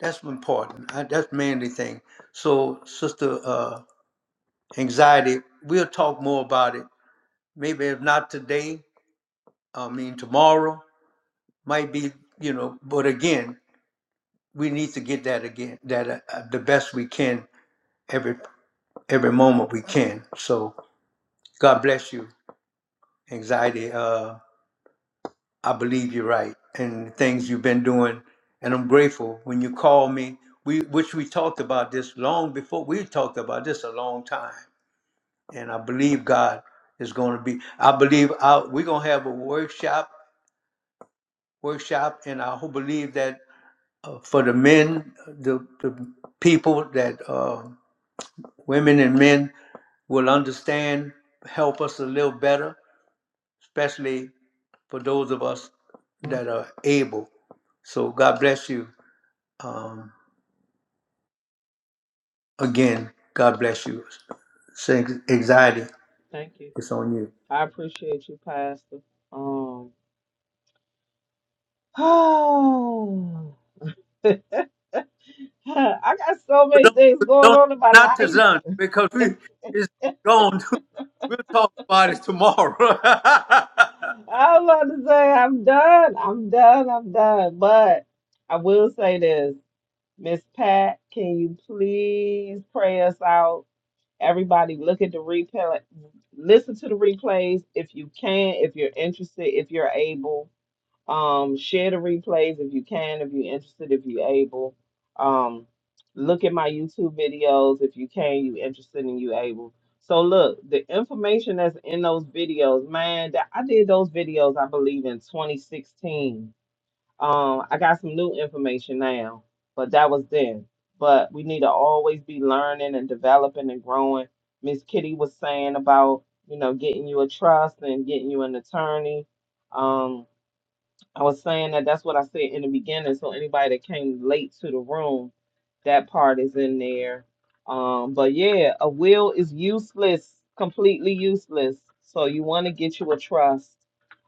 [SPEAKER 1] That's important. I, that's mainly thing. So sister uh anxiety, we'll talk more about it. Maybe if not today, I mean tomorrow might be, you know, but again, we need to get that again, that uh, uh, the best we can every every moment we can. So God bless you, anxiety. Uh, I believe you're right, and the things you've been doing, and I'm grateful when you call me. We which we talked about this long before. We talked about this a long time, and I believe God is going to be. I believe I, we're going to have a workshop workshop, and I ho- believe that uh, for the men, uh, the, the people that. Uh, Women and men will understand, help us a little better, especially for those of us that are able. So God bless you. Um, again, God bless you. Say anxiety
[SPEAKER 3] thank you.
[SPEAKER 1] it's on you.
[SPEAKER 3] I appreciate you, Pastor. Um, [SIGHS] I got so
[SPEAKER 1] But
[SPEAKER 3] many
[SPEAKER 1] don't
[SPEAKER 3] things going
[SPEAKER 1] don't
[SPEAKER 3] on in my
[SPEAKER 1] not to
[SPEAKER 3] life.
[SPEAKER 1] son because we it's gone. Too. We'll talk about it tomorrow. [LAUGHS]
[SPEAKER 3] I was about to say I'm done. I'm done. I'm done. But I will say this, Miss Pat, can you please pray us out? Everybody, look at the replay. Listen to the replays if you can, if you're interested, if you're able. Um, share the replays if you can, if you're interested, if you're able. Um, look at my YouTube videos if you can, you interested and you able. So look, the information that's in those videos, man, that I did those videos, I believe, in 2016. Um, I got some new information now, but that was then. But we need to always be learning and developing and growing. Miss Kitty was saying about, you know, getting you a trust and getting you an attorney. Um, I was saying that that's what I said in the beginning. So anybody that came late to the room, that part is in there. Um, but yeah, a will is useless, completely useless. So you want to get you a trust.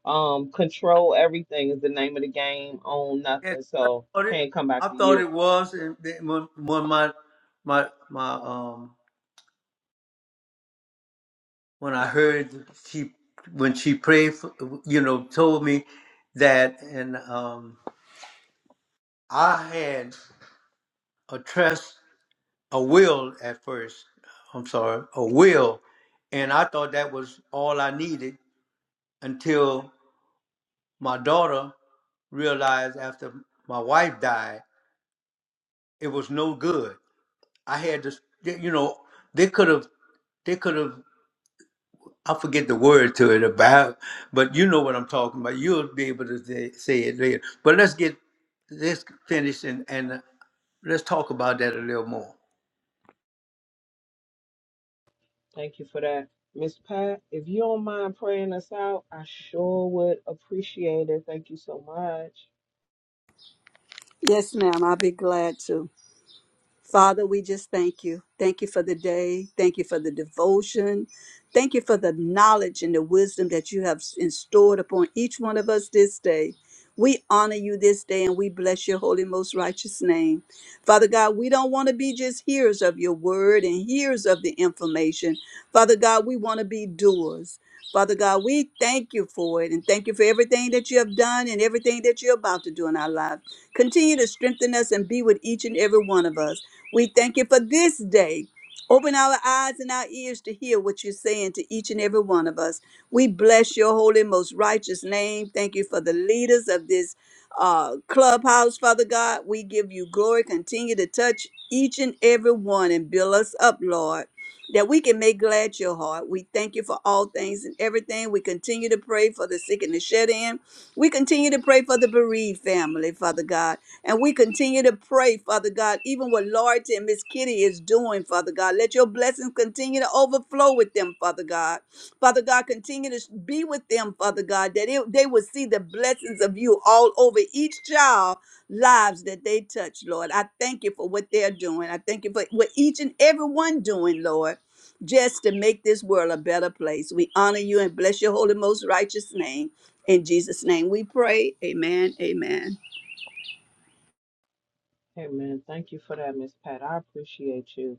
[SPEAKER 3] Um, control everything is the name of the game. Own
[SPEAKER 1] Yeah,
[SPEAKER 3] nothing.
[SPEAKER 1] I
[SPEAKER 3] So
[SPEAKER 1] thought it.
[SPEAKER 3] can't come back
[SPEAKER 1] I
[SPEAKER 3] to
[SPEAKER 1] thought
[SPEAKER 3] you.
[SPEAKER 1] it was, and then when, when my my my um when I heard she when she prayed, for, you know, told me that, and um, I had a trust, a will at first. I'm sorry, a will, and I thought that was all I needed until my daughter realized after my wife died, it was no good. I had to, you know, they could have, they could have. I forget the word to it about, but you know what I'm talking about. You'll be able to say say it later. But let's get this finished and, and uh, let's talk about that a little more.
[SPEAKER 3] Thank you for that. Miss Pat, if you don't mind praying us out, I sure would appreciate it. Thank you so much.
[SPEAKER 5] Yes, ma'am. I'll be glad to. Father, we just thank you. Thank you for the day. Thank you for the devotion. Thank you for the knowledge and the wisdom that you have stored upon each one of us this day. We honor you this day and we bless your holy, most righteous name. Father God, we don't want to be just hearers of your word and hearers of the information. Father God, we want to be doers. Father God, we thank you for it and thank you for everything that you have done and everything that you're about to do in our lives. Continue to strengthen us and be with each and every one of us. We thank you for this day. Open our eyes and our ears to hear what you're saying to each and every one of us. We bless your holy, most righteous name. Thank you for the leaders of this uh, clubhouse, Father God. We give you glory. Continue to touch each and every one and build us up, Lord, that we can make glad your heart. We thank you for all things and everything. We continue to pray for the sick and the shed in. We continue to pray for the bereaved family, Father God. And we continue to pray, Father God, even what Loretta and Miss Kitty is doing, Father God. Let your blessings continue to overflow with them, Father God. Father God, continue to be with them, Father God, that it, they will see the blessings of you all over each child lives that they touch, Lord. I thank you for what they're doing. I thank you for what each and every one doing, Lord, just to make this world a better place. We honor you and bless your holy, most righteous name. In Jesus' name we pray. Amen. Amen.
[SPEAKER 3] Amen. Thank you for that, Miss Pat. I appreciate you.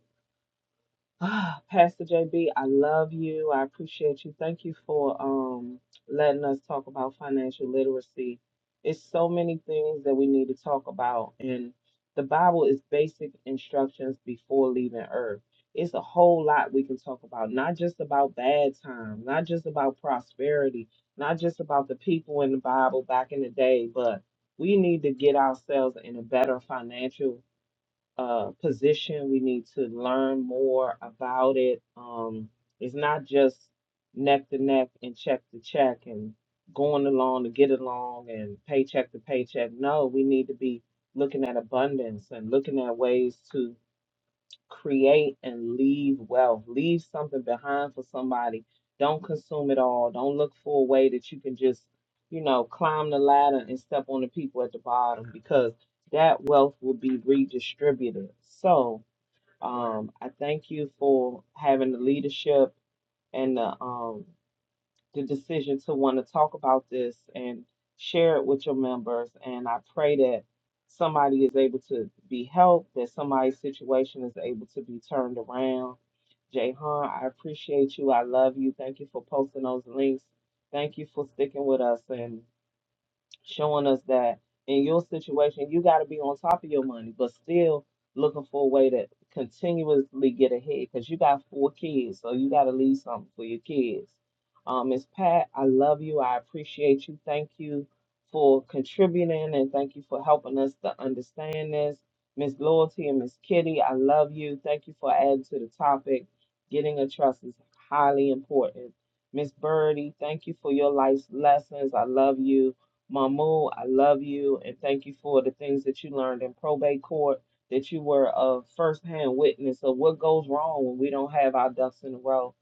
[SPEAKER 3] Ah, Pastor JB, I love you. I appreciate you. Thank you for um letting us talk about financial literacy. It's so many things that we need to talk about, and the Bible is basic instructions before leaving earth. It's a whole lot we can talk about, not just about bad times, not just about prosperity, not just about the people in the Bible back in the day, but we need to get ourselves in a better financial uh, position. We need to learn more about it. Um, it's not just neck to neck and check to check and going along to get along and paycheck to paycheck. No, we need to be looking at abundance and looking at ways to create and leave wealth. Leave something behind for somebody. Don't consume it all. Don't look for a way that you can just, you know, climb the ladder and step on the people at the bottom because that wealth will be redistributed. So, um, I thank you for having the leadership and the um the decision to want to talk about this and share it with your members. And I pray that somebody is able to be helped, that somebody's situation is able to be turned around. Jayhan, I appreciate you. I love you. Thank you for posting those links. Thank you for sticking with us. and showing us that in your situation you got to be on top of your money but still looking for a way to continuously get ahead because you got four kids so you got to leave something for your kids um miss pat i love you i appreciate you thank you for contributing and thank you for helping us to understand this miss loyalty and miss kitty i love you thank you for adding to the topic getting a trust is highly important miss birdie thank you for your life's lessons i love you Mamu, I love you and thank you for the things that you learned in probate court, that you were a firsthand witness of what goes wrong when we don't have our ducks in a row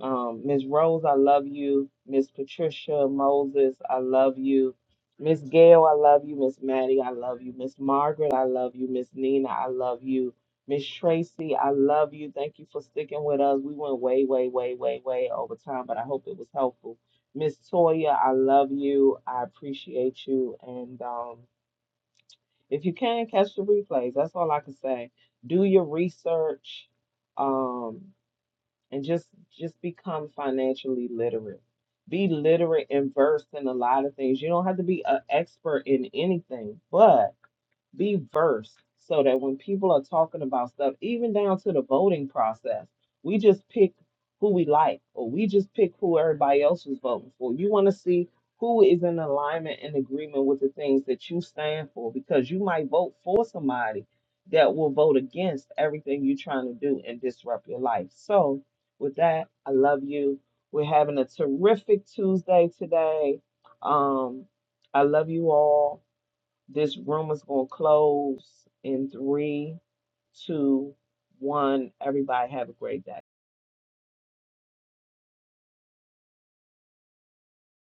[SPEAKER 3] um, Ms. Rose, I love you. Miss Patricia Moses, I love you. Miss Gail, I love you. Miss Maddie, I love you. Miss Margaret, I love you. Miss Nina, I love you. Miss Tracy, I love you. Thank you for sticking with us. We went way, way, way, way, way over time, but I hope it was helpful. Miss Toya, I love you. I appreciate you. And um, if you can, catch the replays. That's all I can say. Do your research. Um, and just just become financially literate. Be literate and versed in a lot of things. You don't have to be an expert in anything, but be versed so that when people are talking about stuff, even down to the voting process, we just pick who we like or we just pick who everybody else was voting for. You want to see who is in alignment and agreement with the things that you stand for because you might vote for somebody that will vote against everything you're trying to do and disrupt your life. So, with that, I love you. We're having a terrific Tuesday today. Um, I love you all. This room is going to close in three, two, one. Everybody have a great day.